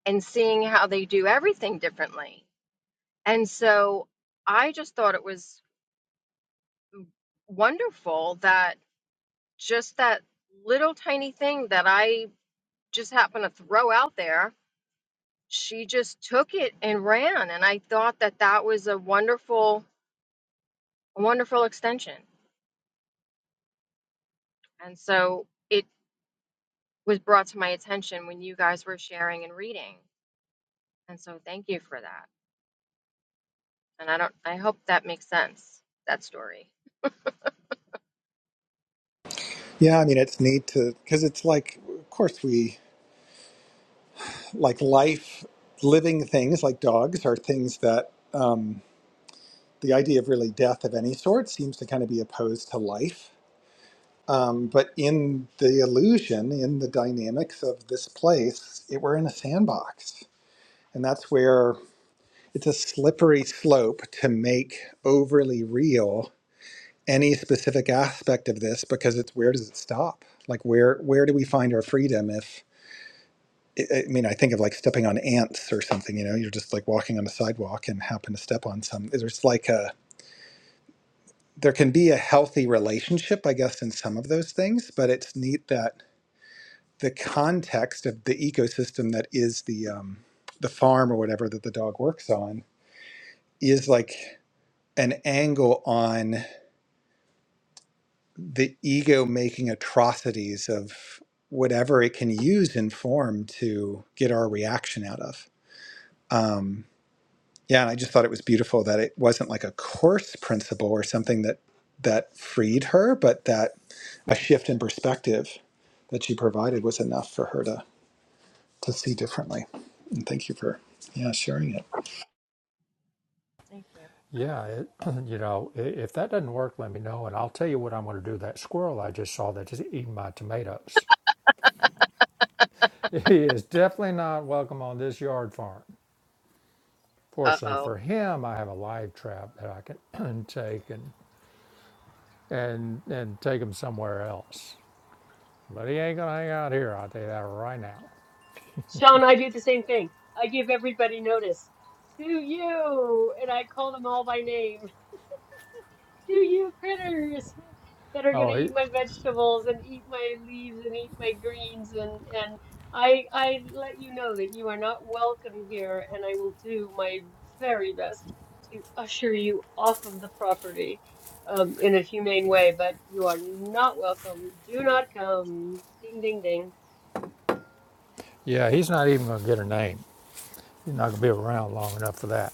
[SPEAKER 4] and seeing how they do everything differently and so i just thought it was wonderful that just that little tiny thing that i just happened to throw out there she just took it and ran and i thought that that was a wonderful a wonderful extension and so it was brought to my attention when you guys were sharing and reading and so thank you for that and i don't i hope that makes sense that story
[SPEAKER 2] Yeah, I mean, it's neat to because it's like, of course, we like life, living things like dogs are things that um, the idea of really death of any sort seems to kind of be opposed to life. Um, but in the illusion, in the dynamics of this place, it, we're in a sandbox, and that's where it's a slippery slope to make overly real any specific aspect of this because it's where does it stop? Like where where do we find our freedom if I I mean, I think of like stepping on ants or something, you know, you're just like walking on a sidewalk and happen to step on some. There's like a, there can be a healthy relationship, I guess, in some of those things, but it's neat that the context of the ecosystem that is the, um, the farm or whatever that the dog works on is like an angle on the ego making atrocities of whatever it can use in form to get our reaction out of. Yeah, and I just thought it was beautiful that it wasn't like a course principle or something that that freed her, but that a shift in perspective that she provided was enough for her to to see differently. And thank you for yeah sharing it.
[SPEAKER 4] thank you
[SPEAKER 1] yeah, it, you know, if that doesn't work, let me know, and I'll tell you what I'm going to do. That squirrel I just saw that's eating my tomatoes. He is definitely not welcome on this yard farm. Fortunately
[SPEAKER 4] uh-oh
[SPEAKER 1] for him, I have a live trap that I can take and and and take him somewhere else. But he ain't gonna hang out here. I'll tell you that right now.
[SPEAKER 3] Sean, I do the same thing. I give everybody notice. To you, and I call them all by name. To you critters that are going
[SPEAKER 1] Oh,
[SPEAKER 3] to
[SPEAKER 1] he,
[SPEAKER 3] eat my vegetables and eat my leaves and eat my greens and and I I let you know that you are not welcome here and I will do my very best to usher you off of the property um, in a humane way, but you are not welcome. Do not come. Ding ding ding.
[SPEAKER 1] yeah, he's not even gonna get a name. He's not gonna be around long enough for that.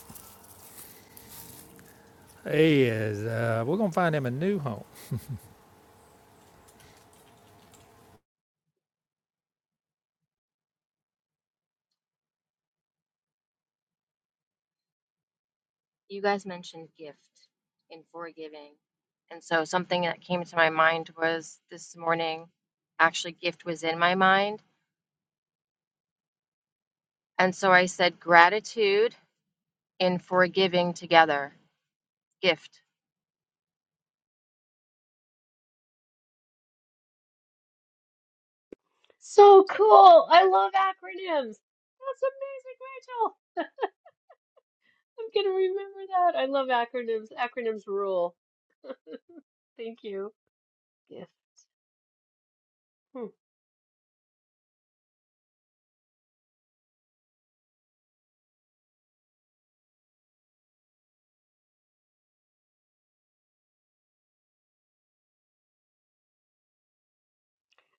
[SPEAKER 1] He is. Uh, we're gonna find him a new home.
[SPEAKER 4] you guys mentioned gift in forgiving and so something that came to my mind was this morning actually gift was in my mind and so i said gratitude in forgiving together gift
[SPEAKER 3] So cool. I love acronyms. That's amazing, Rachel. I'm gonna remember that. I love acronyms. Acronyms rule. Thank you. Yes. Hmm.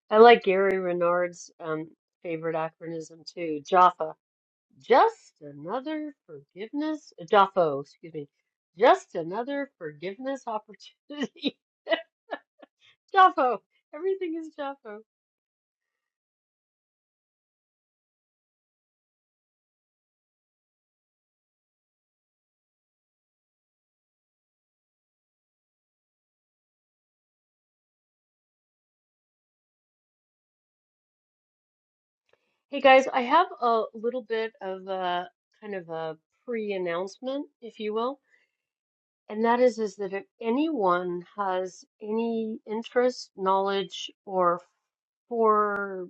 [SPEAKER 3] I like Gary Renard's um favorite acronym too. Jaffa. Just another forgiveness. uh, Jaffo, excuse me. Just another forgiveness opportunity. Jaffo. Everything is Jaffo. Hey guys, I have a little bit of a kind of a pre-announcement, if you will. and that is is that if anyone has any interest, knowledge, or for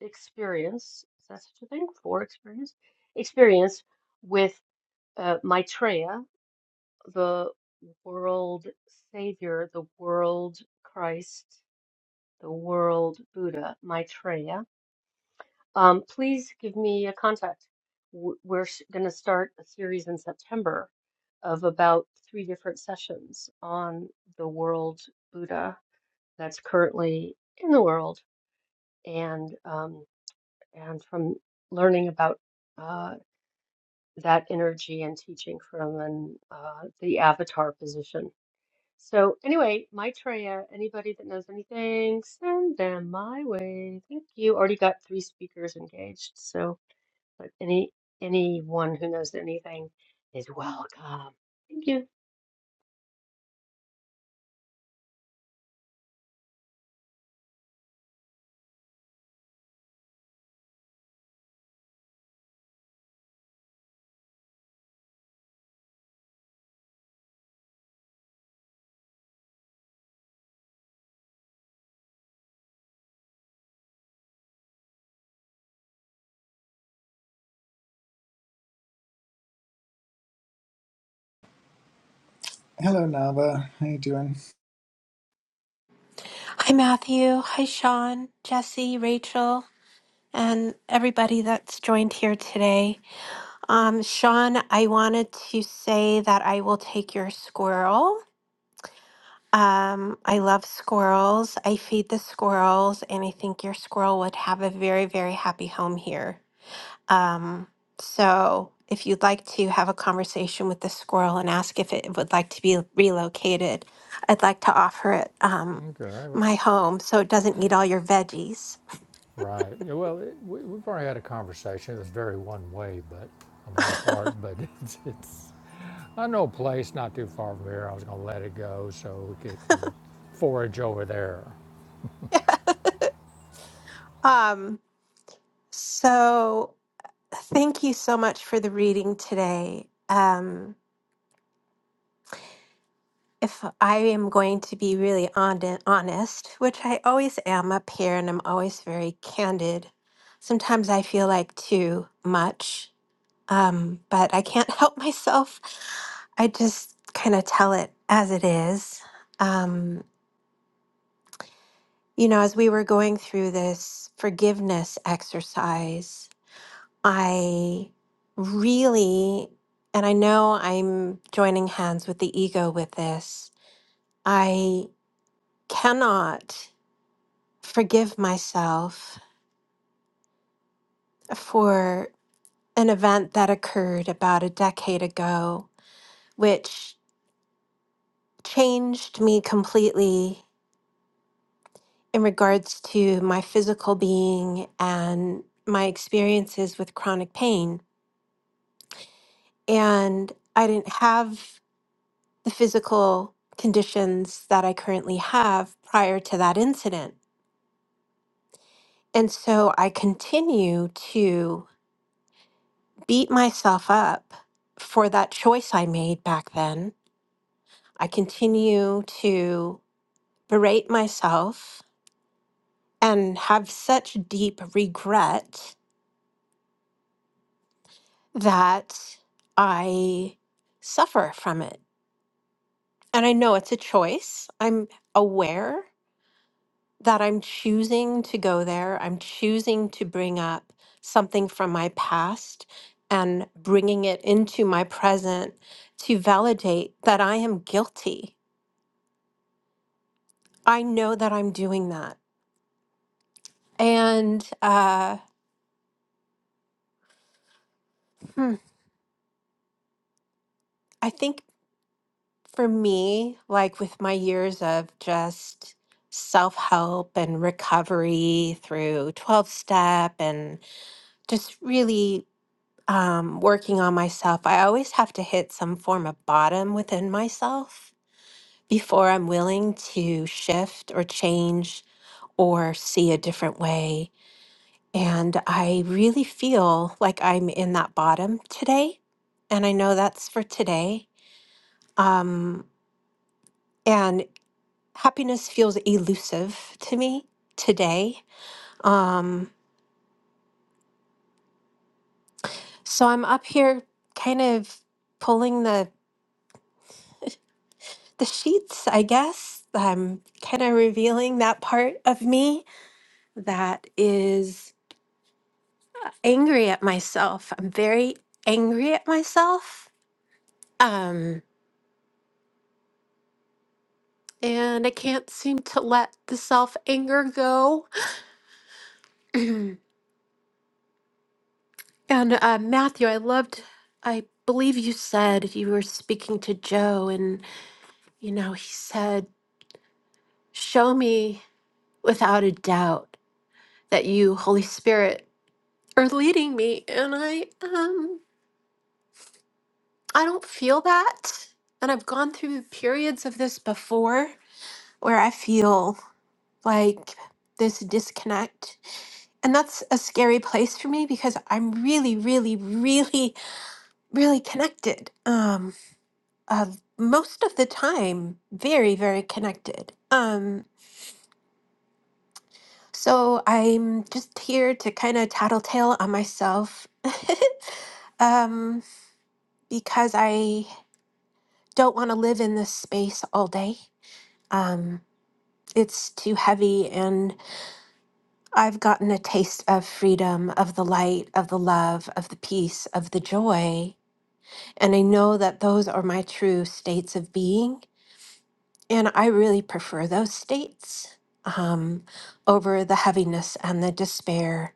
[SPEAKER 3] experience, is that such a thing? For experience, experience with uh, Maitreya, the world savior, the world Christ, the world Buddha, Maitreya. Um, please give me a contact. W- We're going to start a series in September of about three different sessions on the world Buddha that's currently in the world and um, and from learning about uh, that energy and teaching from an, uh, the avatar position. So anyway, Maitreya, anybody that knows anything, send them my way. Thank you. Already got three speakers engaged, so. But any anyone who knows anything is welcome. Thank you.
[SPEAKER 2] Hello Nava, how you doing?
[SPEAKER 5] Hi, Matthew. Hi, Sean, Jesse, Rachel, and everybody that's joined here today. Um, Sean, I wanted to say that I will take your squirrel. Um, I love squirrels. I feed the squirrels, and I think your squirrel would have a very, very happy home here. Um, so if you'd like to have a conversation with the squirrel and ask if it would like to be relocated, I'd like to offer it um,
[SPEAKER 1] Okay. well,
[SPEAKER 5] my home so it doesn't eat all your veggies.
[SPEAKER 1] Right. Yeah, well, it, we, we've already had a conversation. It was very one way, but on my part, but it's, it's I know a place not too far from here. I was gonna let it go so we could forage over there.
[SPEAKER 5] Um, so thank you so much for the reading today. Um, if I am going to be really hon- honest, which I always am up here and I'm always very candid, sometimes I feel like too much um, but I can't help myself. I just kind of tell it as it is. Um, you know, as we were going through this forgiveness exercise, I really, and I know I'm joining hands with the ego with this, I cannot forgive myself for an event that occurred about a decade ago, which changed me completely in regards to my physical being and my experiences with chronic pain. And I didn't have the physical conditions that I currently have prior to that incident. And so I continue to beat myself up for that choice I made back then. I continue to berate myself and have such deep regret that I suffer from it. And I know it's a choice. I'm aware that I'm choosing to go there. I'm choosing to bring up something from my past and bringing it into my present to validate that I am guilty. I know that I'm doing that. And uh, hmm, I think. for me, like with my years of just self help and recovery through 12 step and just really um, working on myself, I always have to hit some form of bottom within myself before I'm willing to shift or change or see a different way. And I really feel like I'm in that bottom today. And I know that's for today. Um, happiness feels elusive to me today. Um, so I'm up here kind of pulling the the sheets, I guess. I'm kind of revealing that part of me that is angry at myself. I'm very angry at myself. Um, and I can't seem to let the self anger go. and uh, Matthew, I loved, I believe you said you were speaking to Joe and. You know, he said, Show me without a doubt that you, Holy Spirit, are leading me. And I um I don't feel that. And I've gone through periods of this before where I feel like this disconnect. And that's a scary place for me because I'm really, really, really, really connected. Um, uh, most of the time, very, very connected. Um, So I'm just here to kind of tattletale on myself um, because I don't want to live in this space all day. Um, it's too heavy, and I've gotten a taste of freedom, of the light, of the love, of the peace, of the joy. And I know that those are my true states of being. And I really prefer those states um, over the heaviness and the despair.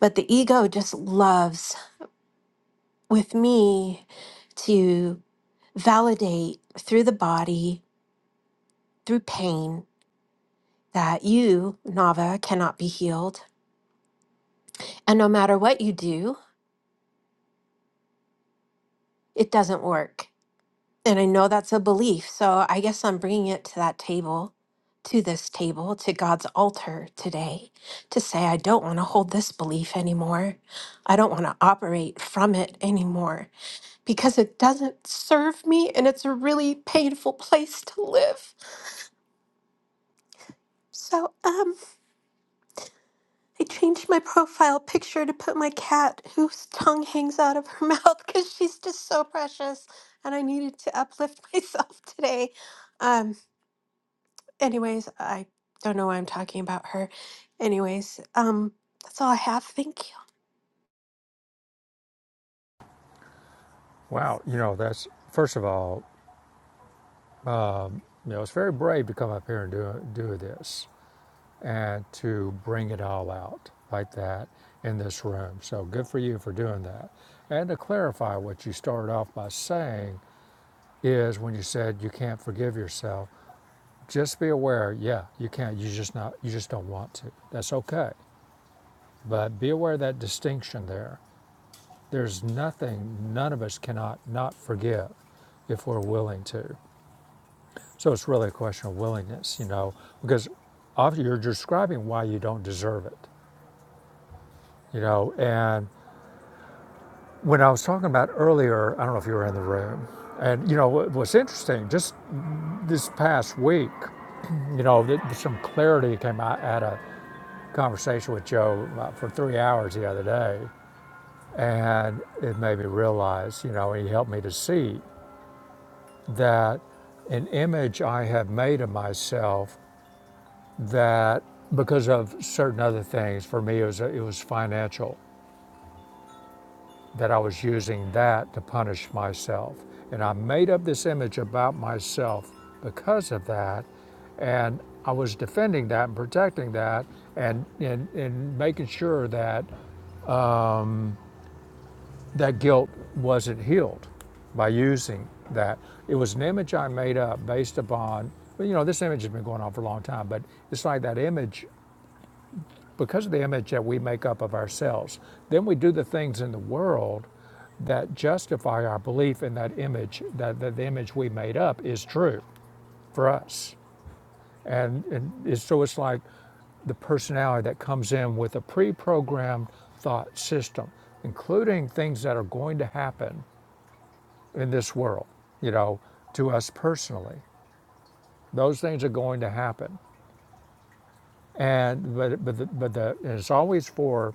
[SPEAKER 5] But the ego just loves with me to validate through the body, through pain, that you, Nava, cannot be healed. And no matter what you do, it doesn't work. And I know that's a belief. So I guess I'm bringing it to that table, to this table, to God's altar today, to say, I don't want to hold this belief anymore. I don't want to operate from it anymore because it doesn't serve me and it's a really painful place to live. So, um, I changed my profile picture to put my cat whose tongue hangs out of her mouth because she's just so precious and I needed to uplift myself today. Um anyways, I don't know why I'm talking about her. Anyways, um that's all I have. Thank
[SPEAKER 1] Wow. You know, that's first of all. You know, it's very brave to come up here and do, do this and to bring it all out like that in this room. So good for you for doing that. And to clarify what you started off by saying is when you said you can't forgive yourself, just be aware, yeah, you can't, you just not you just don't want to. That's okay. But be aware of that distinction there. There's nothing none of us cannot not forgive if we're willing to. So it's really a question of willingness, you know, because often you're describing why you don't deserve it, you know. And when I was talking about earlier, I don't know if you were in the room, and you know what what's interesting, just this past week, you know, th- some clarity came out at a conversation with Joe uh, for three hours the other day, and it made me realize, you know, he helped me to see that an image I have made of myself that because of certain other things for me it was it was financial that I was using that to punish myself and I made up this image about myself because of that and I was defending that and protecting that and and, and making sure that that guilt wasn't healed by using that it was an image I made up based upon well, you know this image has been going on for a long time but it's like that image because of the image that we make up of ourselves, then we do the things in the world that justify our belief in that image, that, that the image we made up is true for us. And, and so it's like the personality that comes in with a pre programmed thought system, including things that are going to happen in this world, you know, to us personally. Those things are going to happen. And, but, but, the, but the, it's always for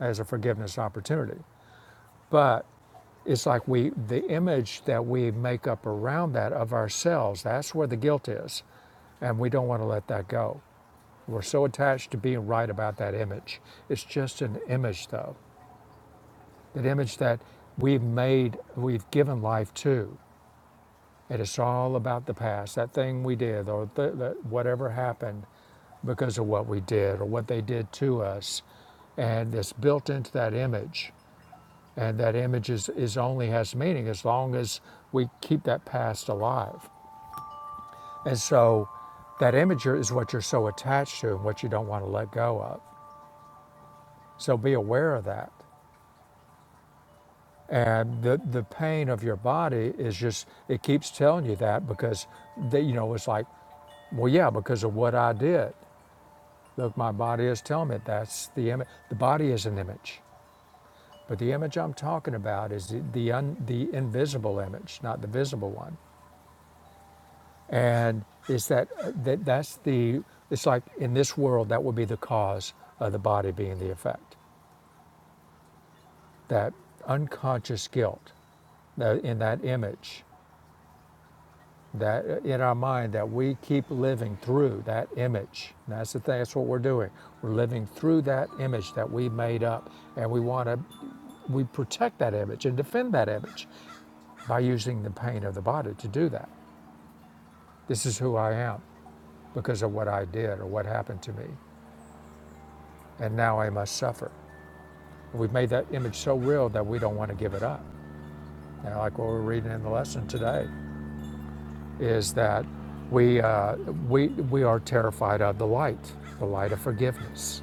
[SPEAKER 1] as a forgiveness opportunity But it's like we, the image that we make up around that of ourselves, that's where the guilt is. And we don't want to let that go. We're so attached to being right about that image. It's just an image, though, that image that we've made, we've given life to. And it's all about the past, that thing we did, or th- that whatever happened because of what we did or what they did to us. And it's built into that image. And that image is, is only has meaning as long as we keep that past alive. And so that image is what you're so attached to and what you don't want to let go of. So be aware of that. And the, the pain of your body is just, it keeps telling you that because, they, you know, it's like, well, yeah, because of what I did. Look, my body is telling me that's the image. The body is an image, but the image I'm talking about is the the, un- the invisible image, not the visible one. and is that, that that's the it's like in this world that would be the cause of the body being the effect that unconscious guilt that in that image that in our mind that we keep living through that image And that's the thing that's what we're doing we're living through that image that we made up and we want to we protect that image and defend that image by using the pain of the body to do that this is who i am because of what i did or what happened to me and now i must suffer We've made that image so real that we don't want to give it up. You know, like what we're reading in the lesson today is that we, uh, we, we are terrified of the light, the light of forgiveness,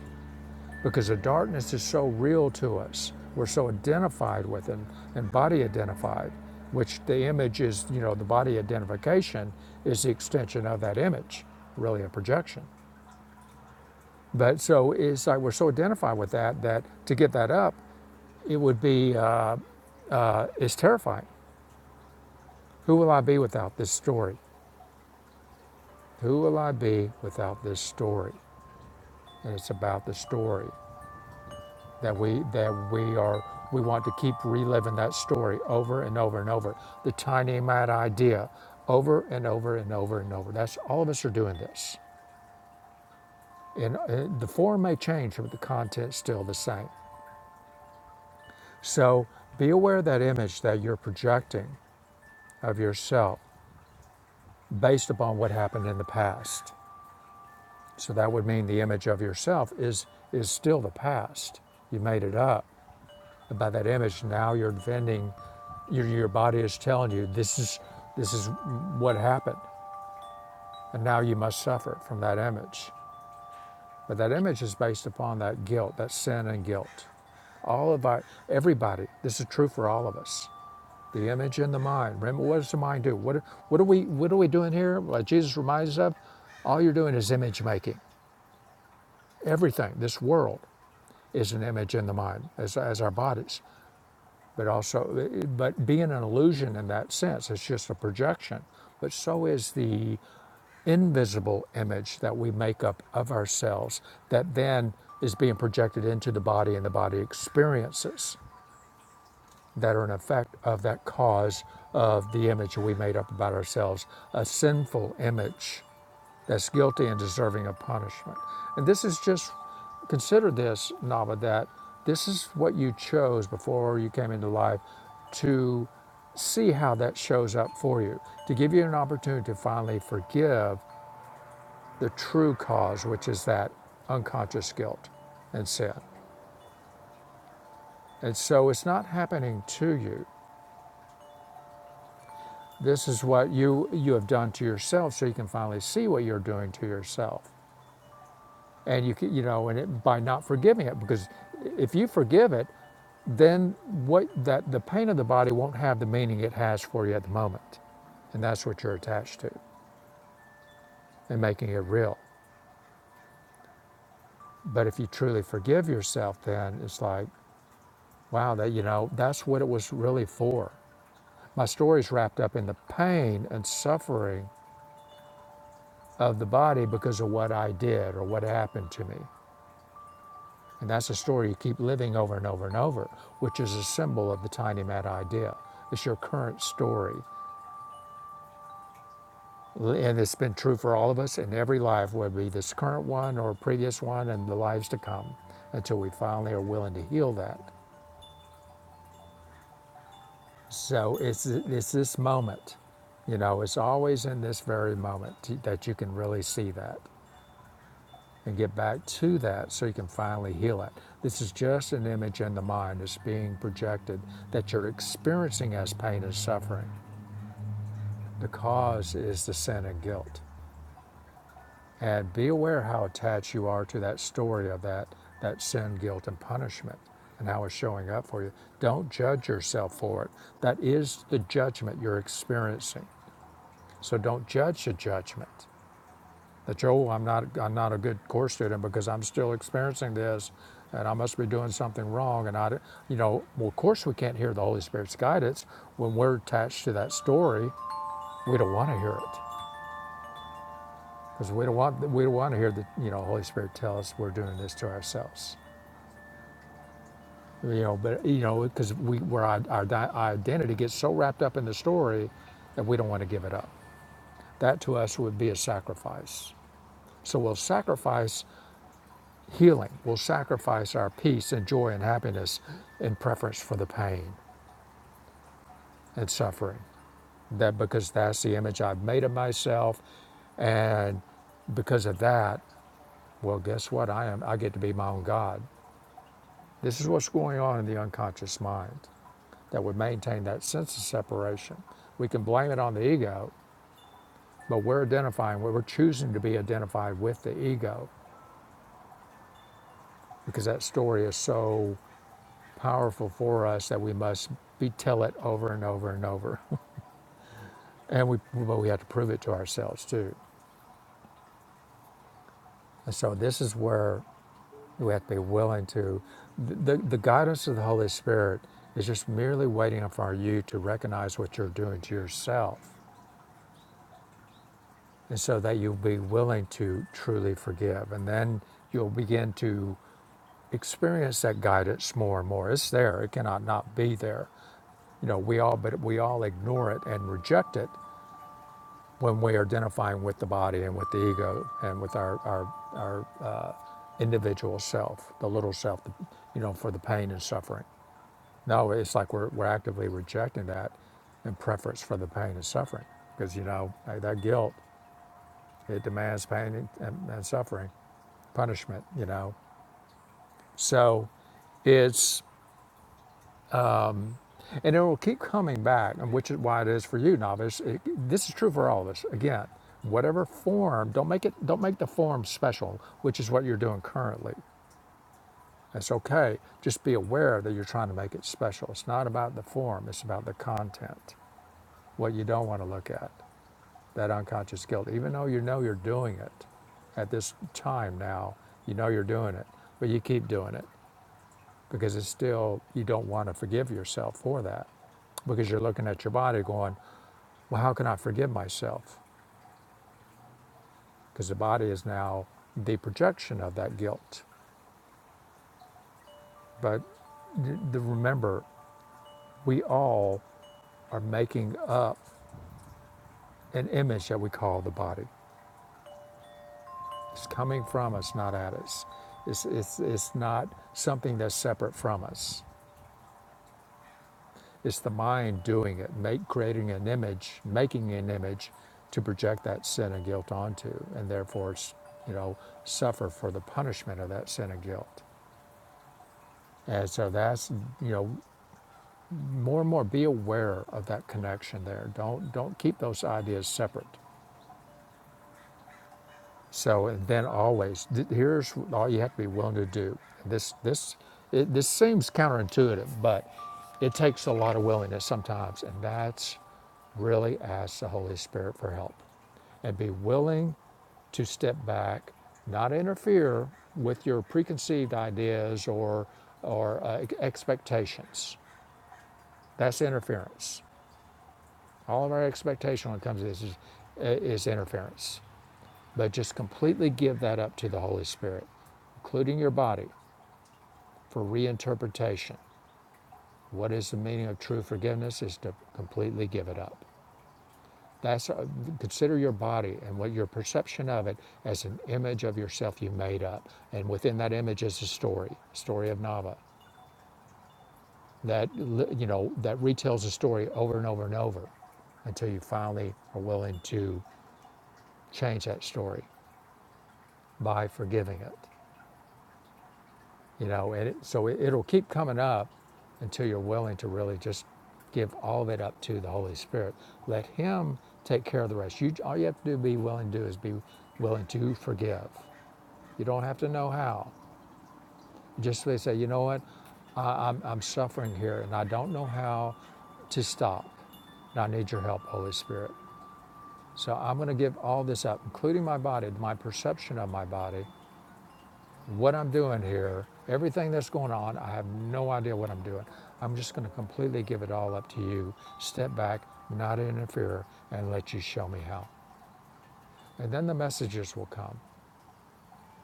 [SPEAKER 1] because the darkness is so real to us. We're so identified with it and body identified, which the image is, you know, the body identification is the extension of that image, really a projection. But so it's like we're so identified with that that to give that up, it would be, uh, it's terrifying. Who will I be without this story? Who will I be without this story? And it's about the story that we that we are we want to keep reliving that story over and over and over. The tiny mad idea over and over and over and over. That's all of us are doing this. And uh, the form may change, but the content's still the same. So be aware of that image that you're projecting of yourself based upon what happened in the past. So that would mean the image of yourself is, is still the past. You made it up. And by that image, now you're defending, your, your body is telling you this is, this is what happened. And now you must suffer from that image. But that image is based upon that guilt, that sin and guilt. All of our, everybody, this is true for all of us. The image in the mind. Remember, what does the mind do? What, what, are, we, what are we doing here? Like Jesus reminds us of, all you're doing is image making. Everything, this world, is an image in the mind as, as our bodies but also but being an illusion in that sense it's just a projection but so is the invisible image that we make up of ourselves that then is being projected into the body and the body experiences that are an effect of that cause of the image we made up about ourselves a sinful image that's guilty and deserving of punishment. And this is just consider this, Nava, that this is what you chose before you came into life to see how that shows up for you, to give you an opportunity to finally forgive the true cause, which is that unconscious guilt and sin. And so it's not happening to you. This is what you you have done to yourself so you can finally see what you're doing to yourself. and you can, you know, and it, by not forgiving it, because if you forgive it, then what that the pain of the body won't have the meaning it has for you at the moment, and that's what you're attached to and making it real. But if you truly forgive yourself, then it's like, wow, that you know, that's what it was really for. My story's wrapped up in the pain and suffering of the body because of what I did or what happened to me. And that's a story you keep living over and over and over, which is a symbol of the tiny mad idea. It's your current story. And it's been true for all of us in every life, whether it be this current one or previous one and the lives to come, until we finally are willing to heal that. So it's, it's this moment, you know, it's always in this very moment that you can really see that. and get back to that so you can finally heal it. This is just an image in the mind that's being projected that you're experiencing as pain and suffering. The cause is the sin and guilt. And be aware how attached you are to that story of that, that sin, guilt, and punishment and how it's showing up for you. Don't judge yourself for it. That is the judgment you're experiencing. So don't judge the judgment. that, oh, I'm not, I'm not a good course student because I'm still experiencing this and I must be doing something wrong. And I, you know, well, of course we can't hear the Holy Spirit's guidance when we're attached to that story. We don't want to hear it because we don't want, we don't want to hear the, you know, Holy Spirit tell us we're doing this to ourselves. You know, but you know, because we, where our, our identity gets so wrapped up in the story that we don't want to give it up. That to us would be a sacrifice. So we'll sacrifice Healing will sacrifice our peace and joy and happiness in preference for the pain and suffering. That because that's the image I've made of myself, and because of that, well, guess what? I am. I get to be my own God. This is what's going on in the unconscious mind that would maintain that sense of separation. We can blame it on the ego, but we're identifying. We're choosing to be identified with the ego because that story is so powerful for us that we must be tell it over and over and over. and we but we have to prove it to ourselves too. And so this is where we have to be willing to the, the guidance of the Holy Spirit is just merely waiting for you to recognize what you're doing to yourself. And so that you'll be willing to truly forgive. And then you'll begin to experience that guidance more and more. It's there. It cannot not be there. You know, we all but we all ignore it and reject it when we're identifying with the body and with the ego and with our, our, our uh, individual self, the little self, you know, for the pain and suffering. No, it's like we're, we're actively rejecting that in preference for the pain and suffering because, you know, like that guilt, it demands pain and, and, and suffering, punishment, you know. So it's. And it will keep coming back, and which is why it is for you, novice. It, this is true for all of us. Again, whatever form, don't make it, don't make the form special, which is what you're doing currently. It's okay. Just be aware that you're trying to make it special. It's not about the form; it's about the content, what you don't want to look at, that unconscious guilt. Even though you know you're doing it at this time now, you know you're doing it, but you keep doing it because it's still you don't want to forgive yourself for that because you're looking at your body going. Well, how can I forgive myself? Because the body is now the projection of that guilt. But the, remember, we all are making up an image that we call the body. It's coming from us, not at us. It's, it's, it's not something that's separate from us. It's the mind doing it, make, creating an image, making an image to project that sin and guilt onto, and therefore, you know, suffer for the punishment of that sin and guilt. And so that's, you know, more and more be aware of that connection there don't don't keep those ideas separate so and then always here's all you have to be willing to do this this it, this seems counterintuitive but it takes a lot of willingness sometimes and that's really ask the holy spirit for help and be willing to step back not interfere with your preconceived ideas or or uh, e-, expectations that's interference All of our expectation when it comes to this is, is interference. But just completely give that up to the Holy Spirit, including your body, for reinterpretation. What is the meaning of true forgiveness is to completely give it up. That's uh, consider your body and what your perception of it as an image of yourself you made up, and within that image is a story, story of Nava, that you know that retells a story over and over and over, until you finally are willing to change that story by forgiving it. You know, and it, so it, it'll keep coming up until you're willing to really just give all of it up to the Holy Spirit. Let Him take care of the rest. You, all you have to do, be willing to do, is be willing to forgive. You don't have to know how. Just really say, you know what, I, I'm, I'm suffering here, and I don't know how to stop. And I need your help, Holy Spirit. So I'm going to give all this up, including my body, my perception of my body, what I'm doing here, everything that's going on, I have no idea what I'm doing. I'm just going to completely give it all up to you, step back, not interfere, and let you show me how. And then the messages will come.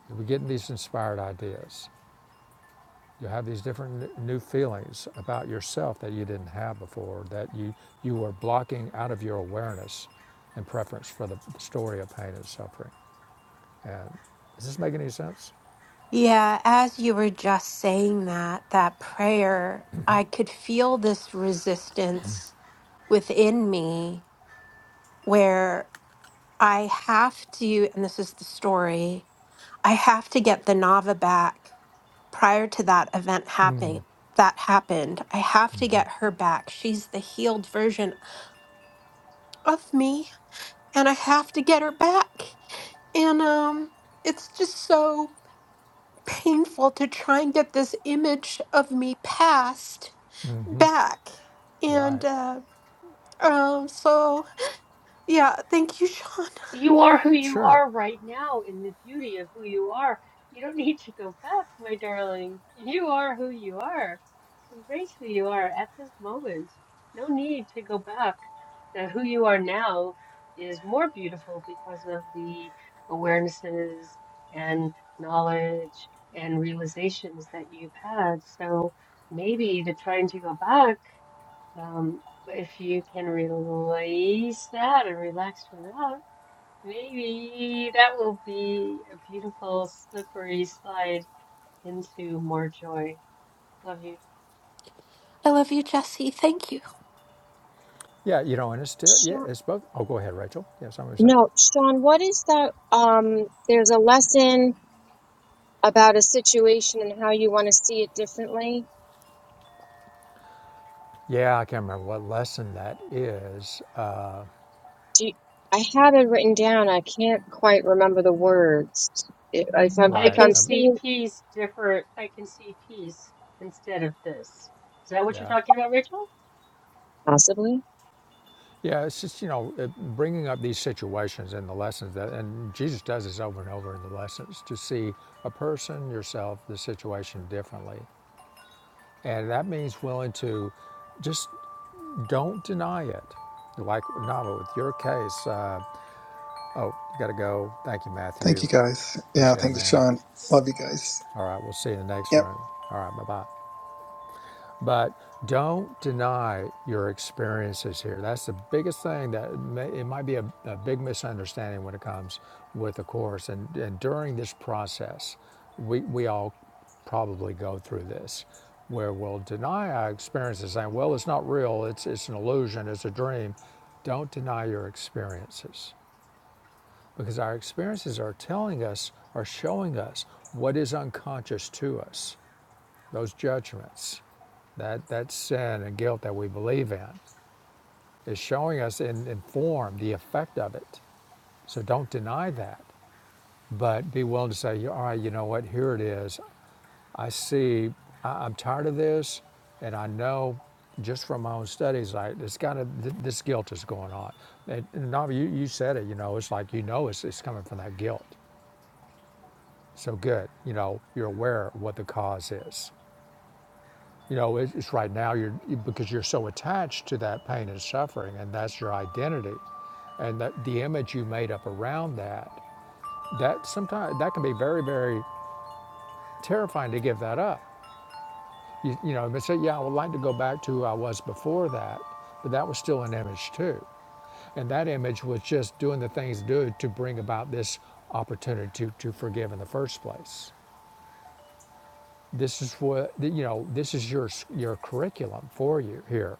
[SPEAKER 1] You'll be getting these inspired ideas. You'll have these different new feelings about yourself that you didn't have before, that you, you were blocking out of your awareness in preference for the story of pain and suffering. And does this make any sense?
[SPEAKER 5] you. Yeah, as you were just saying that that prayer, I could feel this resistance within me where I have to and this is the story I have to get the Nava back prior to that event happening that happened i have to get her back she's the healed version of me and i have to get her back and um it's just so painful to try and get this image of me past back and
[SPEAKER 1] Right.
[SPEAKER 5] uh um so yeah thank you sean
[SPEAKER 3] You are who you
[SPEAKER 1] Sure.
[SPEAKER 3] are right now in the beauty of who you are. You don't need to go back, my darling. You are who you are. Embrace who you are at this moment. No need to go back. Now, who you are now is more beautiful because of the awarenesses and knowledge and realizations that you've had. So maybe the trying to go back Um, if you can release that and relax from that, maybe that will be a beautiful slippery slide into more joy. Love you.
[SPEAKER 5] i love you jesse thank you
[SPEAKER 1] Yeah, you know, and it's still, yeah,
[SPEAKER 4] Sean,
[SPEAKER 1] it's both. Oh, go ahead, Rachel. Yeah, something to say.
[SPEAKER 4] no, Sean, what is that? Um, there's a lesson about a situation and how you want to see it differently.
[SPEAKER 1] Yeah, I can't remember what lesson that is. Uh,
[SPEAKER 4] Do you, I had it written down. I can't quite remember the words. If if I'm
[SPEAKER 3] I
[SPEAKER 4] if
[SPEAKER 1] right.
[SPEAKER 3] can
[SPEAKER 4] I'm
[SPEAKER 1] Um,
[SPEAKER 3] see
[SPEAKER 4] seeing
[SPEAKER 3] peace different. I can see peace instead of this. Is that what you're
[SPEAKER 1] yeah.
[SPEAKER 3] talking about, Rachel?
[SPEAKER 4] possibly,
[SPEAKER 1] Yeah, it's just, you know, uh, bringing up these situations and the lessons that, and Jesus does this over and over in the lessons to see a person, yourself, the situation differently. And that means willing to just don't deny it. Like Nava, with your case, uh, oh, you got to go. Thank you,
[SPEAKER 2] Thank
[SPEAKER 1] Matthew.
[SPEAKER 2] you guys. Yeah,
[SPEAKER 1] Appreciate it,
[SPEAKER 2] thank you
[SPEAKER 1] man.
[SPEAKER 2] Sean. Love you guys.
[SPEAKER 1] All right, we'll see you in the next
[SPEAKER 2] Yep.
[SPEAKER 1] room. All right, bye bye. But don't deny your experiences here. That's the biggest thing that may, it might be a, a big misunderstanding when it comes with the course. And, and during this process, we, we all probably go through this where we'll deny our experiences saying, well, it's not real, it's, it's an illusion, it's a dream. Don't deny your experiences because our experiences are telling us, are showing us what is unconscious to us those judgments, that, that sin and guilt that we believe in, is showing us in, in form the effect of it. So don't deny that, but be willing to say, "Yeah, all right, you know what, here it is. I see, I, I'm tired of this, and I know just from my own studies, like it's got to, th- this guilt is going on. And, and Navi, you, you said it, you know, it's like you know it's, it's coming from that guilt. So good, you know, you're aware of what the cause is. You know, it's right now you're because you're so attached to that pain and suffering, and that's your identity, and that the image you made up around that. That sometimes that can be very, very terrifying to give that up. You, you know, they say, yeah, I would like to go back to who I was before that, but that was still an image too, and that image was just doing the things to do to bring about this opportunity to, to forgive in the first place. This is what you know. This is your your curriculum for you here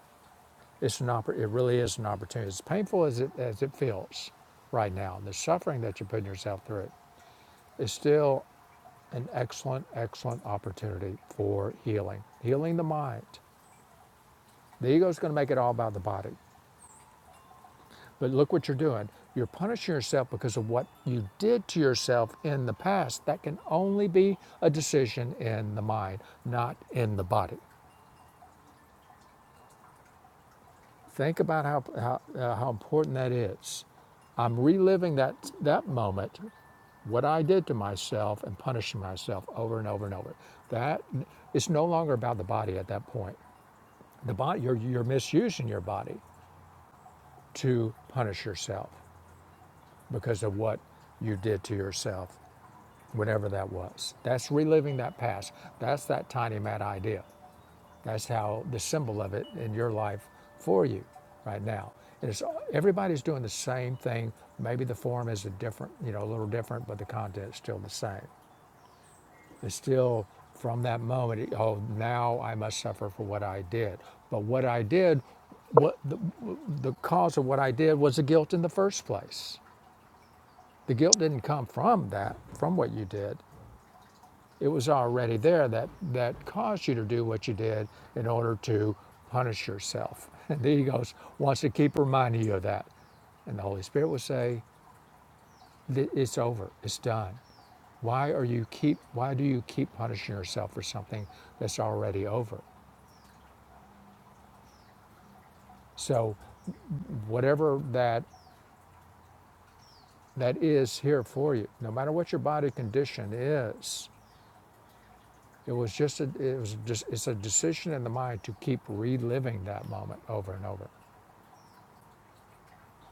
[SPEAKER 1] It's an oppor- it really is an opportunity. As painful as it, as it feels right now, the suffering that you're putting yourself through is still an excellent, excellent opportunity for healing, healing the mind. The ego's going to make it all about the body. But look what you're doing. You're punishing yourself because of what you did to yourself in the past. That can only be a decision in the mind, not in the body. Think about how, how, uh, how important that is. I'm reliving that, that moment, what I did to myself, and punishing myself over and over and over. That it's no longer about the body at that point. The body, you're, you're misusing your body to punish yourself because of what you did to yourself, whatever that was. That's reliving that past. That's that tiny mad idea. That's how the symbol of it in your life for you right now. And it's everybody's doing the same thing. Maybe the form is a different, you know, a little different, but the content's still the same. It's still from that moment. Oh, now I must suffer for what I did. But what I did, what the, the cause of what I did was the guilt in the first place. The guilt didn't come from that, from what you did. It was already there that, that caused you to do what you did in order to punish yourself. And the ego wants to keep reminding you of that. And the Holy Spirit will say, it's over, it's done. Why are you keep why do you keep punishing yourself for something that's already over? So whatever that that is here for you, no matter what your body condition is, it was just a, it was just it's a decision in the mind to keep reliving that moment over and over.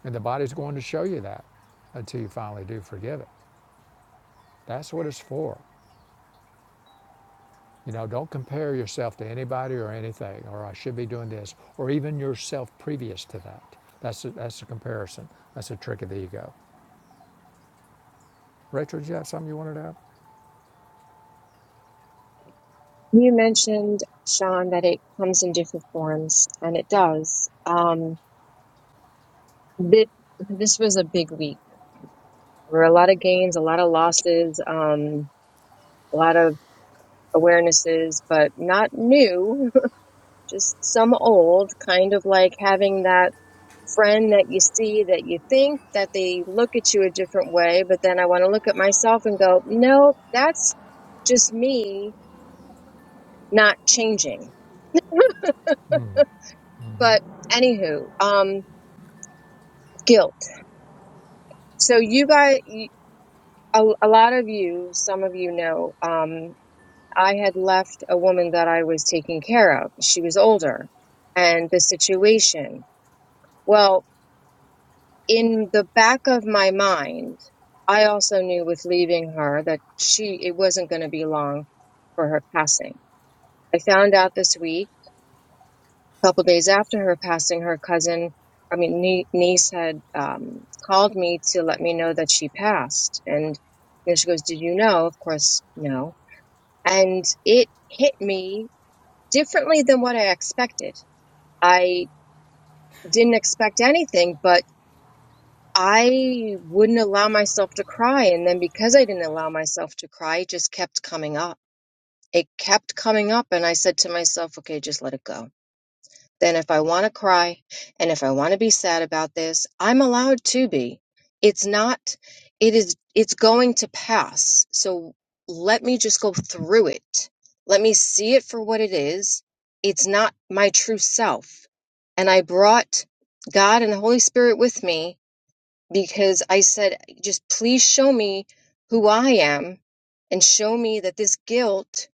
[SPEAKER 1] And the body's going to show you that until you finally do forgive it. That's what it's for. You know, don't compare yourself to anybody or anything, or I should be doing this, or even yourself previous to that. That's a, that's a comparison. That's a trick of the ego. Rachel, did you have something you wanted to add?
[SPEAKER 4] you mentioned Sean that it comes in different forms, and it does. Um, this this was a big week. There were a lot of gains, a lot of losses, um, a lot of awarenesses, but not new. just some old kind of like having that friend that you see that you think that they look at you a different way but then i want to look at myself and go no that's just me not changing but anywho um guilt so you guys you- a, a lot of you some of you know um i had left a woman that i was taking care of she was older and the situation well in the back of my mind, I also knew with leaving her that she it wasn't going to be long for her passing. I found out this week, a couple days after her passing, her cousin, I mean nie- niece, had um, called me to let me know that she passed, and you know, she goes, "Did you know?" Of course, no, and it hit me differently than what I expected. I didn't expect anything, but I wouldn't allow myself to cry. And then because I didn't allow myself to cry, it just kept coming up. It kept coming up. And I said to myself, okay, just let it go. Then if I want to cry and if I want to be sad about this, I'm allowed to be. It's not, it is, it's going to pass. So let me just go through it. Let me see it for what it is. It's not my true self. And I brought God and the Holy Spirit with me because I said, just please show me who I am and show me that this guilt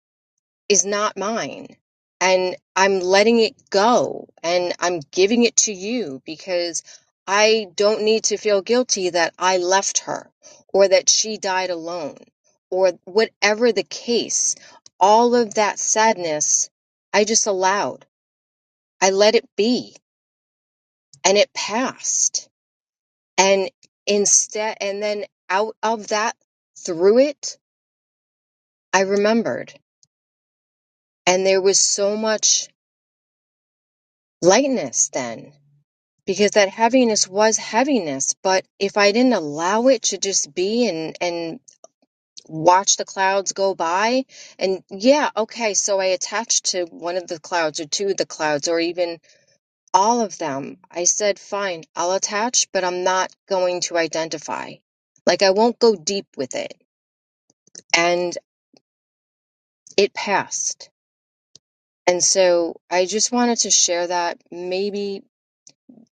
[SPEAKER 4] is not mine. And I'm letting it go and I'm giving it to you because I don't need to feel guilty that I left her or that she died alone or whatever the case. All of that sadness, I just allowed. I let it be and it passed and instead, and then out of that, through it, I remembered. And there was so much lightness then because that heaviness was heaviness. But if I didn't allow it to just be and, and watch the clouds go by and yeah, okay. So I attached to one of the clouds or two of the clouds or even all of them. I said, fine, I'll attach, but I'm not going to identify. Like I won't go deep with it and. it passed. And so I just wanted to share that maybe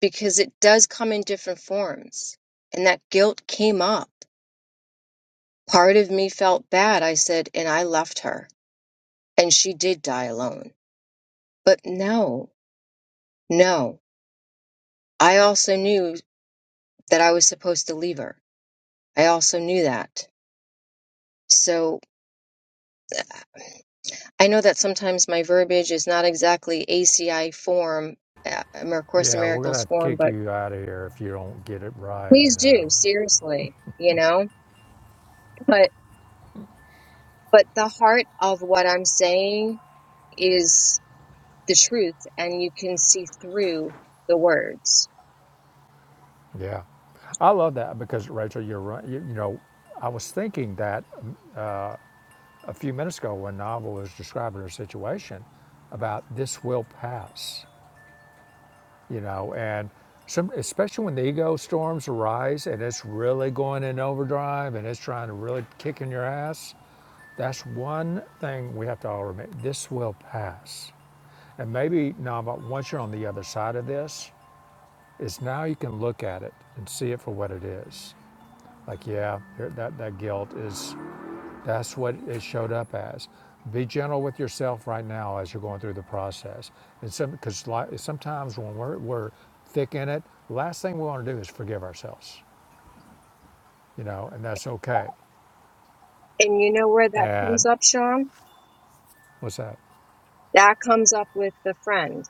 [SPEAKER 4] because it does come in different forms. And that guilt came up. Part of me felt bad. I said, and I left her. And she did die alone. But no, no. I also knew that I was supposed to leave her. I also knew that. So I know that sometimes my verbiage is not exactly ACI form, uh, or Course in
[SPEAKER 1] Yeah, we're gonna
[SPEAKER 4] Miracles
[SPEAKER 1] have to
[SPEAKER 4] form,
[SPEAKER 1] kick
[SPEAKER 4] but
[SPEAKER 1] you out of here if you don't get it right. You
[SPEAKER 4] please do,
[SPEAKER 1] know,
[SPEAKER 4] seriously, you know? but. But the heart of what I'm saying is the truth, and you can see through the words.
[SPEAKER 1] Yeah. I love that because Rachel, you're right. You, you know, I was thinking that a few minutes ago when Nava was describing her situation about this will pass. you know and some especially when the ego storms arise and it's really going in overdrive and it's trying to really kick in your ass that's one thing we have to all remember this will pass and maybe Nava, once you're on the other side of this is now you can look at it and see it for what it is like yeah that, that guilt is that's what it showed up as. Be gentle with yourself right now as you're going through the process. And some because like, sometimes when we're, we're thick in it, last thing we want to do is forgive ourselves, you know, and that's okay.
[SPEAKER 4] And you know where that comes
[SPEAKER 1] And
[SPEAKER 4] up, Sean?
[SPEAKER 1] what's that?
[SPEAKER 4] That comes up with the friend.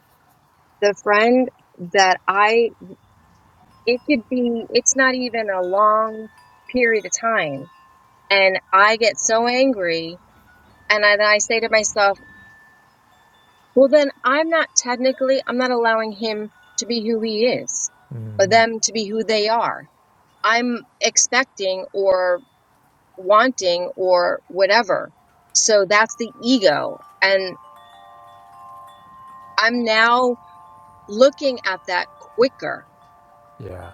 [SPEAKER 4] The friend that I, it could be, it's not even a long period of time. And I get so angry, and I, then I say to myself, well, then I'm not technically, I'm not allowing him to be who he is, or them to be who they are. I'm expecting or wanting or whatever. So that's the ego. And I'm now looking at that quicker
[SPEAKER 1] Yeah,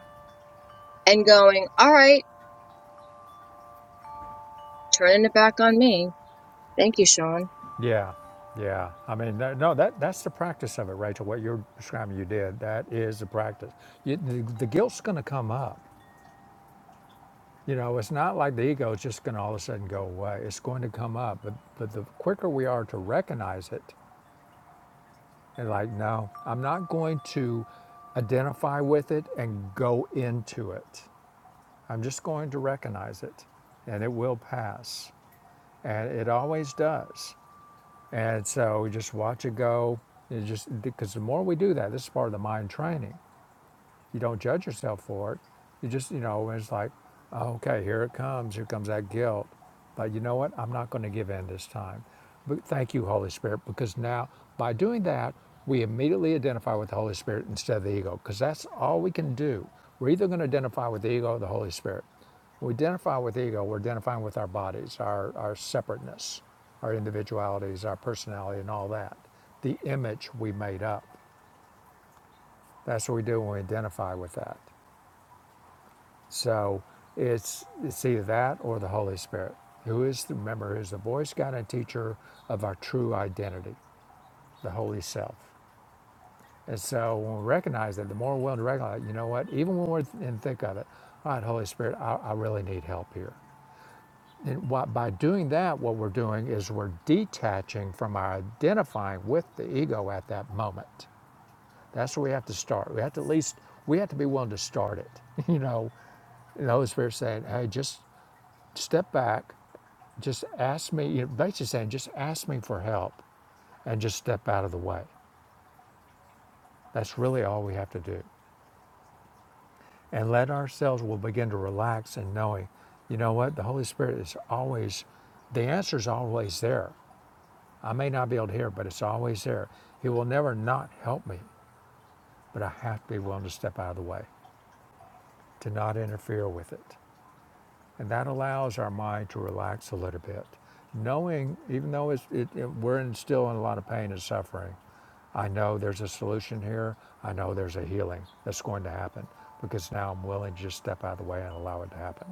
[SPEAKER 4] and going, all right, turning it back on me. Thank you, Sean.
[SPEAKER 1] yeah, yeah. I mean, that, no, that that's the practice of it, Rachel. What you're describing, you did. That is the practice. You, the, the guilt's going to come up. You know, it's not like the ego is just going to all of a sudden go away. It's going to come up, but but the quicker we are to recognize it And like, no, I'm not going to identify with it and go into it. I'm just going to recognize it and it will pass. And it always does. And so we just watch it go. It just because the more we do that, this is part of the mind training. You don't judge yourself for it. You just, you know, it's like, "Oh, okay, here it comes. Here comes that guilt. But you know what? I'm not going to give in this time. But thank you, Holy Spirit, because now by doing that, we immediately identify with the Holy Spirit instead of the ego, because that's all we can do. We're either going to identify with the ego or the Holy Spirit. When we identify with the ego, we're identifying with our bodies, our, our separateness, our individualities, our personality, and all that. The image we made up. That's what we do when we identify with that. So it's it's either that or the Holy Spirit, who is the, remember who is the voice, guide, and teacher of our true identity, the holy self. And so when we recognize that, the more we're willing to recognize, you know what? Even when we're in thick of it, all right, Holy Spirit, I, I really need help here. And what, by doing that, what we're doing is we're detaching from our identifying with the ego at that moment. That's where we have to start. We have to at least we have to be willing to start it. You know, and the Holy Spirit saying, "Hey, just Step back, just ask me, you know, basically saying, just ask me for help and just step out of the way. That's really all we have to do. And let ourselves will begin to relax and knowing, you know what, the Holy Spirit is always, the answer is always there. I may not be able to hear, it, but it's always there. He will never not help me, but I have to be willing to step out of the way, to not interfere with it. And that allows our mind to relax a little bit. Knowing, even though it's, it, it- we're in, still in a lot of pain and suffering, I know there's a solution here. I know there's a healing that's going to happen because now I'm willing to just step out of the way and allow it to happen.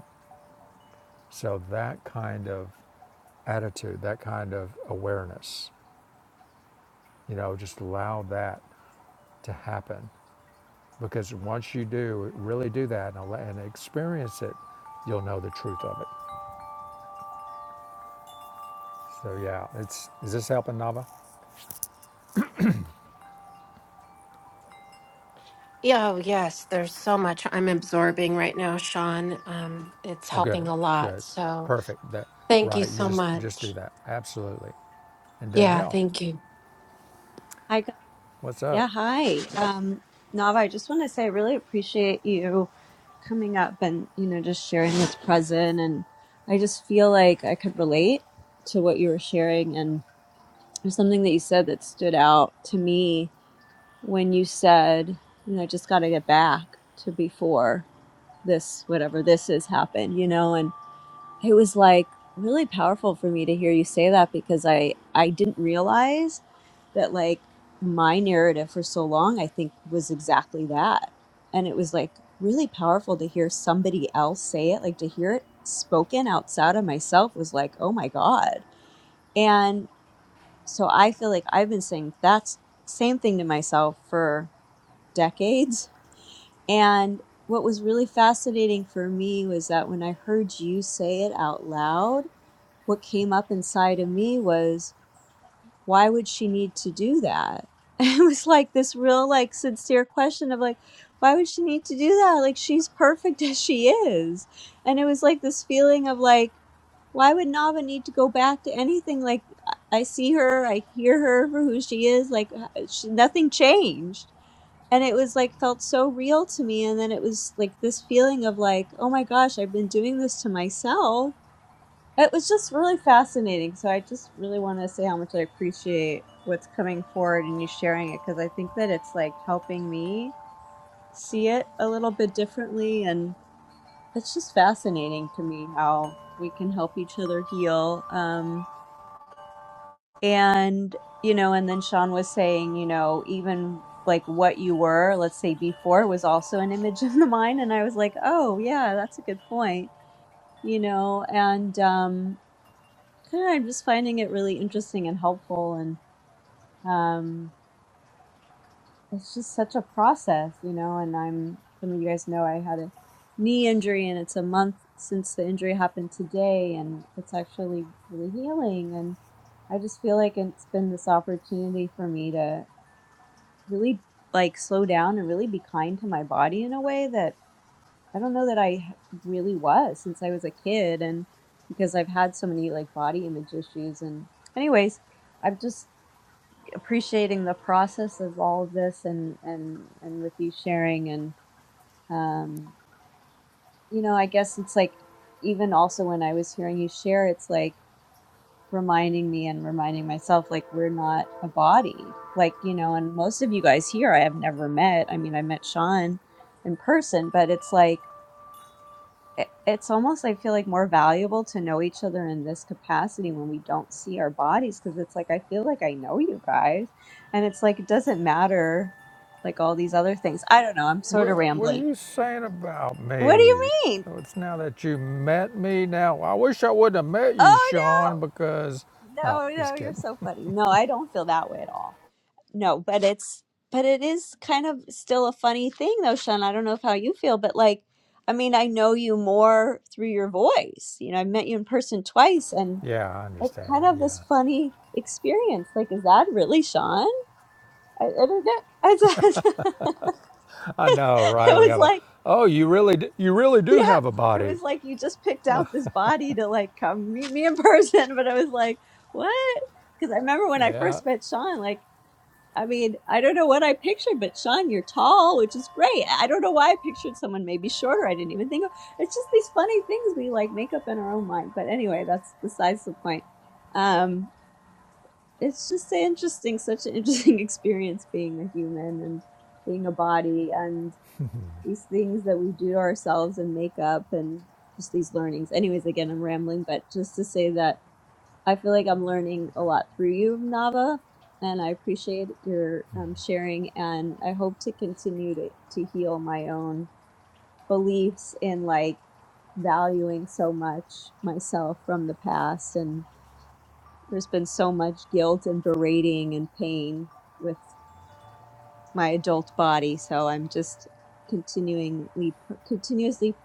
[SPEAKER 1] So that kind of attitude, that kind of awareness, you know, just allow that to happen because once you do really do that and, and experience it, you'll know the truth of it. So yeah, it's is this helping Nava?
[SPEAKER 5] yeah oh, yes there's so much i'm absorbing right now sean um it's
[SPEAKER 1] Oh, good,
[SPEAKER 5] helping a lot
[SPEAKER 1] good,
[SPEAKER 5] so
[SPEAKER 1] perfect. That
[SPEAKER 5] Thank you
[SPEAKER 1] right. You
[SPEAKER 5] so
[SPEAKER 1] just just do
[SPEAKER 5] much.
[SPEAKER 1] that. Absolutely. And
[SPEAKER 5] Yeah,
[SPEAKER 1] Danielle,
[SPEAKER 5] thank you.
[SPEAKER 6] Hi, Gu-
[SPEAKER 1] what's up?
[SPEAKER 6] yeah, hi. Um, Nava, I just want to say I really appreciate you coming up and, you know, just sharing this present. And I just feel like I could relate to what you were sharing. And there's something that you said that stood out to me when you said, you know, I just got to get back to before this, whatever this is, happened, you know it was like really powerful for me to hear you say that because I I didn't realize that like my narrative for so long I think was exactly that. And it was like really powerful to hear somebody else say it, like to hear it spoken outside of myself was like, "Oh my god." And so I feel like I've been saying that's same thing to myself for decades and what was really fascinating for me was that when I heard you say it out loud what came up inside of me was why would she need to do that it was like this real like sincere question of like why would she need to do that like she's perfect as she is and it was like this feeling of like why would nava need to go back to anything like i I see her i hear her for who she is like h- she, nothing changed and it was like felt so real to me and then it was like this feeling of like oh my gosh i've been doing this to myself it was just really fascinating. So I just really want to say how much I appreciate what's coming forward and you sharing it because I think that it's like helping me see it a little bit differently. And it's just fascinating to me how we can help each other heal. Um, and, you know, and then Sean was saying, you know, even like what you were, let's say before, was also an image of the mind. And I was like, oh, yeah, that's a good point, you know, and, um, Yeah, I'm just finding it really interesting and helpful, and um, it's just such a process, you know. And I'm some of you guys know I had a knee injury, and it's a month since the injury happened today, and it's actually really healing. And I just feel like it's been this opportunity for me to really like slow down and really be kind to my body in a way that I don't know that I h- really was since I was a kid, and because I've had so many like body image issues. And anyways. I've just appreciating the process of all of this and and and with you sharing and um you know i guess it's like even also when i was hearing you share it's like reminding me and reminding myself like we're not a body like you know and most of you guys here i have never met i mean i met sean in person but it's like it, it's almost i feel like more valuable to know each other in this capacity when we don't see our bodies because it's like i feel like i know you guys and it's like it doesn't matter like all these other things i don't know i'm sort of
[SPEAKER 1] What, what are
[SPEAKER 6] rambling
[SPEAKER 1] you saying about
[SPEAKER 6] what do you
[SPEAKER 1] me?
[SPEAKER 6] mean
[SPEAKER 1] Oh, It's now that you met me. Now I wish I wouldn't have met you,
[SPEAKER 6] oh
[SPEAKER 1] Sean, because
[SPEAKER 6] no
[SPEAKER 1] no,
[SPEAKER 6] no no
[SPEAKER 1] just
[SPEAKER 6] you're
[SPEAKER 1] kidding.
[SPEAKER 6] so funny no i don't feel that way at all no but it's but it is kind of still a funny thing though sean i don't know if how you feel but like i mean i know you more through your voice you know i've met you in person twice and
[SPEAKER 1] Yeah, I
[SPEAKER 6] it's
[SPEAKER 1] understand
[SPEAKER 6] kind
[SPEAKER 1] that.
[SPEAKER 6] of this
[SPEAKER 1] Yeah,
[SPEAKER 6] funny experience. Like, is that really Sean? I, I don't know. It's, it
[SPEAKER 1] I know, right? We
[SPEAKER 6] was
[SPEAKER 1] have a.
[SPEAKER 6] like,
[SPEAKER 1] Oh, you really, d- you really do
[SPEAKER 6] yeah,
[SPEAKER 1] have a
[SPEAKER 6] it
[SPEAKER 1] body.
[SPEAKER 6] was like you just picked out this body to like come meet me in person. But I was like, what? Because I remember when I
[SPEAKER 1] Yeah,
[SPEAKER 6] first met Sean, like, I mean, I don't know what I pictured, but Sean, you're tall, which is great. I don't know why I pictured someone maybe shorter. I didn't even think of it's just these funny things we like make up in our own mind. But anyway, that's besides the point. Um, it's just a interesting such an interesting experience being a human and being a body and these things that we do to ourselves and make up and just these learnings anyways again i'm rambling but just to say that i feel like i'm learning a lot through you nava and i appreciate your um, sharing and i hope to continue to, to heal my own beliefs in like valuing so much myself from the past and. There's been so much guilt and berating and pain with my adult body, so I'm just continually continuously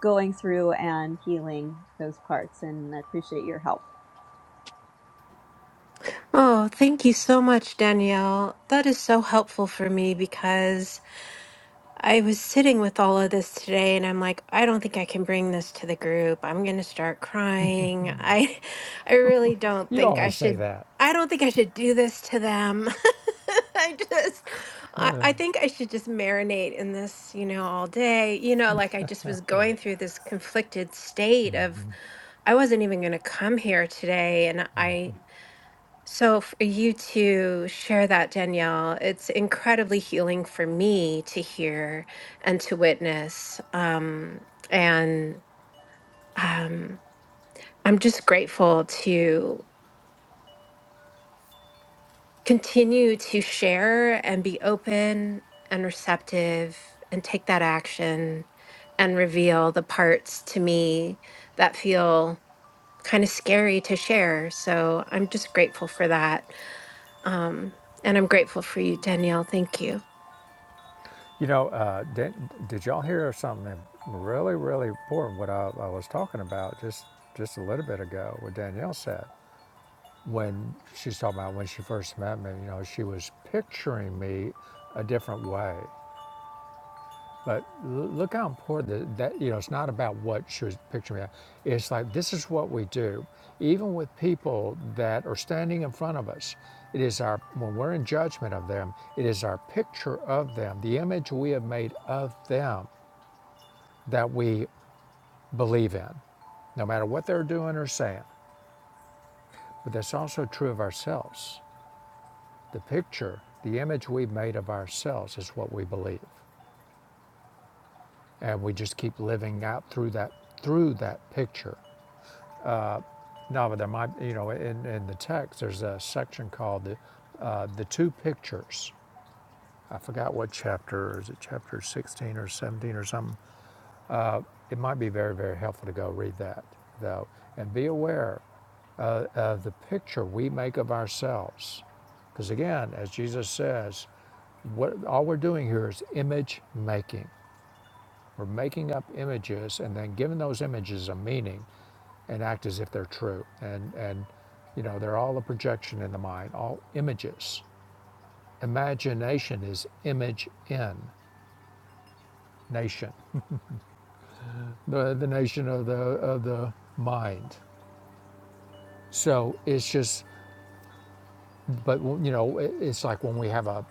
[SPEAKER 6] going through and healing those parts and I appreciate your help.
[SPEAKER 5] Oh, thank you so much, Danielle. That is so helpful for me because I was sitting with all of this today and I'm like, I don't think I can bring this to the group. I'm going to start crying. I I really don't
[SPEAKER 1] you
[SPEAKER 5] think I
[SPEAKER 1] always say
[SPEAKER 5] should
[SPEAKER 1] that.
[SPEAKER 5] I don't think I should do this to them. I just I, I think I should just marinate in this, you know, all day. You know, like I just was going through this conflicted state of I wasn't even going to come here today. And I, so for you to share that, Danielle, it's incredibly healing for me to hear and to witness. Um, and um, I'm just grateful to continue to share and be open and receptive and take that action and reveal the parts to me that feel kind of scary to share. So I'm just grateful for that. Um, and I'm grateful for you, Danielle. Thank you.
[SPEAKER 1] You know, uh, did, did y'all hear something really, really important? What I, I was talking about just just a little bit ago, what Danielle said when she's talking about when she first met me. You know, she was picturing me a different way. But look how important that, that you know. It's not about what she was picturing me. It's like this is what we do, even with people that are standing in front of us. It is our when we're in judgment of them. It is our picture of them, the image we have made of them that we believe in, no matter what they're doing or saying. But that's also true of ourselves. The picture, the image we've made of ourselves is what we believe. And we just keep living out through that through that picture. Now, but there might, you know, in, in the text, there's a section called the, uh, the two pictures. I forgot what chapter, is it chapter 16 or 17 or something? It might be very, very helpful to go read that, though, and be aware uh, of the picture we make of ourselves. Because again, as Jesus says, what, all we're doing here is image making. We're making up images and then giving those images a meaning and act as if they're true. And and you know, they're all a projection in the mind, all images. Imagination is image in nation, the the nation of the of the mind. So it's just, but you know, it's like when we have a,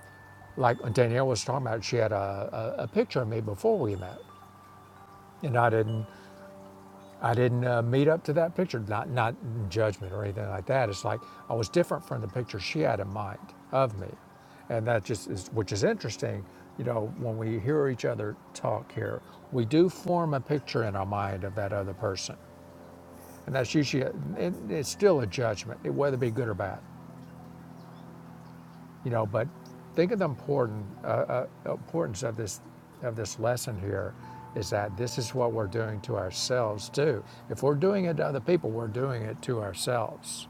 [SPEAKER 1] like Danielle was talking about, she had a, a, a picture of me before we met, and I didn't, I didn't uh, meet up to that picture. Not not in judgment or anything like that. It's like I was different from the picture she had in mind of me, and that just is, which is interesting. You know, when we hear each other talk here, we do form a picture in our mind of that other person, and that's usually a, it, it's still a judgment, whether it be good or bad. you know, but think of the important, uh, uh, importance of this, of this lesson here is that this is what we're doing to ourselves too. If we're doing it to other people, we're doing it to ourselves.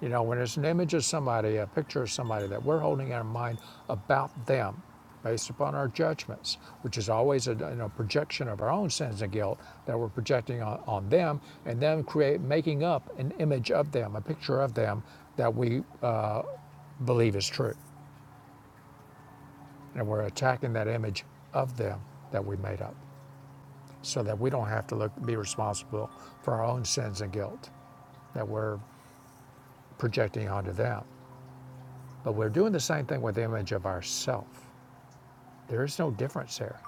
[SPEAKER 1] You know, when it's an image of somebody, a picture of somebody that we're holding in our mind about them based upon our judgments, which is always a you know, projection of our own sins and guilt that we're projecting on, on them, and then create making up an image of them, a picture of them that we uh, believe is true. And we're attacking that image of them that we made up so that we don't have to look, be responsible for our own sins and guilt that we're projecting onto them. But we're doing the same thing with the image of ourselves. There is no difference here.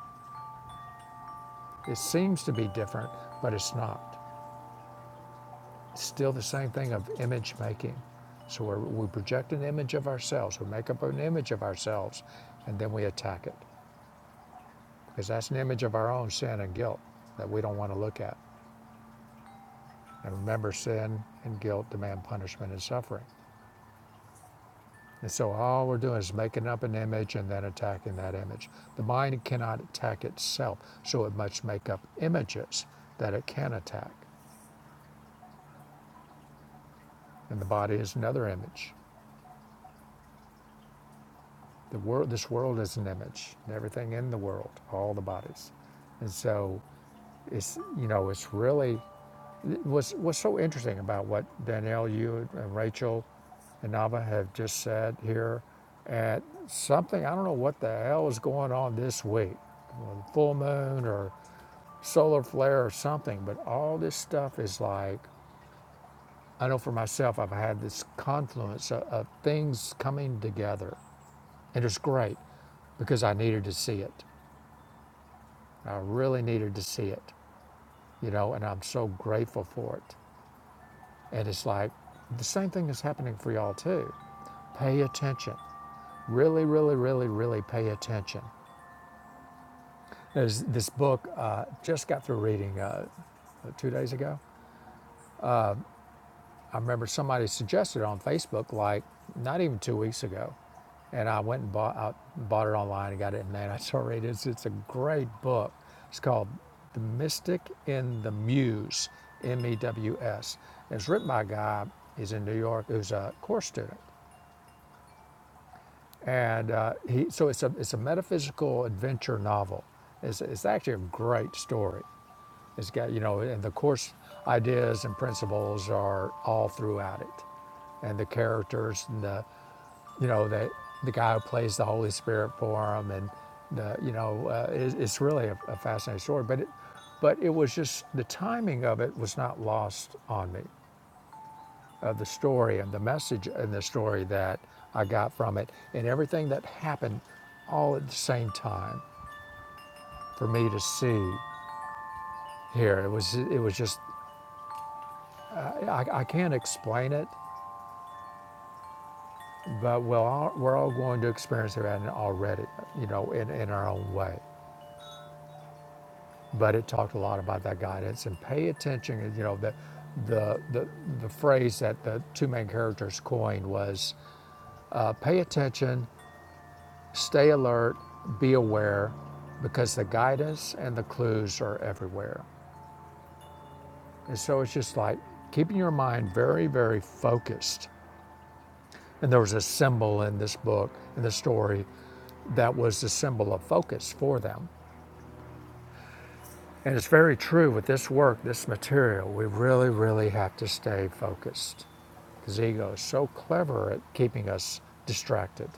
[SPEAKER 1] It seems to be different, but it's not. It's still the same thing of image making. So we're, we project an image of ourselves, we make up an image of ourselves, and then we attack it because that's an image of our own sin and guilt that we don't want to look at. I remember sin and guilt demand punishment and suffering. And so all we're doing is making up an image and then attacking that image. The mind cannot attack itself, so it must make up images that it can attack. And the body is another image. The world, this world is an image. and Everything in the world, all the bodies. And so it's you know it's really What's, what's so interesting about what Danielle, you, and Rachel, and Nava have just said here at something, I don't know what the hell is going on this week, well, full moon or solar flare or something, but all this stuff is like, I know for myself, I've had this confluence of, of things coming together, and it's great because I needed to see it. I really needed to see it, you know, and I'm so grateful for it. And it's like the same thing is happening for y'all too. Pay attention. Really, really, really, really pay attention. There's this book uh, just got through reading uh, two days ago. I remember somebody suggested it on Facebook like not even two weeks ago, and I went and bought I bought it online and got it. And man, I started reading it. It's, it's a great book. It's called The Mystic in the Muse, M E W S. It's written by a guy. He's in New York. Who's a course student and uh, he so it's a it's a metaphysical adventure novel. It's it's actually a great story. It's got you know, and the course ideas and principles are all throughout it, and the characters and the you know the the guy who plays the Holy Spirit for him and the you know uh, it, it's really a, a fascinating story. But it but it was just the timing of it was not lost on me of the story and the message in the story that I got from it and everything that happened all at the same time for me to see here. It was it was just I, I can't explain it, but we'll all, we're all going to experience it already, you know, in, in our own way. But it talked a lot about that guidance and pay attention. You know the the the, the phrase that the two main characters coined was uh, pay attention Stay alert, be aware, because the guidance and the clues are everywhere. And so it's just like keeping your mind very, very focused. And there was a symbol in this book, in the story, that was the symbol of focus for them. And it's very true with this work, this material. We really, really have to stay focused because the ego is so clever at keeping us distracted.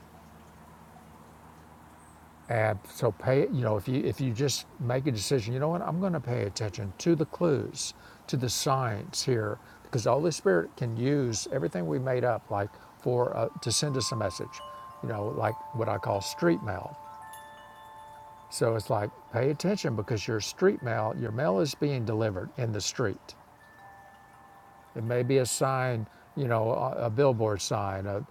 [SPEAKER 1] And so pay, you know, if you if you just make a decision, you know what, I'm going to pay attention to the clues, to the signs here, because the Holy Spirit can use everything we made up, like for uh, to send us a message, you know, like what I call street mail. So it's like pay attention because your street mail, your mail is being delivered in the street. It may be a sign, you know, a, a billboard sign, a,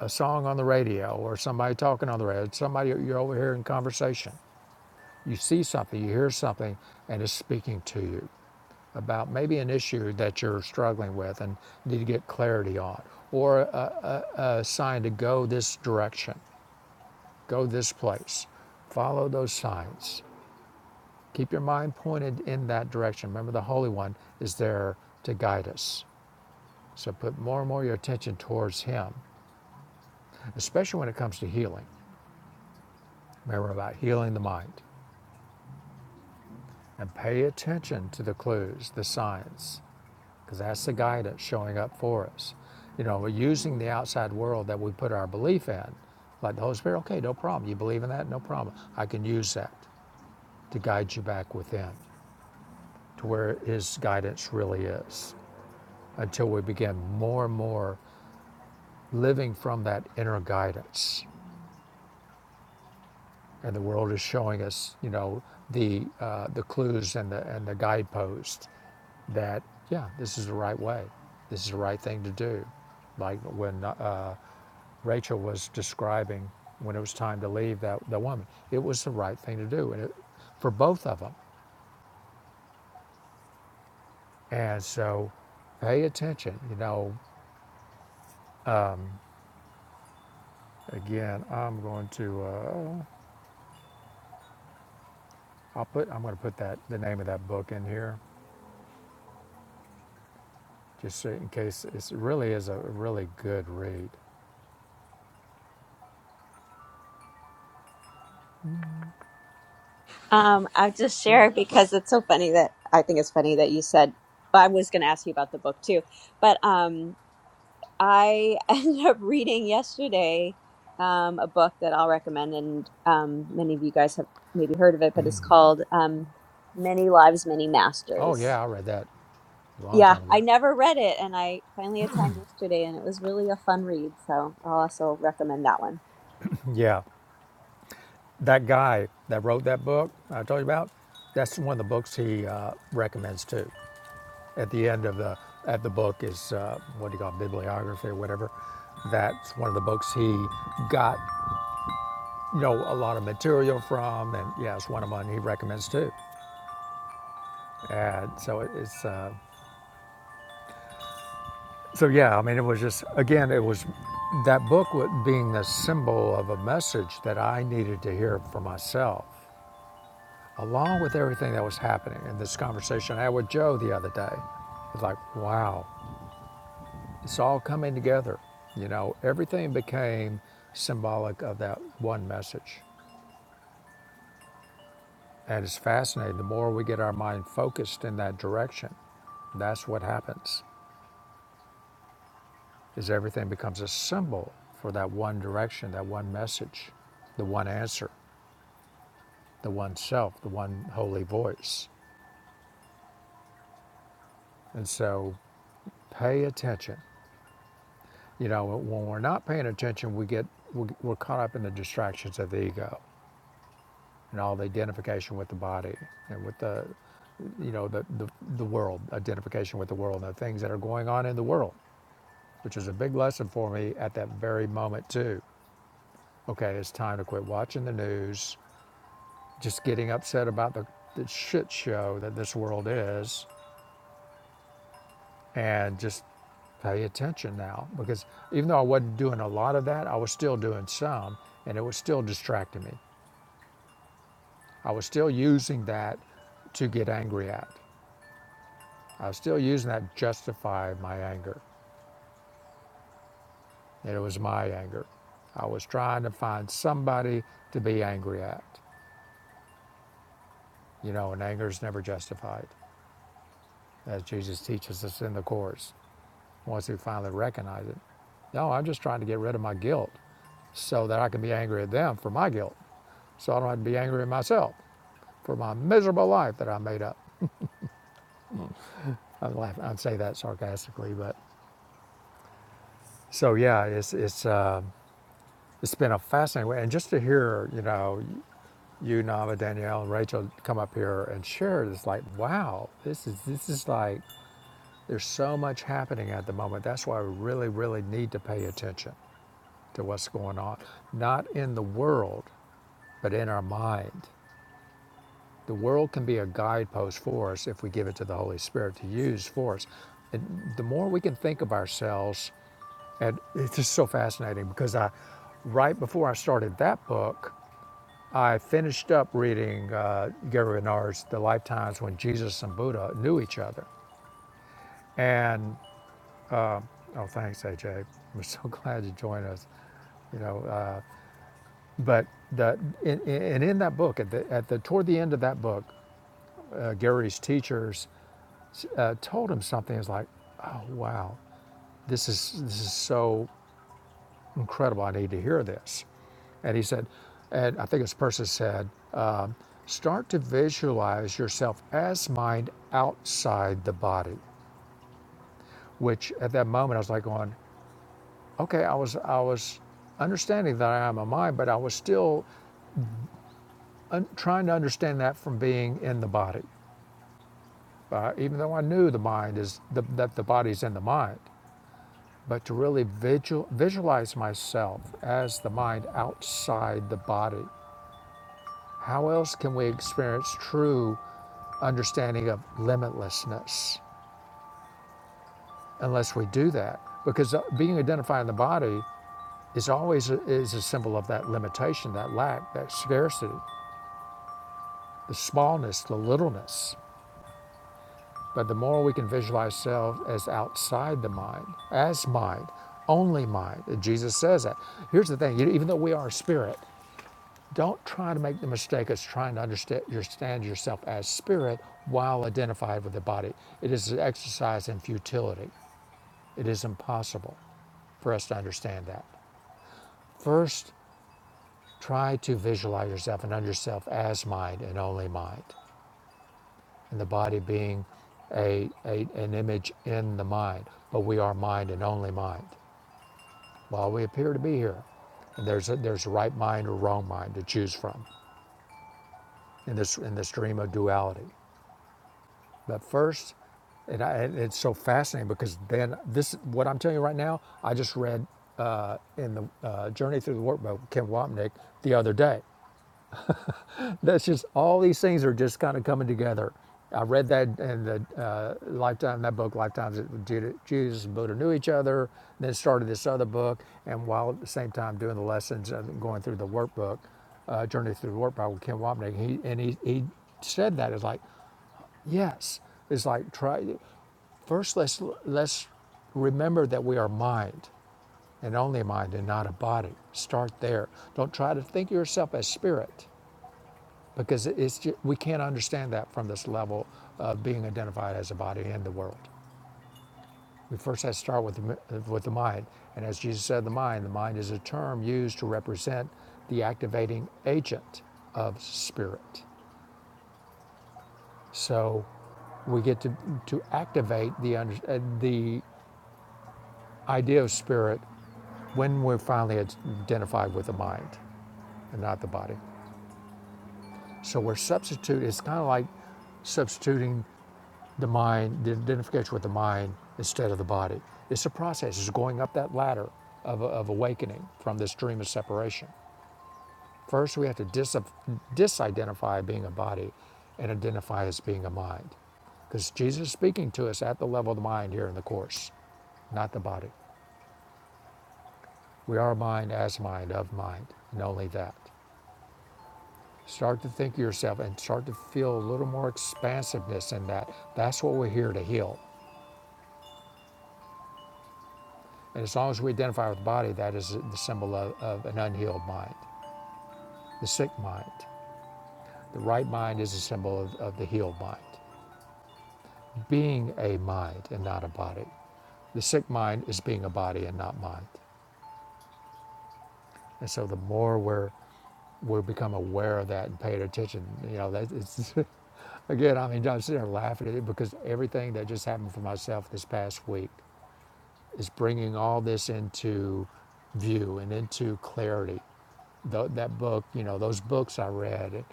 [SPEAKER 1] a song on the radio, or somebody talking on the radio, somebody you're overhearing conversation You see something, you hear something, and it's speaking to you about maybe an issue that you're struggling with and need to get clarity on, or a, a sign to go this direction, go this place. Follow those signs. Keep your mind pointed in that direction. Remember, the Holy One is there to guide us. So put more and more of your attention towards Him, especially when it comes to healing. Remember about healing the mind and pay attention to the clues, the signs. because that's the guy that's showing up for us. You know, we're using the outside world that we put our belief in, like the Holy Spirit, okay, no problem. You believe in that? No problem. I can use that to guide you back within to where His guidance really is until we begin more and more living from that inner guidance. And the world is showing us, you know, the, uh, the clues and the, and the guideposts that yeah, this is the right way, this is the right thing to do. Like when uh, Rachel was describing when it was time to leave that the woman. It was the right thing to do, and it, for both of them. And so, pay attention. You know, again, I'm going to uh, I'll put I'm going to put that the name of that book in here, just so in case it really is a really good read.
[SPEAKER 6] Um, I'll just
[SPEAKER 1] Yeah.
[SPEAKER 6] share because it's so funny that I think it's funny that you said I was going to ask you about the book too, but um, I ended up reading yesterday um, a book that I'll recommend, and um, many of you guys have maybe heard of it, but it's called um, Many Lives, Many
[SPEAKER 1] Oh
[SPEAKER 6] Masters.
[SPEAKER 1] yeah, I read that a long
[SPEAKER 6] Yeah,
[SPEAKER 1] time
[SPEAKER 6] I
[SPEAKER 1] ago.
[SPEAKER 6] never read it, and I finally had time yesterday, and it was really a fun read. So I'll also recommend that one.
[SPEAKER 1] Yeah, that guy that wrote that book I told you about, that's one of the books he uh, recommends too. At the end of the at the book is uh, what do you call it, bibliography or whatever. That's one of the books he got you know a lot of material from, and yeah, it's one of mine he recommends too. And so it's uh, so yeah. I mean, it was just again, it was that book wa- being the symbol of a message that I needed to hear for myself, along with everything that was happening in this conversation I had with Joe the other day. It's like wow. It's all coming together. You know, everything became symbolic of that one message. And it's fascinating. The more we get our mind focused in that direction, that's what happens. Is everything becomes a symbol for that one direction, that one message, the one answer, the one self, the one holy voice. And so, pay attention. You know, when we're not paying attention, we get we're caught up in the distractions of the ego and all the identification with the body and with the you know, the, the, the world, identification with the world, and the things that are going on in the world, which is a big lesson for me at that very moment, too. Okay, it's time to quit watching the news, just getting upset about the, the shit show that this world is, and just pay attention now. Because even though I wasn't doing a lot of that, I was still doing some, and it was still distracting me. I was still using that to get angry at. I was still using that to justify my anger. It was my anger. I was trying to find somebody to be angry at. You know, and anger is never justified, as Jesus teaches us in the Course, once we finally recognize it. No, I'm just trying to get rid of my guilt so that I can be angry at them for my guilt, so I don't have to be angry at myself for my miserable life that I made up. I'm laughing. I'd say that sarcastically, but so yeah, it's it's um it's been a fascinating way, and just to hear you know you, Nava, Danielle, and Rachel come up here and share it, it's like, wow, this is this is like there's so much happening at the moment. That's why we really, really need to pay attention to what's going on. Not in the world, but in our mind. The world can be a guidepost for us if we give it to the Holy Spirit to use for us. And the more we can think of ourselves, and it's just so fascinating because I right before I started that book, I finished up reading uh, Gary Renard's The Lifetimes When Jesus and Buddha Knew Each Other. And, oh, thanks, AJ. We're so glad you joined us. You know, uh, but the, and in, in, and in that book, at the, at the toward the end of that book, uh, Gary's teachers uh, told him something. It's like, oh wow, this is this is so. incredible. I need to hear this. And he said, and I think this person said, um, start to visualize yourself as mind outside the body. Which at that moment I was like going, okay, I was I was understanding that I am a mind, but I was still un- trying to understand that from being in the body. Uh, even though I knew the mind is the, that the body's in the mind, but to really visual, visualize myself as the mind outside the body How else can we experience true understanding of limitlessness unless we do that? Because uh, being identified in the body is always a, is a symbol of that limitation, that lack, that scarcity, the smallness, the littleness. But the more we can visualize self as outside the mind, as mind, only mind, and Jesus says that. Here's the thing: even though we are spirit, Don't try to make the mistake of trying to understand yourself as spirit while identified with the body. It is an exercise in futility. It is impossible for us to understand that. First, try to visualize yourself and under yourself as mind and only mind, and the body being a, a an image in the mind. But we are mind and only mind while we appear to be here. And there's a, there's a right mind or wrong mind to choose from in this in this dream of duality. But first, and, I, it's so fascinating because then this, what I'm telling you right now, I just read uh, in the uh, Journey Through the Workbook with Kim Wapnick the other day. That's just all these things are just kind of coming together. I read that in the uh, lifetime that book, Lifetimes that Jesus and Buddha knew each other. Then started this other book, and while at the same time doing the lessons and going through the workbook, uh, Journey Through the Workbook with Kim Wapnick, he and he he said that it's like yes, it's like try First, let's, let's remember that we are mind and only mind and not a body. Start there. Don't try to think of yourself as spirit because it's ju- we can't understand that from this level of being identified as a body in the world. We first have to start with the, with the mind. And as Jesus said, the mind, the mind is a term used to represent the activating agent of spirit. So we get to, to activate the, under, uh, the idea of spirit when we're finally identified with the mind and not the body. So we're substitute. It's kind of like substituting the mind, the identification with the mind instead of the body. It's a process. It's going up that ladder of, of awakening from this dream of separation. First, we have to dis- disidentify being a body and identify as being a mind, because Jesus is speaking to us at the level of the mind here in the course, not the body. We are mind as mind of mind, and only that. Start to think of yourself and start to feel a little more expansiveness in that. That's what we're here to heal. And as long as we identify with the body, that is the symbol of, of an unhealed mind, the sick mind. The right mind is a symbol of, of the healed mind, being a mind and not a body. The sick mind is being a body and not mind. And so the more we're we become aware of that and pay attention, you know, that it's again, I mean, I'm sitting there laughing at it because everything that just happened for myself this past week is bringing all this into view and into clarity. Tho- that book, you know, those books I read, at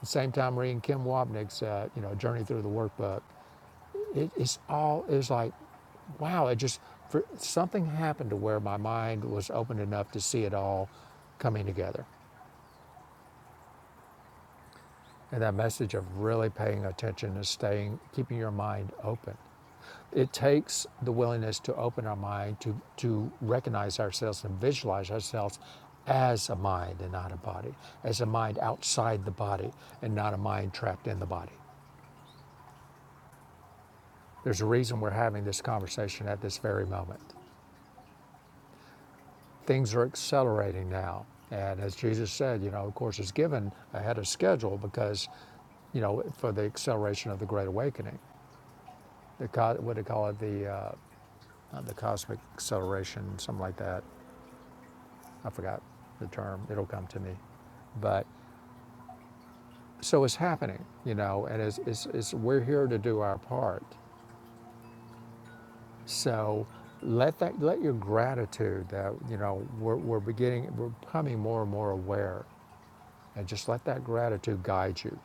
[SPEAKER 1] the same time reading Kim Wapnick's, uh, you know, Journey Through the Workbook, it, it's all, it's like, wow, it just, for, something happened to where my mind was open enough to see it all coming together. And that message of really paying attention and staying, keeping your mind open It takes the willingness to open our mind to, to recognize ourselves and visualize ourselves as a mind and not a body, as a mind outside the body and not a mind trapped in the body. There's a reason we're having this conversation at this very moment. Things are accelerating now. And as Jesus said, you know, of course, it's given ahead of schedule because, you know, for the acceleration of the Great Awakening. The, what do they call it? The, uh, the cosmic acceleration, something like that I forgot the term, it'll come to me. But so it's happening, you know, and it's, it's, it's, we're here to do our part. So let that let your gratitude that you know we're, we're beginning we're becoming more and more aware and just let that gratitude guide you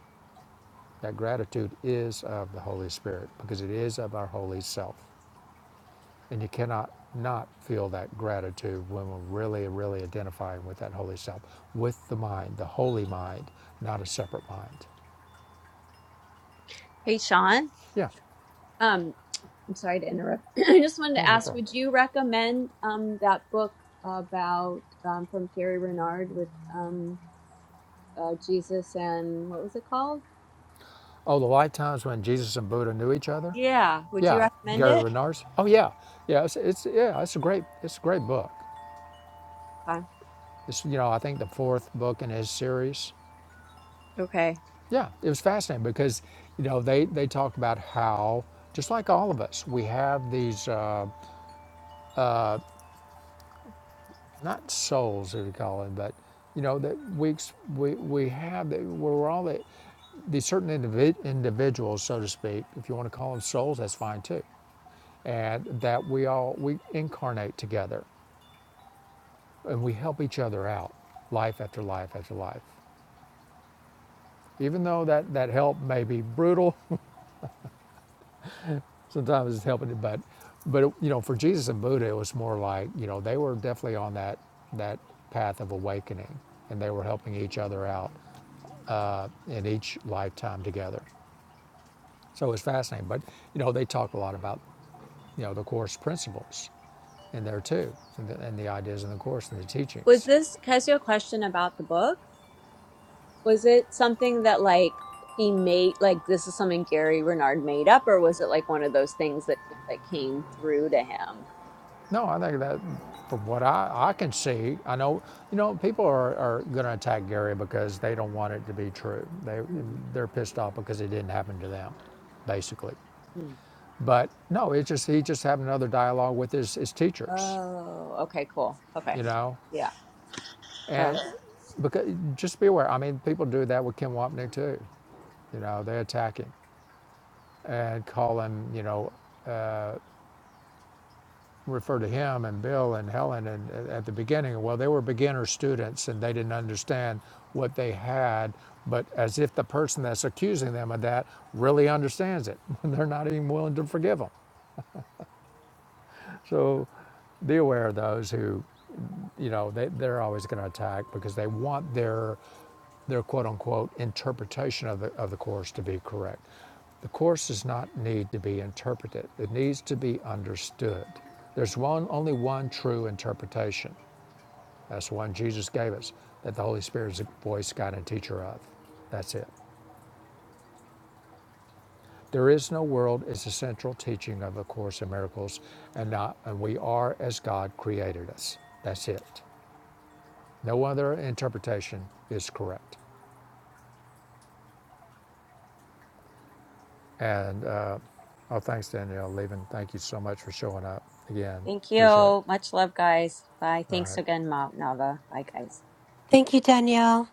[SPEAKER 1] that gratitude is of the holy spirit because it is of our holy self and you cannot not feel that gratitude when we're really really identifying with that holy self with the mind the holy mind not a separate mind
[SPEAKER 6] Hey, Sean.
[SPEAKER 1] Yeah,
[SPEAKER 6] Um, I'm sorry to interrupt. I just wanted to
[SPEAKER 1] no, no
[SPEAKER 6] ask
[SPEAKER 1] problem.
[SPEAKER 6] would you recommend um, that book about um, from Gary Renard with um, uh, Jesus and what was it called?
[SPEAKER 1] Oh, the lifetimes when Jesus and Buddha knew each other.
[SPEAKER 6] Yeah. Would you
[SPEAKER 1] Yeah,
[SPEAKER 6] recommend
[SPEAKER 1] Gary
[SPEAKER 6] it?
[SPEAKER 1] Renard's. Oh yeah, yeah. It's, it's yeah. It's a great. It's a great book.
[SPEAKER 6] Okay.
[SPEAKER 1] It's you know I think the fourth book in his series.
[SPEAKER 6] Okay.
[SPEAKER 1] Yeah, it was fascinating because you know they they talk about how just like all of us we have these uh, not souls as we call it but you know that we ex- we we have that we're all the, these certain individ, individuals so to speak if you want to call them souls that's fine too and that we all we incarnate together and we help each other out life after life after life even though that that help may be brutal sometimes it's helping but but you know for jesus and buddha it was more like you know they were definitely on that that path of awakening and they were helping each other out uh, in each lifetime together so it was fascinating but you know they talk a lot about you know the course principles in there too and the, and the ideas in the course and the
[SPEAKER 6] Was
[SPEAKER 1] teachings
[SPEAKER 6] this, can I ask you a question about the book? Was it something that like he made, like this is something Gary Renard made up, or was it like one of those things that just like came through to him?
[SPEAKER 1] No, I think that from what I, I can see, I know, you know, people are, are going to attack Gary because they don't want it to be true. They,
[SPEAKER 6] Mhm.
[SPEAKER 1] they're pissed off because it didn't happen to them, basically. But no, it just, he just had another dialogue with his, his teachers,
[SPEAKER 6] Oh, okay, cool. Okay.
[SPEAKER 1] you know,
[SPEAKER 6] Yeah. Okay.
[SPEAKER 1] and because just be aware. I mean, people do that with Kim Wapnick too. You know, they attack him and call him, you know, refer to him and Bill and Helen and uh, at the beginning, well, they were beginner students and they didn't understand what they had, but as if the person that's accusing them of that really understands it. They're not even willing to forgive them. So be aware of those who you know, they, they're always going to attack because they want their their quote unquote interpretation of the, of the course to be correct. The course does not need to be interpreted. It needs to be understood. There's one only one true interpretation. That's the one Jesus gave us, that the Holy Spirit is the voice, guide, and teacher of. That's it. There is no world is the central teaching of the Course in Miracles, and not and we are as God created us. That's it. No other interpretation is correct. And uh, oh, thanks, Danielle, leaving. Thank you so much for showing up again.
[SPEAKER 6] Thank
[SPEAKER 1] Appreciate it.
[SPEAKER 6] you. Much love, guys. Bye. Thanks
[SPEAKER 1] Right.
[SPEAKER 6] again, Mount Nava. Bye, guys.
[SPEAKER 5] Thank you, Danielle.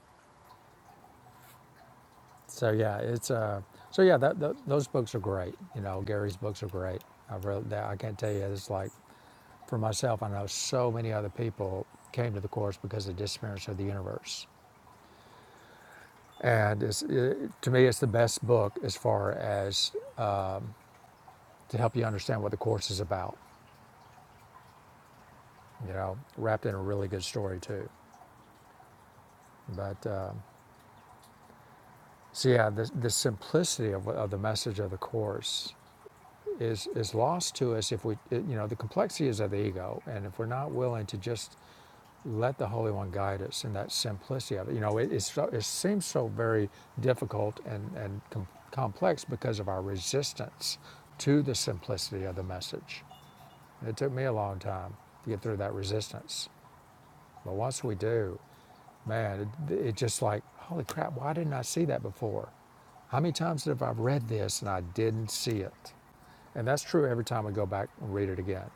[SPEAKER 1] So yeah, it's uh, so yeah, that, tho- those books are great. You know, Gary's books are great. I read that. I can't tell you. It's like for myself, I know so many other people came to the course because of the disappearance of the universe. And it's, it, to me, it's the best book as far as to help you understand what the course is about. You know, wrapped in a really good story too. But um, So yeah, the, the simplicity of, of the message of the course is is lost to us if we, you know, the complexity is of the ego, and if we're not willing to just let the Holy One guide us in that simplicity of it, you know, it, it's so, it seems so very difficult and and com- complex because of our resistance to the simplicity of the message. It took me a long time to get through that resistance, but once we do, man, it, it just like, holy crap, why didn't I see that before? How many times have I read this and I didn't see it? And that's true every time we go back and read it again.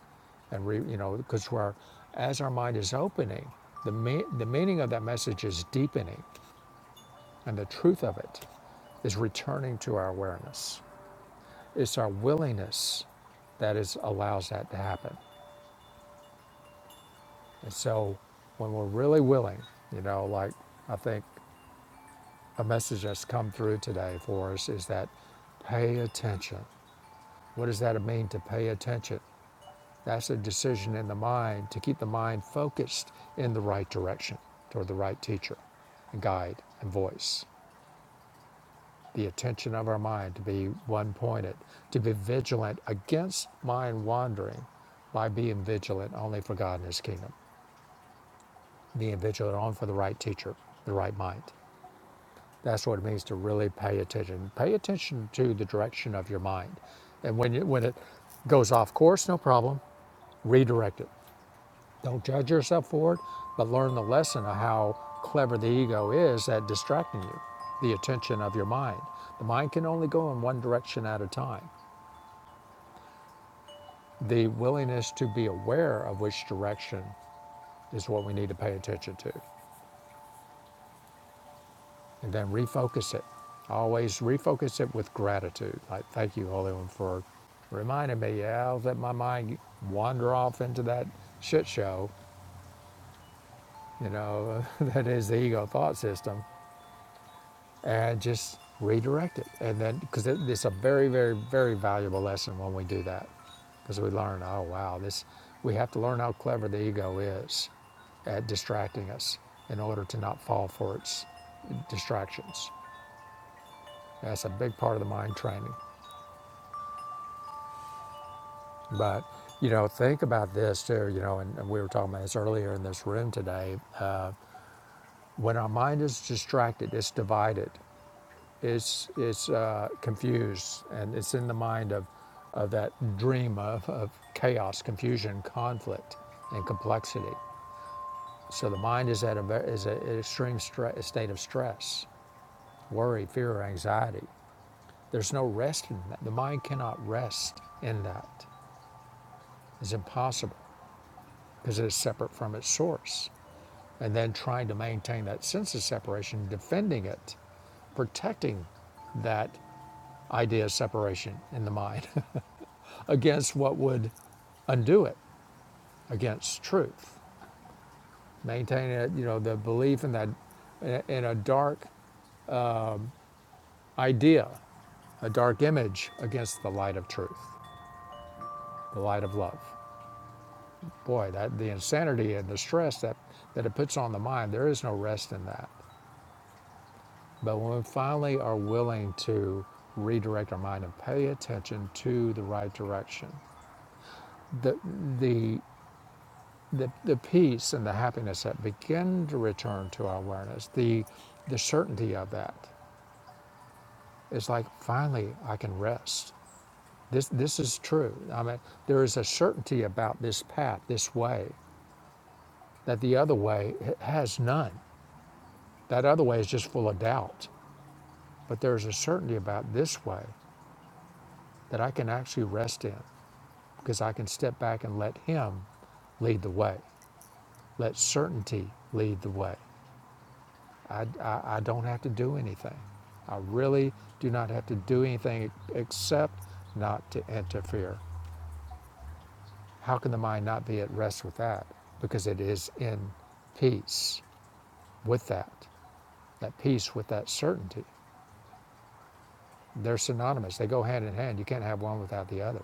[SPEAKER 1] And re, you know, because we're, as our mind is opening, the, me- the meaning of that message is deepening and the truth of it is returning to our awareness. It's our willingness that is allows that to happen. And so when we're really willing, you know, like I think a message that's come through today for us is that pay attention. What does that mean to pay attention? That's a decision in the mind to keep the mind focused in the right direction toward the right teacher, and guide, and voice. The attention of our mind to be one pointed, to be vigilant against mind wandering by being vigilant only for God and His kingdom, being vigilant only for the right teacher, the right mind. That's what it means to really pay attention. Pay attention to the direction of your mind. And when, you, when it goes off course, no problem, redirect it. Don't judge yourself for it, but learn the lesson of how clever the ego is at distracting you, the attention of your mind. The mind can only go in one direction at a time. The willingness to be aware of which direction is what we need to pay attention to. and then refocus it. Always refocus it with gratitude. Like, thank you, Holy One, for reminding me. Yeah, I'll let my mind wander off into that shit show, you know, that is the ego thought system, and just redirect it. And then, because it, it's a very, very, very valuable lesson when we do that, because we learn, oh, wow, this, we have to learn how clever the ego is at distracting us in order to not fall for its distractions. That's a big part of the mind training. But you know, think about this too. You know, and, we were talking about this earlier in this room today. Uh, when our mind is distracted, it's divided, it's it's uh, confused, and it's in the mind of of that dream of, of chaos, confusion, conflict, and complexity. So the mind is at a is a, an extreme state of stress, worry, fear, or anxiety. There's no rest in that. The mind cannot rest in that. It's impossible because it is separate from its source. and then trying to maintain that sense of separation, defending it, protecting that idea of separation in the mind against what would undo it, against truth, maintaining it, you know, the belief in that in a dark idea, a dark image against the light of truth, the light of love. Boy, that the insanity and the stress that, that it puts on the mind, there is no rest in that. But when we finally are willing to redirect our mind and pay attention to the right direction, the the the, the peace and the happiness that begin to return to our awareness, the the certainty of that, it's like finally I can rest. This this is true. I mean, there is a certainty about this path, this way, that the other way has none. That other way is just full of doubt. But there is a certainty about this way that I can actually rest in. because I can step back and let Him lead the way, let certainty lead the way. I, I, I don't have to do anything. I really do not have to do anything except not to interfere. How can the mind not be at rest with that? Because it is in peace with that, that peace with that certainty. They're synonymous, they go hand in hand. You can't have one without the other,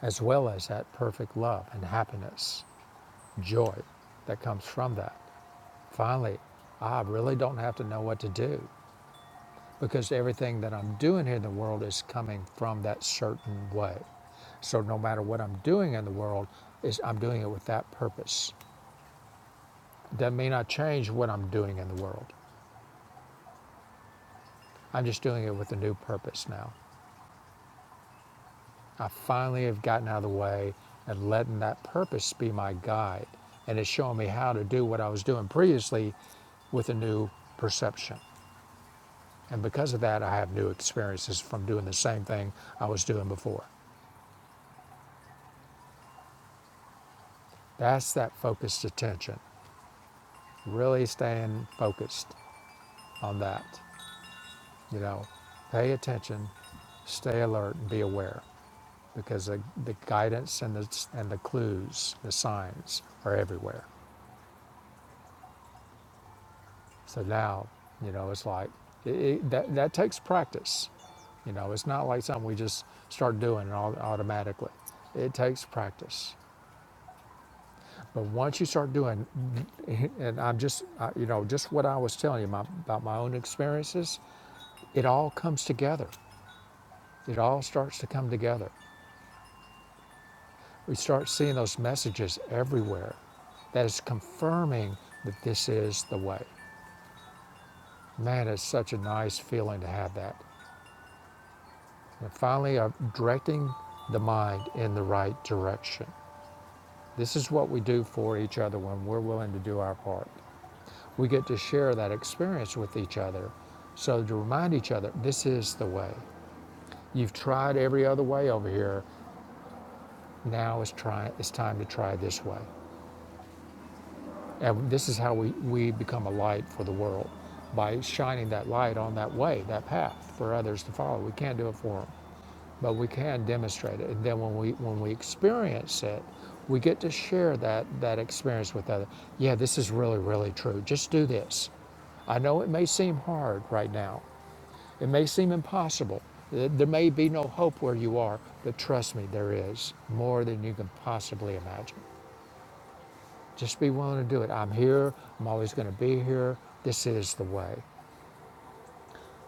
[SPEAKER 1] as well as that perfect love and happiness, joy that comes from that. Finally, I really don't have to know what to do because everything that I'm doing here in the world is coming from that certain way. So no matter what I'm doing in the world, is I'm doing it with that purpose. That may not change what I'm doing in the world. I'm just doing it with a new purpose now. I finally have gotten out of the way and letting that purpose be my guide. And it's showing me how to do what I was doing previously with a new perception. And because of that, I have new experiences from doing the same thing I was doing before. That's that focused attention. Really staying focused on that. You know, pay attention, stay alert, and be aware because the, the guidance and the, and the clues, the signs are everywhere. So now, you know, it's like it, it, that, that takes practice. You know, it's not like something we just start doing au- automatically. It takes practice. But once you start doing, and I'm just, you know, just what I was telling you my, about my own experiences, it all comes together. It all starts to come together. We start seeing those messages everywhere that is confirming that this is the way. Man, it's such a nice feeling to have that. And finally, uh, directing the mind in the right direction. This is what we do for each other when we're willing to do our part. we get to share that experience with each other. So to remind each other, this is the way. You've tried every other way over here. Now it's try, it's time to try this way. And this is how we, we become a light for the world by shining that light on that way, that path for others to follow. We can't do it for them, but we can demonstrate it. And then when we when we experience it, we get to share that that experience with others. Yeah, this is really really true. Just do this. I know it may seem hard right now, It may seem impossible. There may be no hope where you are, but trust me, there is more than you can possibly imagine. Just be willing to do it. I'm here. I'm always going to be here. This is the way.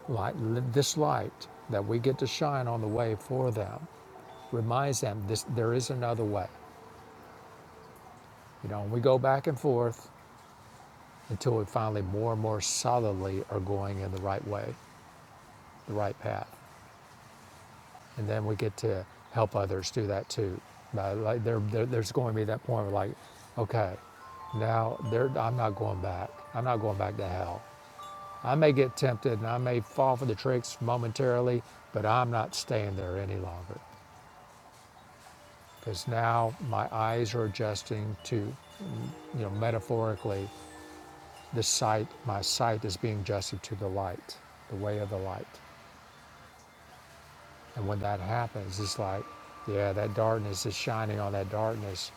[SPEAKER 1] Light, this light that we get to shine on the way for them reminds them this, there is another way. You know, and we go back and forth until we finally more and more solidly are going in the right way, the right path. and then we get to help others do that too. But like there, there, there's going to be that point where like, okay, now I'm not going back. I'm not going back to hell. I may get tempted and I may fall for the tricks momentarily, but I'm not staying there any longer because now my eyes are adjusting to, you know, metaphorically, the sight. My sight is being adjusted to the light, the way of the light. And when that happens, it's like, yeah, that darkness is shining on that darkness,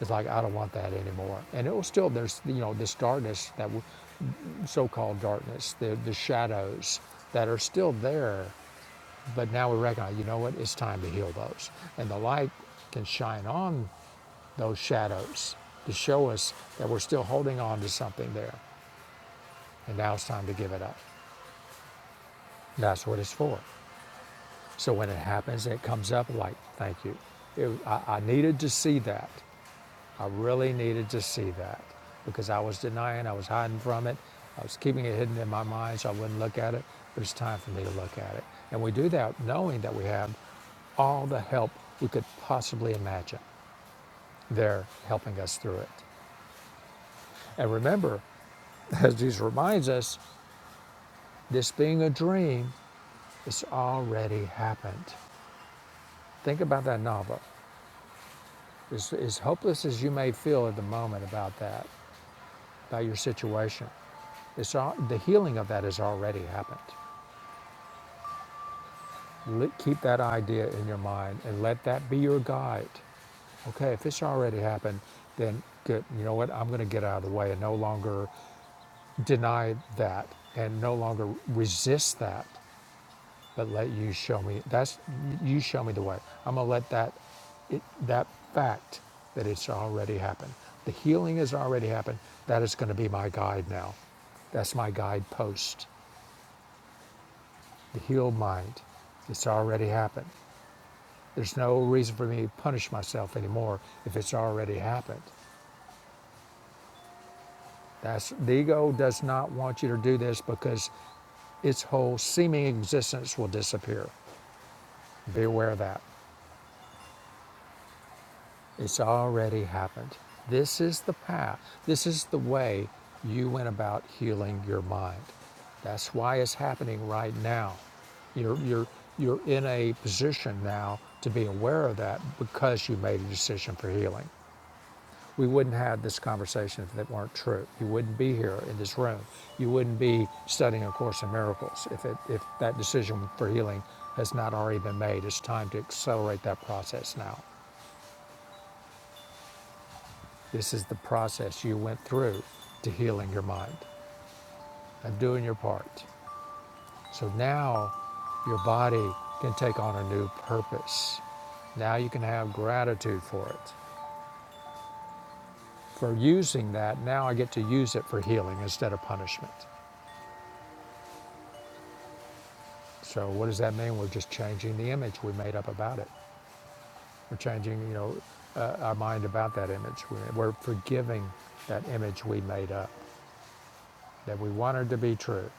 [SPEAKER 1] It's like, I don't want that anymore. And it was still, there's, you know, this darkness, that so-called darkness, the, the shadows that are still there. But now we recognize, you know what, it's time to heal those. And the light can shine on those shadows to show us that we're still holding on to something there. And now it's time to give it up. That's what it's for. So when it happens, it comes up like, thank you. It, I, I needed to see that. I really needed to see that because I was denying, I was hiding from it, I was keeping it hidden in my mind so I wouldn't look at it. But it's time for me to look at it. And we do that knowing that we have all the help we could possibly imagine there helping us through it. And remember, as Jesus reminds us, this being a dream, it's already happened. Think about that novel. As, as hopeless as you may feel at the moment about that, by your situation. It's all, the healing of that has already happened. Let, keep that idea in your mind and let that be your guide. Okay, if it's already happened, then good. You know what? I'm going to get out of the way and no longer deny that and no longer resist that, but let you show me. That's you show me the way. I'm going to let that it, that fact that it's already happened. The healing has already happened. That is going to be my guide now. That's my guidepost. the healed mind. It's already happened. There's no reason for me to punish myself anymore if it's already happened. That's the ego does not want you to do this because its whole seeming existence will disappear. Be aware of that. It's already happened. This is the path. This is the way you went about healing your mind. That's why it's happening right now. You're, you're, you're in a position now to be aware of that because you made a decision for healing. We wouldn't have this conversation if it weren't true. You wouldn't be here in this room. You wouldn't be studying A Course in Miracles if, it, if that decision for healing has not already been made. It's time to accelerate that process now. This is the process you went through to healing your mind and doing your part. So now your body can take on a new purpose. Now you can have gratitude for it. For using that, now I get to use it for healing instead of punishment. So what does that mean? We're just changing the image we made up about it. We're changing, you know, uh, our mind about that image. We're, we're forgiving that image we made up that we wanted to be true.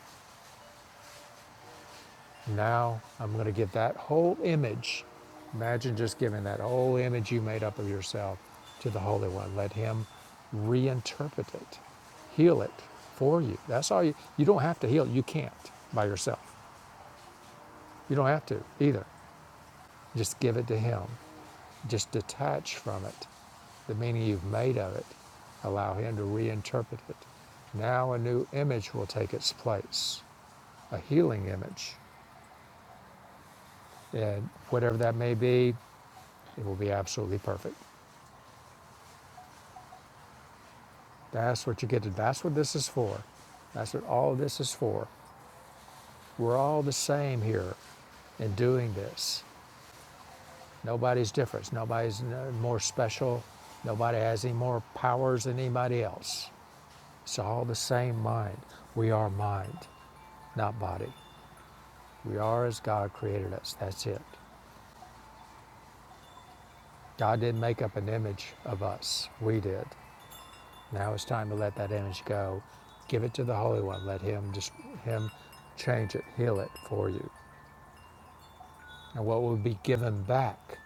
[SPEAKER 1] Now I'm going to give that whole image. Imagine just giving that whole image you made up of yourself to the Holy One. Let Him reinterpret it, heal it for you. That's all you, you don't have to heal. You can't by yourself. You don't have to either. Just give it to Him. Just detach from it, the meaning you've made of it. Allow Him to reinterpret it. Now a new image will take its place, a healing image. And whatever that may be, It will be absolutely perfect. That's what you get to. That's what this is for. That's what all this is for. We're all the same here in doing this. Nobody's different. Nobody's no- more special. Nobody has any more powers than anybody else. It's all the same mind. We are mind, not body. We are as God created us. That's it. God didn't make up an image of us. We did. Now it's time to let that image go. Give it to the Holy One. Let Him just Him change it, heal it for you. And what will be given back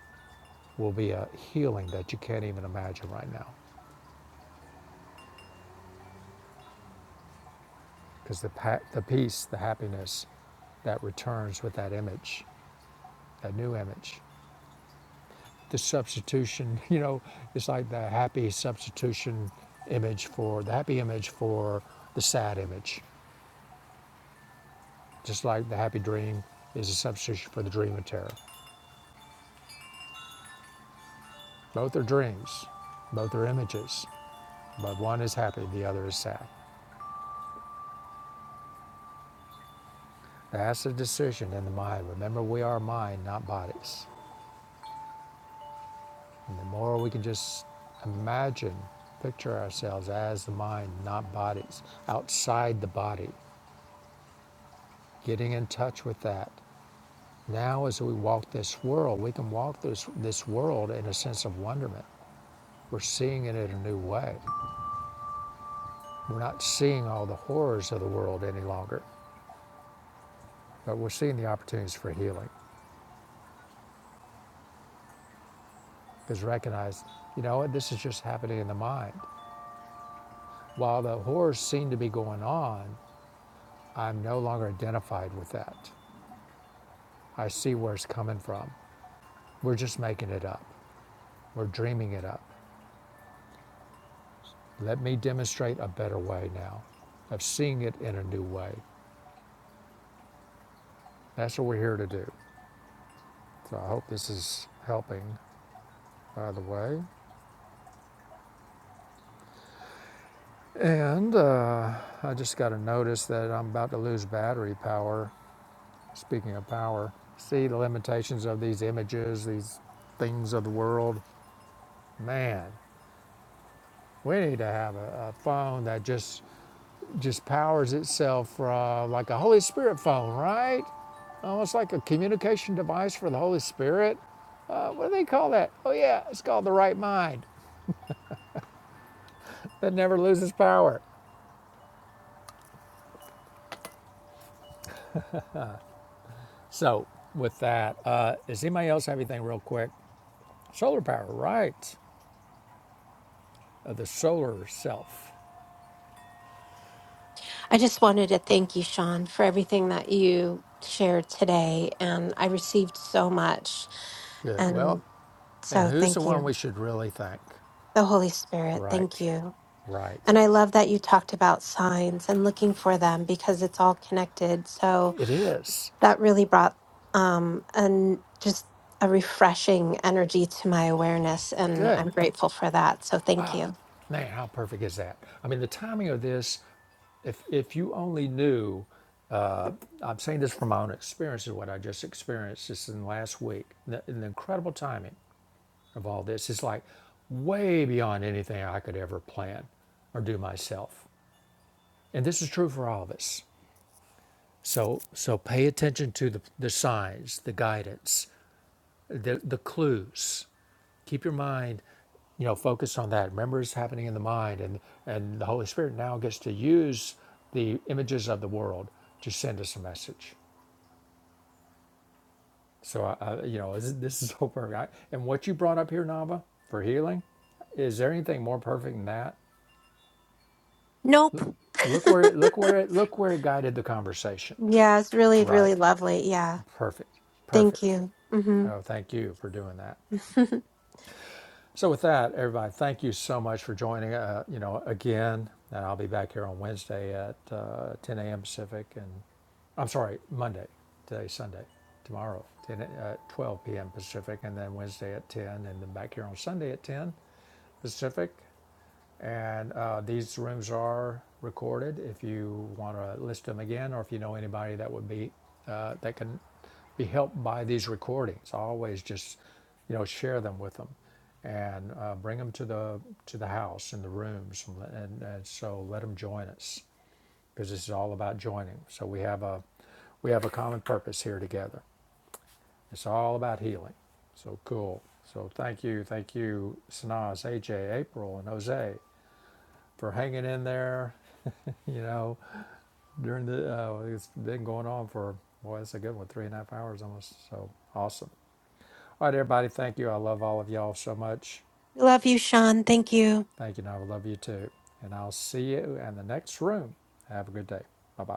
[SPEAKER 1] will be a healing that you can't even imagine right now, because the pa- the peace, the happiness that returns with that image, that new image, the substitution. You know, it's like the happy substitution image for the happy image for the sad image, just like the happy dream is a substitution for the dream of terror Both are dreams, both are images, but one is happy, the other is sad. That's the decision in the mind. Remember, we are mind, not bodies. And the more we can just imagine, picture ourselves as the mind, not bodies, outside the body, getting in touch with that. Now, as we walk this world, we can walk this, this world in a sense of wonderment. We're seeing it in a new way. We're not seeing all the horrors of the world any longer, but we're seeing the opportunities for healing. is recognized. You know, this is just happening in the mind. While the horrors seem to be going on, I'm no longer identified with that. I see where it's coming from. We're just making it up. We're dreaming it up. Let me demonstrate a better way now of seeing it in a new way. That's what we're here to do. So I hope this is helping, by the way. And uh, I just got to notice that I'm about to lose battery power Speaking of power, see the limitations of these images, these things of the world. Man, we need to have a, a phone that just just powers itself uh, like a Holy Spirit phone, right? Almost like a communication device for the Holy Spirit. Uh, what do they call that? Oh yeah, it's called the right mind that never loses power. So with that, uh, does anybody else have anything real quick? Solar power, right? Of the solar self.
[SPEAKER 5] I just wanted to thank you, Sean, for everything that you shared today. And I received so much.
[SPEAKER 1] Good.
[SPEAKER 5] And
[SPEAKER 1] Well, And
[SPEAKER 5] so
[SPEAKER 1] who's the
[SPEAKER 5] thank
[SPEAKER 1] one
[SPEAKER 5] you.
[SPEAKER 1] we should really thank?
[SPEAKER 5] The Holy Spirit, thank
[SPEAKER 1] Right.
[SPEAKER 5] you.
[SPEAKER 1] Right.
[SPEAKER 5] And I love that you talked about signs and looking for them because it's all connected. So
[SPEAKER 1] It is.
[SPEAKER 5] that really brought um, an just a refreshing energy to my awareness, and
[SPEAKER 1] Good.
[SPEAKER 5] I'm grateful for that. So thank you.
[SPEAKER 1] Man, how perfect is that? I mean, the timing of this, if, if you only knew, I'm saying this from my own experience, is what I just experienced this in last week, the, and the incredible timing of all this is like way beyond anything I could ever plan or do myself. And this is true for all of us. So, so pay attention to the, the signs, the guidance, the, the clues keep your mind you know focused on that remember it's happening in the mind and and the holy spirit now gets to use the images of the world to send us a message so I, you know this, this is so perfect I, and what you brought up here nava for healing is there anything more perfect than that
[SPEAKER 5] Nope.
[SPEAKER 1] look where it look where it look where it guided the conversation
[SPEAKER 5] yeah, it's really, really
[SPEAKER 1] right
[SPEAKER 5] lovely. Yeah,
[SPEAKER 1] perfect
[SPEAKER 5] thank
[SPEAKER 1] perfect
[SPEAKER 5] you. hmm
[SPEAKER 1] oh thank you for doing that So with that, everybody, thank you so much for joining. Uh, you know, again, and I'll be back here on Wednesday at uh, 10 a.m. Pacific, and I'm sorry, Monday. Today's Sunday. Tomorrow, 10 at 12 p.m. Pacific, and then Wednesday at 10, and then back here on Sunday at 10 Pacific. And uh, these rooms are recorded. If you want to list them again, or if you know anybody that would be uh, that can be helped by these recordings, always just you know share them with them and uh, bring them to the to the house and the rooms, and, and so let them join us because this is all about joining. So we have a we have a common purpose here together. It's all about healing. So cool. So thank you, thank you, Sanaz, AJ, April, and Jose for hanging in there you know, during the, uh, it's been going on for, boy, that's a good one, three and a half hours almost. So awesome. All right, everybody, thank you. I love all of y'all so much.
[SPEAKER 5] Love you, Sean. Thank you.
[SPEAKER 1] Thank you, and I love you too. And I'll see you in the next room. Have a good day. Bye bye.